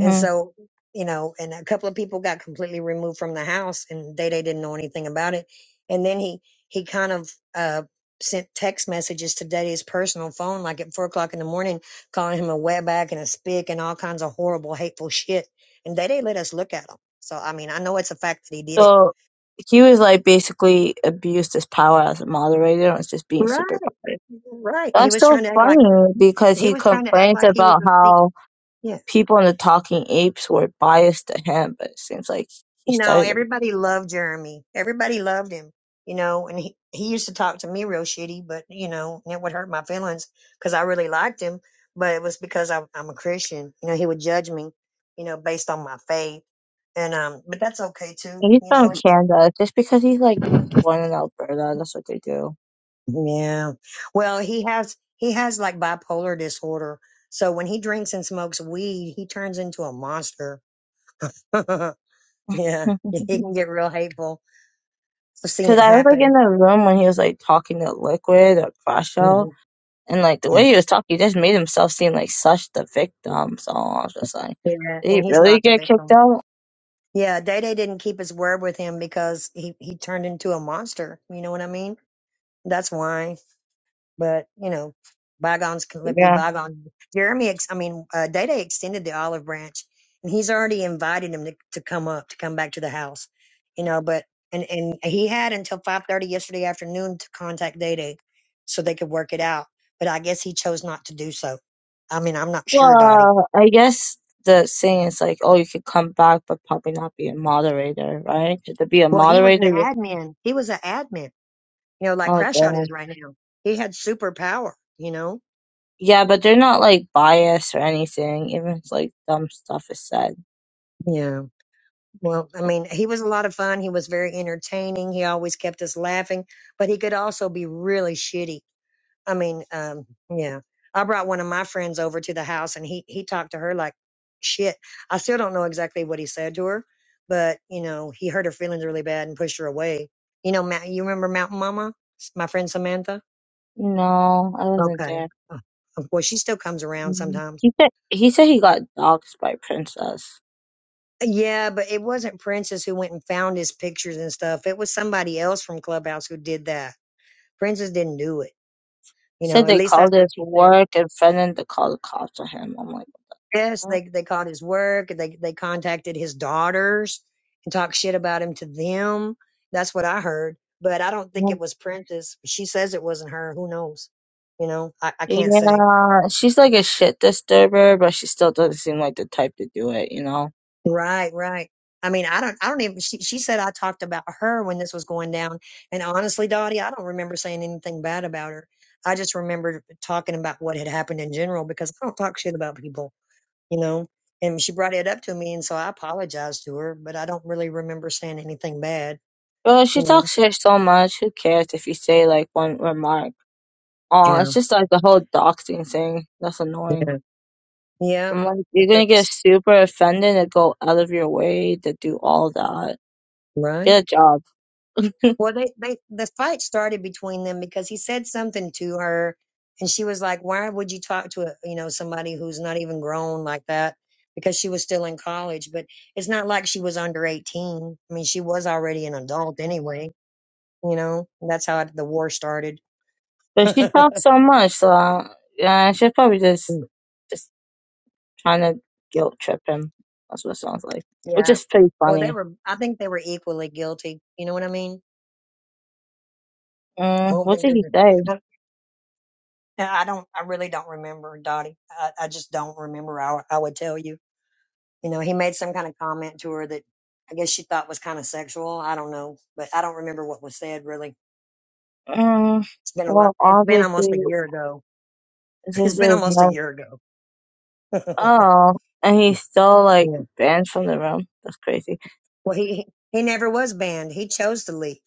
And so, you know, and a couple of people got completely removed from the house and Day Day didn't know anything about it. And then he, he kind of, uh, sent text messages to Day Day's personal phone, like at four o'clock in the morning, calling him a wetback and a spick and all kinds of horrible, hateful shit. And Day Day let us look at him. So, I mean, I know it's a fact that he did it. So he was like basically abused his power as a moderator and was just being super Right. biased. Right. He That's was so trying to act like, funny because he he was trying to act complains like he was about a thief. how Yeah. people in the Talking Apes were biased to him, but it seems like he No, started it. everybody loved Jeremy. Everybody loved him, you know, and he, he used to talk to me real shitty, but you know, and it would hurt my feelings because I really liked him, but it was because I, I'm a Christian. You know, he would judge me, you know, based on my faith. And, um, but that's okay too, He's you from know. Canada. It's Just because he's like born in Alberta, that's what they do. Yeah. Well, he has, he has like bipolar disorder. So when he drinks and smokes weed, he turns into a monster. yeah. He can get real hateful. I've seen Because it I was like in happen. the room when he was like talking to Liquid or Crasho, Mhm. and like the way he was talking, he just made himself seem like such the victim. So I was just like, Yeah, did and he he's really not the get kicked victim. out? Yeah, Day Day didn't keep his word with him because he he turned into a monster. You know what I mean? That's why. But you know, bygones can let be Yeah. bygones. Jeremy, ex- I mean, uh, Day Day extended the olive branch, and he's already invited him to, to come up to come back to the house. You know, but and and he had until five thirty yesterday afternoon to contact Day Day, so they could work it out. But I guess he chose not to do so. I mean, I'm not sure, Dottie. Well, I guess the saying is like, oh, you could come back, but probably not be a moderator, right? To be a Well, he was an moderator, admin. He was an admin. you know, like oh, Crash Out damn. is right now. He had superpower, you know? Yeah, but they're not like biased or anything, even if like dumb stuff is said. Yeah. Well, I Like mean, he was a lot of fun. He was very entertaining. He always kept us laughing, but he could also be really shitty. I mean, um, yeah. I brought one of my friends over to the house and he, he talked to her like shit. I still don't know exactly what he said to her, but you know, he hurt her feelings really bad and pushed her away. You know, Ma- you remember Mountain Mama, S- my friend Samantha? No, I wasn't Okay. there. Uh, uh, Well, she still comes around Mm. sometimes He said he said he got doxxed by Princess. Yeah, but it wasn't Princess who went and found his pictures and stuff. It was somebody else from Clubhouse who did that. Princess didn't do it. You He know, said at they least called that's what his she said. work and friend and they called the cops on him. I'm like, Yes, they they caught his work. and They they contacted his daughters and talked shit about him to them. That's what I heard. But I don't think what? it was Princess. She says it wasn't her. Who knows? You know, I, I can't say. Yeah, she's like a shit disturber, but she still doesn't seem like the type to do it, you know? Right, right. I mean, I don't, I don't even, she, she said I talked about her when this was going down. And honestly, Dottie, I don't remember saying anything bad about her. I just remembered talking about what had happened in general because I don't talk shit about people, you know? And she brought it up to me. And so I apologized to her, but I don't really remember saying anything bad, But she you know? talks shit so much, who cares if you say like one remark? Oh, Yeah. it's just like the whole doxing thing. That's annoying. Yeah. Yeah. I'm like, you're gonna get That's- super offended and go out of your way to do all that. Right. Get a job. Well, they, they the fight started between them because he said something to her, and she was like, "Why would you talk to a, you know somebody who's not even grown like that?" Because she was still in college, but it's not like she was under eighteen. I mean, she was already an adult anyway. You know, that's how the war started. But she talks so much, so yeah, she's probably just just trying to guilt trip him. That's what it sounds like. Which yeah. is pretty Well, they funny. were. I think they were equally guilty. You know what I mean? I Mm, don't what think did they he were. say? I I don't. I really don't remember, Dottie. I, I just don't remember. I, I would tell you. You know, he made some kind of comment to her that I guess she thought was kind of sexual. I don't know, but I don't remember what was said really. Mm, It's been a lot. well, It's been almost a obviously, year ago. this It's been is almost a not. year ago. Oh, and he's still like yeah. banned from the room. That's crazy. Well, he he never was banned. He chose to leave.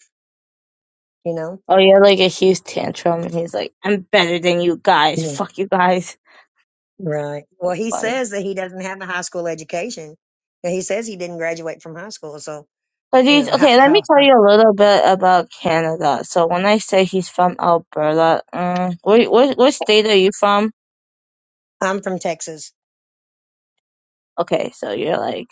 You know. Oh, yeah, like a huge tantrum, and he's like, "I'm better than you guys. Yeah. Fuck you guys." Right. Well, he Funny. says that he doesn't have a high school education. And he says he didn't graduate from high school. So But you he's know how okay. Let me how, tell how you a little bit about Canada. So when I say he's from Alberta, um, where, where, what state are you from? I'm from Texas. Okay, so you're like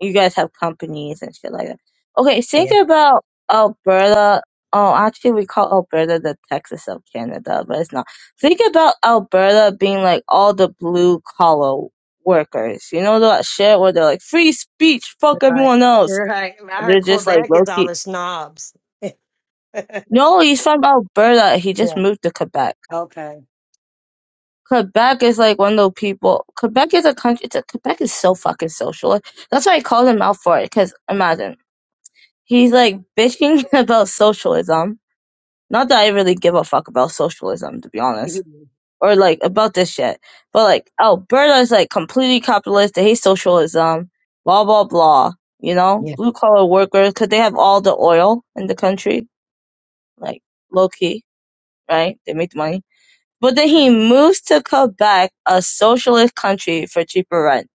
you guys have companies and shit like that. Okay, think Yeah. about Alberta. Oh, actually, we call Alberta the Texas of Canada, but it's not. Think about Alberta being like all the blue collar workers. You know that shit where they're like free speech, fuck Right. everyone else. You're right. I And heard they're just like Quebec low is all key. the snobs. yeah. No, he's from Alberta. He just moved to Quebec. Okay. Quebec is like one of those people. Quebec is a country. It's a, Quebec is so fucking social. That's why I called him out for it. Because imagine He's like bitching about socialism. Not that I really give a fuck about socialism, to be Yeah. honest, or like about this shit. But like Alberta is like completely capitalist. They hate socialism. Blah blah blah. You know, Yeah. blue collar workers because they have all the oil in the country. Like low key, right? They make the money. But then he moves to Quebec, a socialist country, for cheaper rent.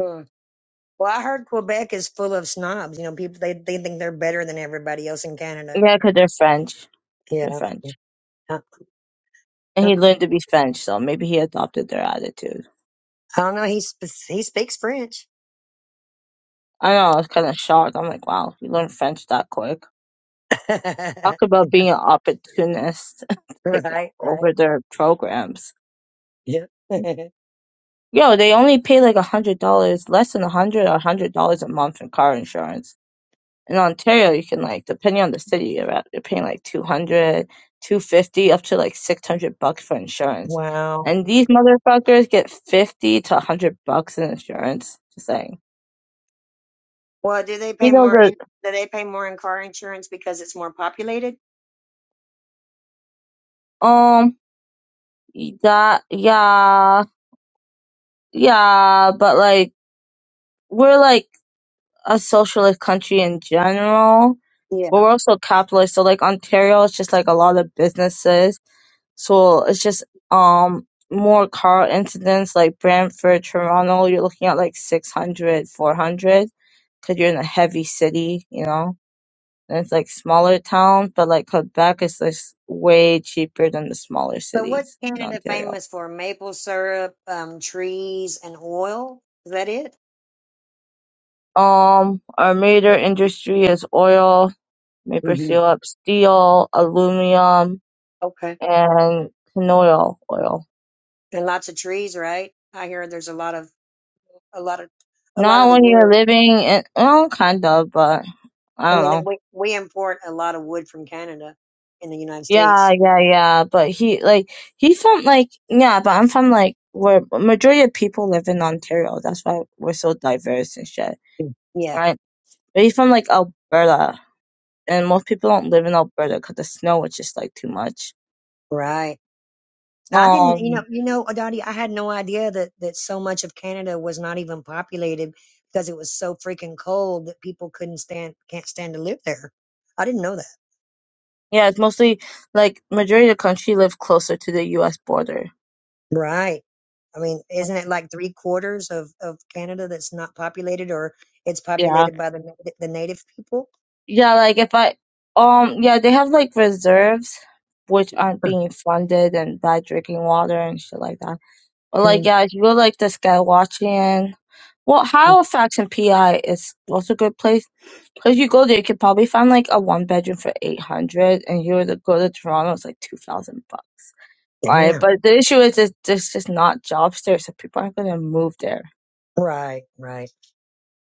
Hmm. Well, I heard Quebec is full of snobs. You know, people they they think they're better than everybody else in Canada. Yeah, because they're French. Yeah. They're yeah. French, Uh, and uh, he learned to be French, so maybe he adopted their attitude. I don't know. He sp- he speaks French. I know, I was kind of shocked. I'm like, wow, you learned French that quick. right. Talk about being an opportunist to take Right. over their programs. Yeah. Yo, they only pay like a hundred dollars, less than a hundred or a hundred dollars a month in car insurance. In Ontario, you can like, depending on the city you're at, you're paying like two hundred, two fifty, up to like 600 bucks for insurance. wow. And these motherfuckers get 50 to a 100 bucks in insurance. Just saying. Well, do they You pay know, more in? the, Do they pay more in car insurance because it's more populated? um, that, yeah. Yeah, but like we're like a socialist country in general, but Yeah. we're also capitalist. So like Ontario is just like a lot of businesses. So it's just um more car incidents like Brantford, Toronto, you're looking at like 600, 400, because you're in a heavy city, you know. And it's like smaller towns, but like Quebec is just way cheaper than the smaller But what's cities in Canada Ontario. famous for? Maple syrup, um, trees, and oil. Is that it? Um, our major industry is oil, maple hmm syrup, steel, aluminum, Okay. and canola oil. And lots of trees, right? I hear there's a lot of a lot of a lot of Not the when you're wood. living in, well, kind of, but I I don't mean, know. we we import a lot of wood from Canada in the United Yeah, States. yeah, yeah. But he, like, he's from, like, yeah, but I'm from, like, where majority of people live in Ontario. That's why we're so diverse and shit, Yeah, right? But he's from, like, Alberta. And most people don't live in Alberta because the snow is just, like, too much. right. I didn't, you know, Um, you know, Adati, I had no idea that that so much of Canada was not even populated because it was so freaking cold that people couldn't stand can't stand to live there. I didn't know that. yeah, it's mostly, like, majority of the country live closer to the U.S. border. Right. I mean, isn't it like three quarters of of Canada that's not populated, or it's Yeah. populated by the na- the native people? Yeah, like if I, um, yeah, they have like reserves which aren't being funded and bad drinking water and shit like that. But like, Mm, yeah, if you go like to Skywatching, well, mm, Halifax and PI is also a good place. Cause you go there, you could probably find like a one bedroom for eight hundred, and you were to go to Toronto, it's like two thousand bucks. Right, Damn. but the issue is, is there's just not jobs there, so people aren't gonna move there. Right. Right.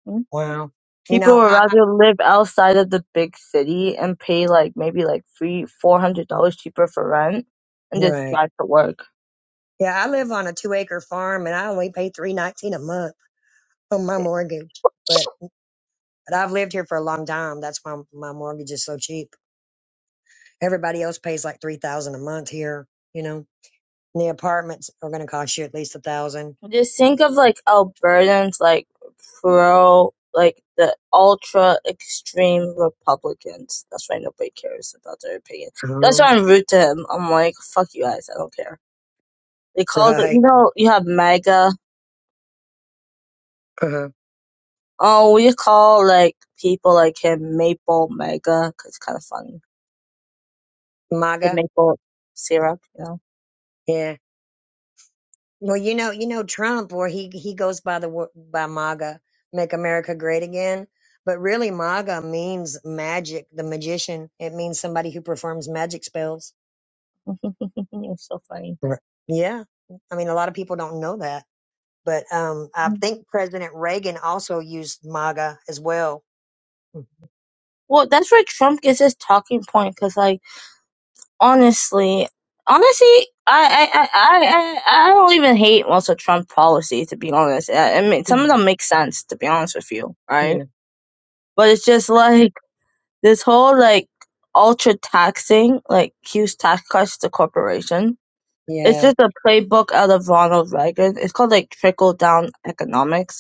Hmm? Wow. You People know, would I, I rather live outside of the big city and pay like maybe like three, four hundred dollars cheaper for rent and just right. drive to work. Yeah, I live on a two acre farm and I only pay three nineteen a month on my Yeah. mortgage. But but I've lived here for a long time. That's why my mortgage is so cheap. Everybody else pays like three thousand a month here, you know. And the apartments are gonna cost you at least a thousand. Just think of like Albertans like pro like the ultra extreme Republicans. That's why nobody cares about their opinion. That's why Oh. I'm rude to him. I'm like, fuck you guys, I don't care. They call the Right. you know, you have MAGA. Uh-huh. Oh, we call like people like him Maple MAGA 'cause it's kind of funny. The MAGA. maple syrup, you know. yeah. Well, you know, you know Trump, or he he goes by the wo- by MAGA, Make America Great Again. But really, MAGA means magic, the magician. It means somebody who performs magic spells. it's so funny. Right. Yeah, I mean, a lot of people don't know that, but um, I Mhm. think President Reagan also used MAGA as well. Well, that's where Trump gets his talking point because, like, honestly, honestly, I, I, I, I, I I don't even hate most of Trump's policy to be honest. I, I mean, some of Mhm. them make sense to be honest with you, right? Yeah, But it's just like this whole like ultra taxing, like huge tax cuts to corporation. It's yeah, just a playbook out of Ronald Reagan. It's called like trickle down economics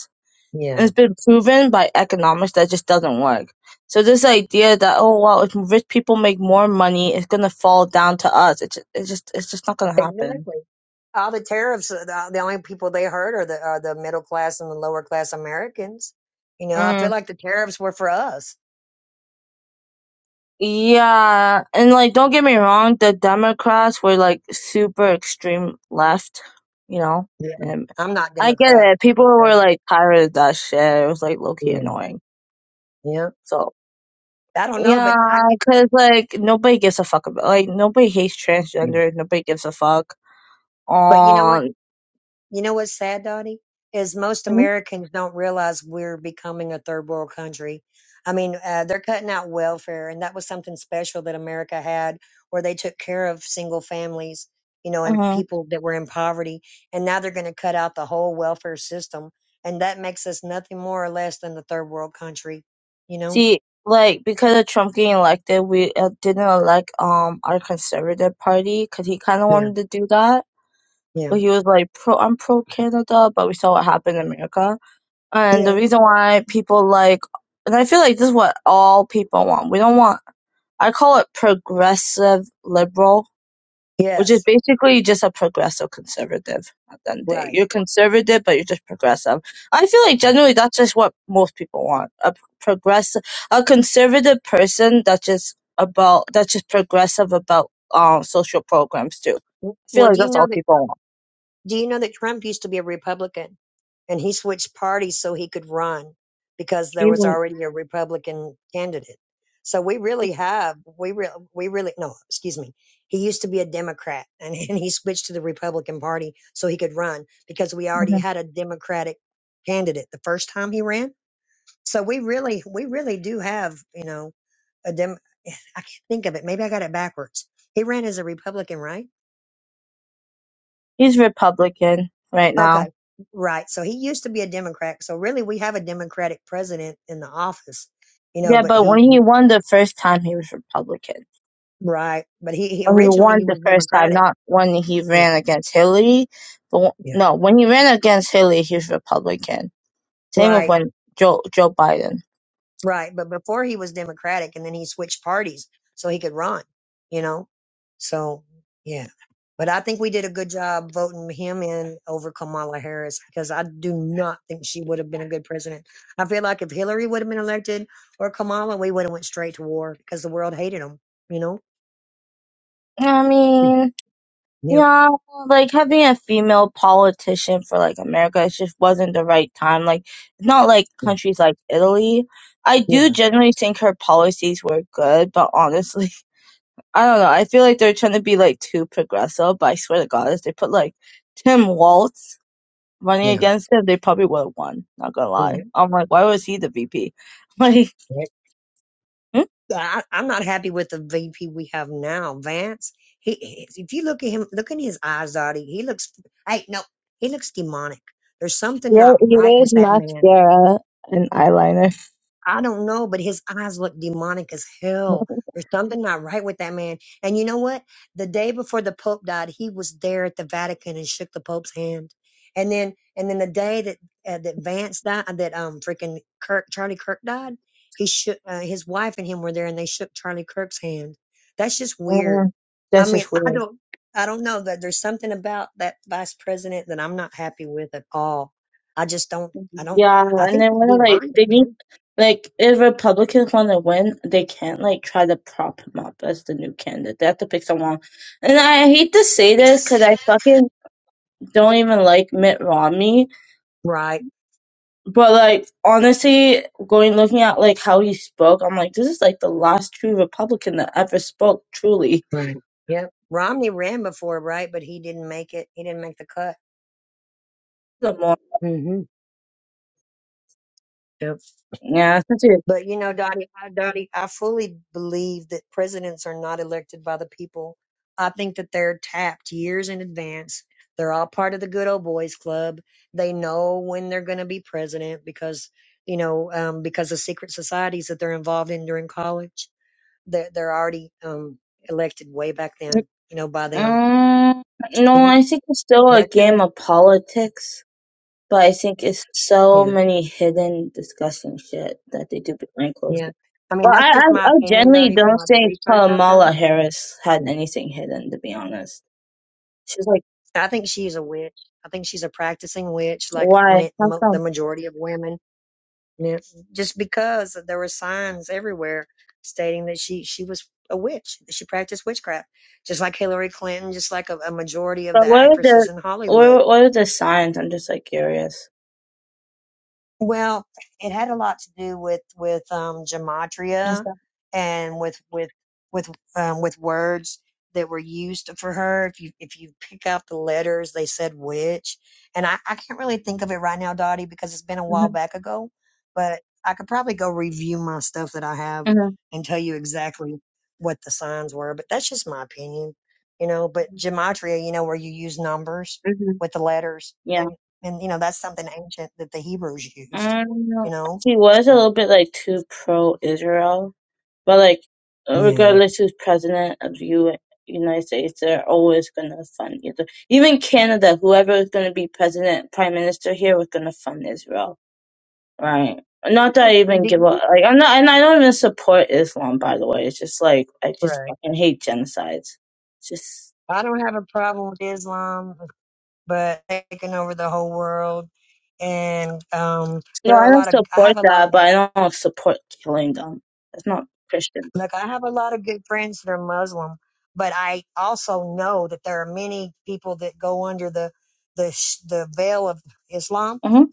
yeah, and it's been proven by economics that just doesn't work. So this idea that oh well, if rich people make more money, it's gonna fall down to us. It's just, it's just it's just not gonna happen. exactly all the tariffs uh, the, the only people they hurt are the are the middle class and the lower class americans you know i feel Mm. like the tariffs were for us Yeah, and like don't get me wrong, the Democrats were like super extreme left, you know, Yeah. and I'm not I get Democrat. it. It's People okay. were like tired of that shit. It was like low key Yeah. annoying. Yeah. So I don't know, yeah, but I can cause like nobody gives a fuck about like nobody hates Yeah. transgender. Nobody gives a fuck But you know what? on. You know what's sad, Dottie? Is most Americans don't realize we're becoming a third world country. I mean, uh, they're cutting out welfare, and that was something special that America had, where they took care of single families, you know, and Uh-huh. people that were in poverty. And now they're going to cut out the whole welfare system, and that makes us nothing more or less than the third world country, you know? See, like because of Trump getting elected, we uh, didn't elect um our conservative party because he kind of Yeah. wanted to do that, Yeah. but he was like pro, I'm pro Canada, but we saw what happened in America, and the Yeah. reason why people like, and I feel like this is what all people want. We don't want. I call it progressive liberal which Yes. is basically just a progressive conservative at the end of the day. Right. You're conservative, but you're just progressive. I feel like generally that's just what most people want. A progressive, a conservative person that's just about, that's just progressive about um social programs too. W- I feel Well, like do you that's know all that? people want. Do you know that Trump used to be a Republican, and he switched parties so he could run because there was Even, already a Republican candidate. So we really have we re- we really no excuse me. He used to be a Democrat, and, and he switched to the Republican Party so he could run because we already mhm. had a Democratic candidate the first time he ran. So we really we really do have you know a Dem. I can't think of it. Maybe I got it backwards. He ran as a Republican, right? He's Republican right now. Okay, right. So he used to be a Democrat. So really, we have a Democratic president in the office, you know. Yeah, But but when he, he he won the first time, he was Republican. right. But he, he when he originally won he the was first time, Democratic. not when he Mm, ran against Hillary. But w- Yeah. no, when he ran against Hillary, he was Republican. Same with Right. when Joe Joe Biden. Right. But before he was Democratic, and then he switched parties so he could run. You know. So yeah. But I think we did a good job voting him in over Kamala Harris because I do not think she would have been a good president. I feel like if Hillary would have been elected or Kamala, we would have went straight to war because the world hated him. You know. I Mm, mean, Yeah, yeah, like having a female politician for like America, it just wasn't the right time. Like, it's not like mm, countries like Italy. I do yeah, generally think her policies were good, but honestly, I don't know. I feel like they're trying to be like too progressive, but I swear to God, if they put like Tim Walz running yeah. against him, they probably would have won. Not gonna lie. yeah. I'm like, why was he the VP? Like, yeah. hmm? I, I'm not happy with the VP we have now, Vance. He, he- if you look at him, look in his eyes, Dottie. He looks. Hey, no, he looks demonic. There's something yeah, not he right wears with that man. mascara and eyeliner. I don't know, but his eyes look demonic as hell. There's something not right with that man. And you know what? The day before the Pope died, he was there at the Vatican and shook the Pope's hand. And then, and then the day that uh, that Vance died, uh, that um freaking Kirk Charlie Kirk died, he shook uh, his wife and him were there, and they shook Charlie Kirk's hand. That's just weird. Uh, I that's mean, just I weird. don't, I don't know that there's something about that vice president that I'm not happy with at all. I just don't, I don't, Yeah, I and think then he's when like demonic, they need man. like if Republicans want to win, they can't like try to prop him up as the new candidate. They have to pick someone. And I hate to say this because I fucking don't even like Mitt Romney, Right. but like honestly, going looking at like how he spoke, I'm like this is like the last true Republican that ever spoke truly. Right. Yep. Romney ran before, right? But he didn't make it. He didn't make the cut. The more, hmm Yep. yeah, since he- But you know, Dottie, I, Dottie, I fully believe that presidents are not elected by the people. I think that they're tapped years in advance. They're all part of the good old boys club. They know when they're going to be president because, you know, um, because of secret societies that they're involved in during college. They're, they're already um, elected way back then, you know, by them. Mm, You no, know, I think it's still a that's game just, of politics. But I think it's so yeah. many hidden disgusting shit that they do behind closed Yeah. doors. I mean, Well, that's I, just I, my I opinion, generally Dottie, from don't all the think research I've Kamala done. Harris had Mm. anything hidden, to be honest. She's like, I think she's a witch. I think she's a practicing witch, like why? ma- How mo- the come? majority of women. And it's just because there were signs everywhere stating that she she was a witch, that she practiced witchcraft, just like Hillary Clinton, just like a, a majority of the But what are actresses the in what Hollywood. are, what are the signs? I'm just like curious. Well, it had a lot to do with with um, That's gematria that. and with with with um, with words that were used for her. If you if you pick out the letters, they said witch, and I, I can't really think of it right now, Dottie, because it's been a while hmm back ago. But I could probably go review my stuff that I have hmm and tell you exactly what the signs were. But that's just my opinion, you know. But gematria, you know, where you use numbers hmm with the letters Yeah. and you know that's something ancient that the Hebrews used. Um, You know, she was a so little bit like too pro Israel. But like, yeah. regardless who's president of the U- United States, they're always gonna fund Israel. Even Canada, whoever is gonna be president, prime minister here, was gonna fund Israel, right? Not that I even Do give you up. Like I'm not, and I don't even support Islam. By the way, it's just like I just pray? fucking hate genocides. It's just I don't have a problem with Islam, uh, but taking over the whole world, and um, no, there are I a lot don't of I support have a lot of that, but I don't support killing them. That's not Christian. like I have a lot of good friends that are Muslim, but I also know that there are many people that go under the the sh- the veil of Islam hmm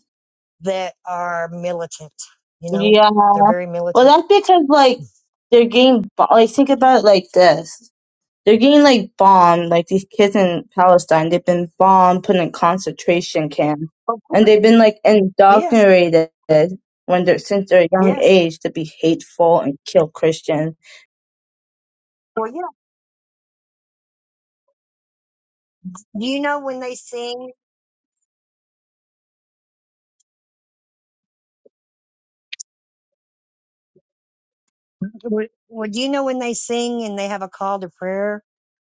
that are militant. You know, Yeah. they're very Well, militant. that's because like they're getting bo- like think about it like this. They're getting like bombed, like these kids in Palestine, they've been bombed, put in concentration camps, Of and course, they've been like yes, indoctrinated when they're since their young yes. age to be hateful and kill Christians. Well, Do you know when they sing? Would would you know when they sing and they have a call to prayer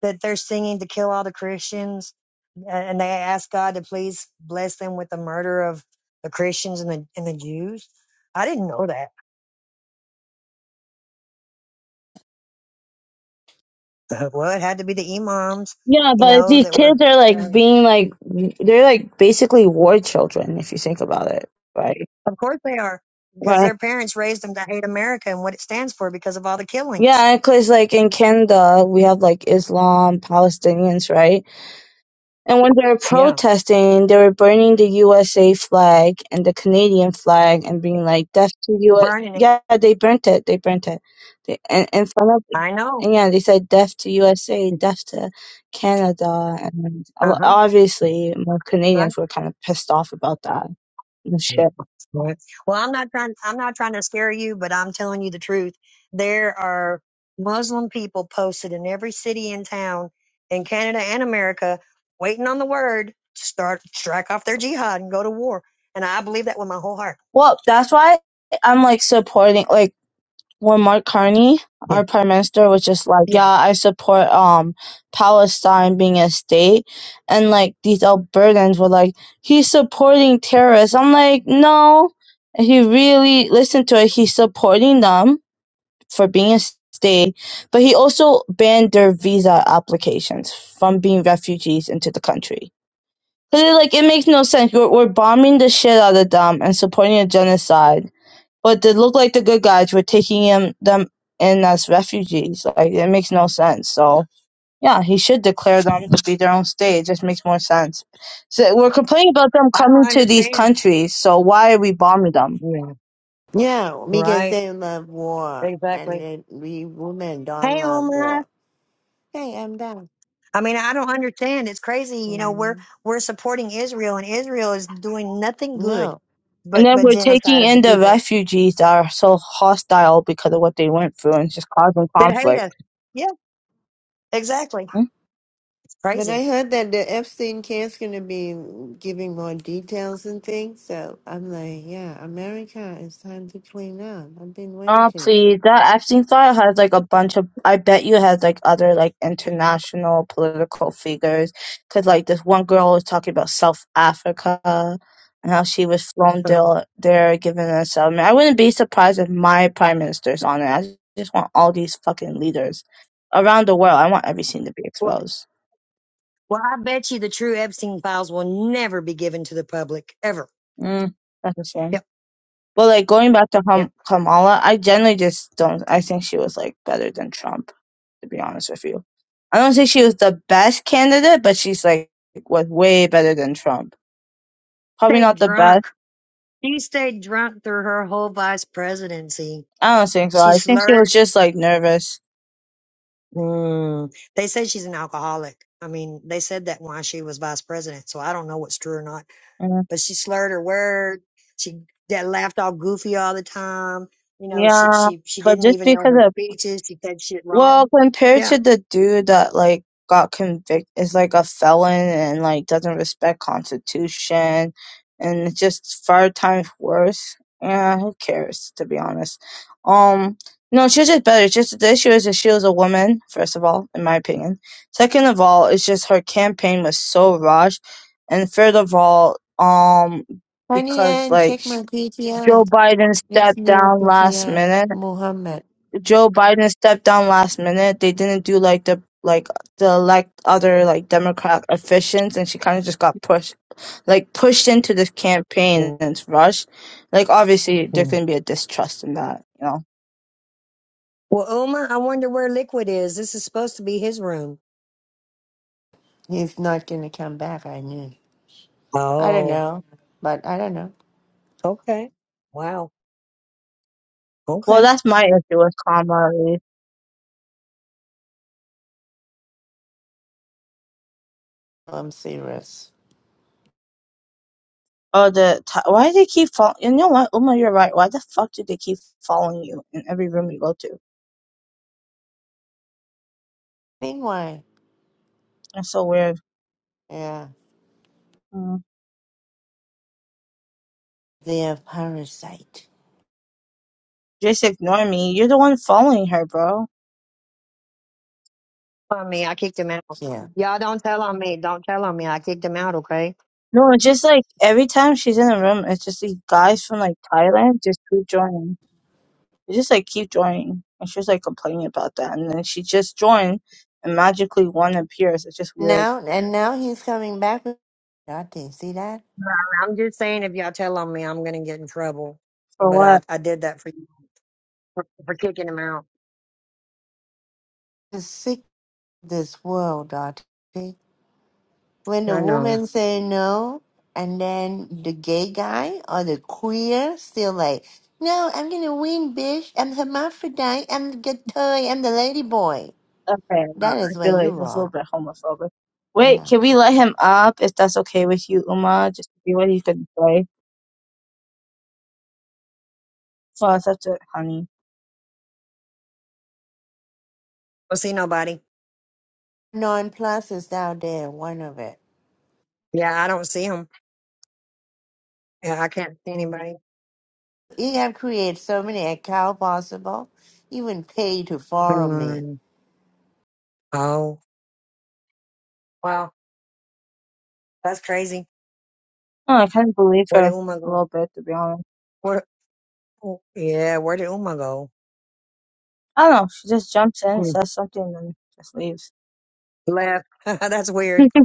that they're singing to kill all the Christians uh, and they ask God to please bless them with the murder of the Christians and the and the Jews? I didn't know that. Uh, Well, it had to be the imams, Yeah, you but know, these that were. kids are like Um, being like they're like basically war children if you think about it, right? of course they are, because Right. their parents raised them to hate America and what it stands for because of all the killings. Yeah, because like in Canada we have like Islam, Palestinians, right? And when they were Yeah, protesting, they were burning the USA flag and the Canadian flag and being like, "Death to US!" burning it. Yeah, they burnt it. They burnt it. They, and in front of, I know. and yeah, they said, "Death to USA! Death to Canada!" And Uh o- huh. obviously, more Right. Canadians were kind of pissed off about that and shit. Right. Well, I'm not trying. I'm not trying to scare you, but I'm telling you the truth. There are Muslim people posted in every city and town in Canada and America, waiting on the word to start strike off their jihad and go to war. And I believe that with my whole heart. Well, that's why I'm like supporting, like when Mark Carney, Yeah. our prime minister, was just like, Yeah. "Yeah, I support um Palestine being a state," and like these Albertans were like, "He's supporting terrorists." I'm like, "No, if you really listen to it, he's supporting them for being a state, but he also banned their visa applications from being refugees into the country." Cause it, like it makes no sense. We're, we're bombing the shit out of them and supporting a genocide but they look like the good guys were taking him them in as refugees. Like it makes no sense. So yeah, he should declare them to be their own state. It just makes more sense. So we're complaining about them I don't coming to these understand. countries. So why are we bombing them? Yeah. No, because Right. they love war, and Exactly. they, we women don't Hey, love Omar. war. Hey, I'm back. I mean, I don't understand. It's crazy. You know, we're Mhm. we're supporting Israel, and Israel is doing nothing good No, And but then but we're genocide taking of the in the people. refugees that are so hostile because of what they went through and just causing that hate conflict. us. Yeah, exactly. It's but crazy. I heard that the Epstein care's going to be giving more details and things. So I'm like, yeah, America, it's time to clean up. I've been Oh, waiting. please. That Epstein file has like a bunch of, I bet you has like other like international political figures. Cause like this one girl was talking about South Africa and how she was flown Um, there, there given a settlement. I wouldn't be surprised if my prime minister's on it. I just want all these fucking leaders around the world. I want everything to be well, exposed. well, I bet you the true Epstein files will never be given to the public ever. Mm, that's a shame. Yep. But like going back to Yep. Ham- Kamala, I generally just don't, I think she was like better than Trump. to be honest with you. I don't think she was the best candidate, but she's like was way better than Trump. Probably Stayed not the best. drunk. She stayed drunk through her whole vice presidency. I don't think so. She I think she was slurred. just like nervous. Mm, they say she's an alcoholic. I mean, they said that while she was vice president, so I don't know what's true or not. And, But she slurred her word. She that laughed all goofy all the time. You know, she yeah, she she but didn't just even know because her of speeches. She said shit Well, wrong. compared Yeah. to the dude that like got convicted is like a felon and like doesn't respect constitution and it's just five times worse. Yeah, who cares to be honest? Um no, she was just better. It's Just the issue is that she was a woman, first of all, in my opinion. Second of all, it's just her campaign was so rushed. And third of all, um Honey because Ann, like check my Joe PTR. Biden This stepped new down last PTR, minute Muhammad. Joe Biden stepped down last minute. They didn't do like the like the elect other like Democrat officials, and she kind of just got pushed like pushed into this campaign and it's rushed. Like obviously there's Hmm. gonna be a distrust in that, you know. Well, Uma, I wonder where Liquid is. This is supposed to be his room. He's not going to come back. I knew. I don't Oh, know, but I don't know. okay. Wow. Well, Okay. that's my issue with Kamala. Harris. I'm serious. Oh, the t- why do they keep following? You know what, Uma, you're right. Why the fuck do they keep following you in every room you go to? Think why? That's so weird. Mm. They're a parasite. Just ignore me. You're the one following her, bro. On me, I kicked him out. Yeah. Y'all don't tell on me. Don't tell on me. I kicked him out. Okay. No, it's just like every time she's in a room, it's just these guys from like Thailand just keep joining. They just like keep joining. And she's like complaining about that. And then she just joined and magically one appears. It's just weird. Now and now he's coming back with Dante. See that? I'm just saying, if y'all tell on me, I'm gonna get in trouble. For But I, what? I did that for you for, for kicking him out. The sick of this world, Dante. When the I know. woman say no, and then the gay guy or the queer still like, no, I'm gonna win, bitch. I'm hermaphrodite. I'm the good toy. I'm the lady boy. Okay, no, That I is where feel you like that's a little wrong. bit homophobic. Wait, Yeah. can we let him up if that's okay with you, Uma? Just to see what he's gonna say. Well, it's up to honey. I see nobody. Non plus is out there. One of it. Yeah, I don't see him. Yeah, I can't see anybody. You have created so many account possible. Even pay to follow me. Hmm. Oh, wow. That's crazy. No, I kind of believe Where her did Uma a go? little bit to be honest. Where? oh, Yeah, where did Uma go? I don't know. She just jumps in, Hmm. says something, and then just leaves. Left. That's weird.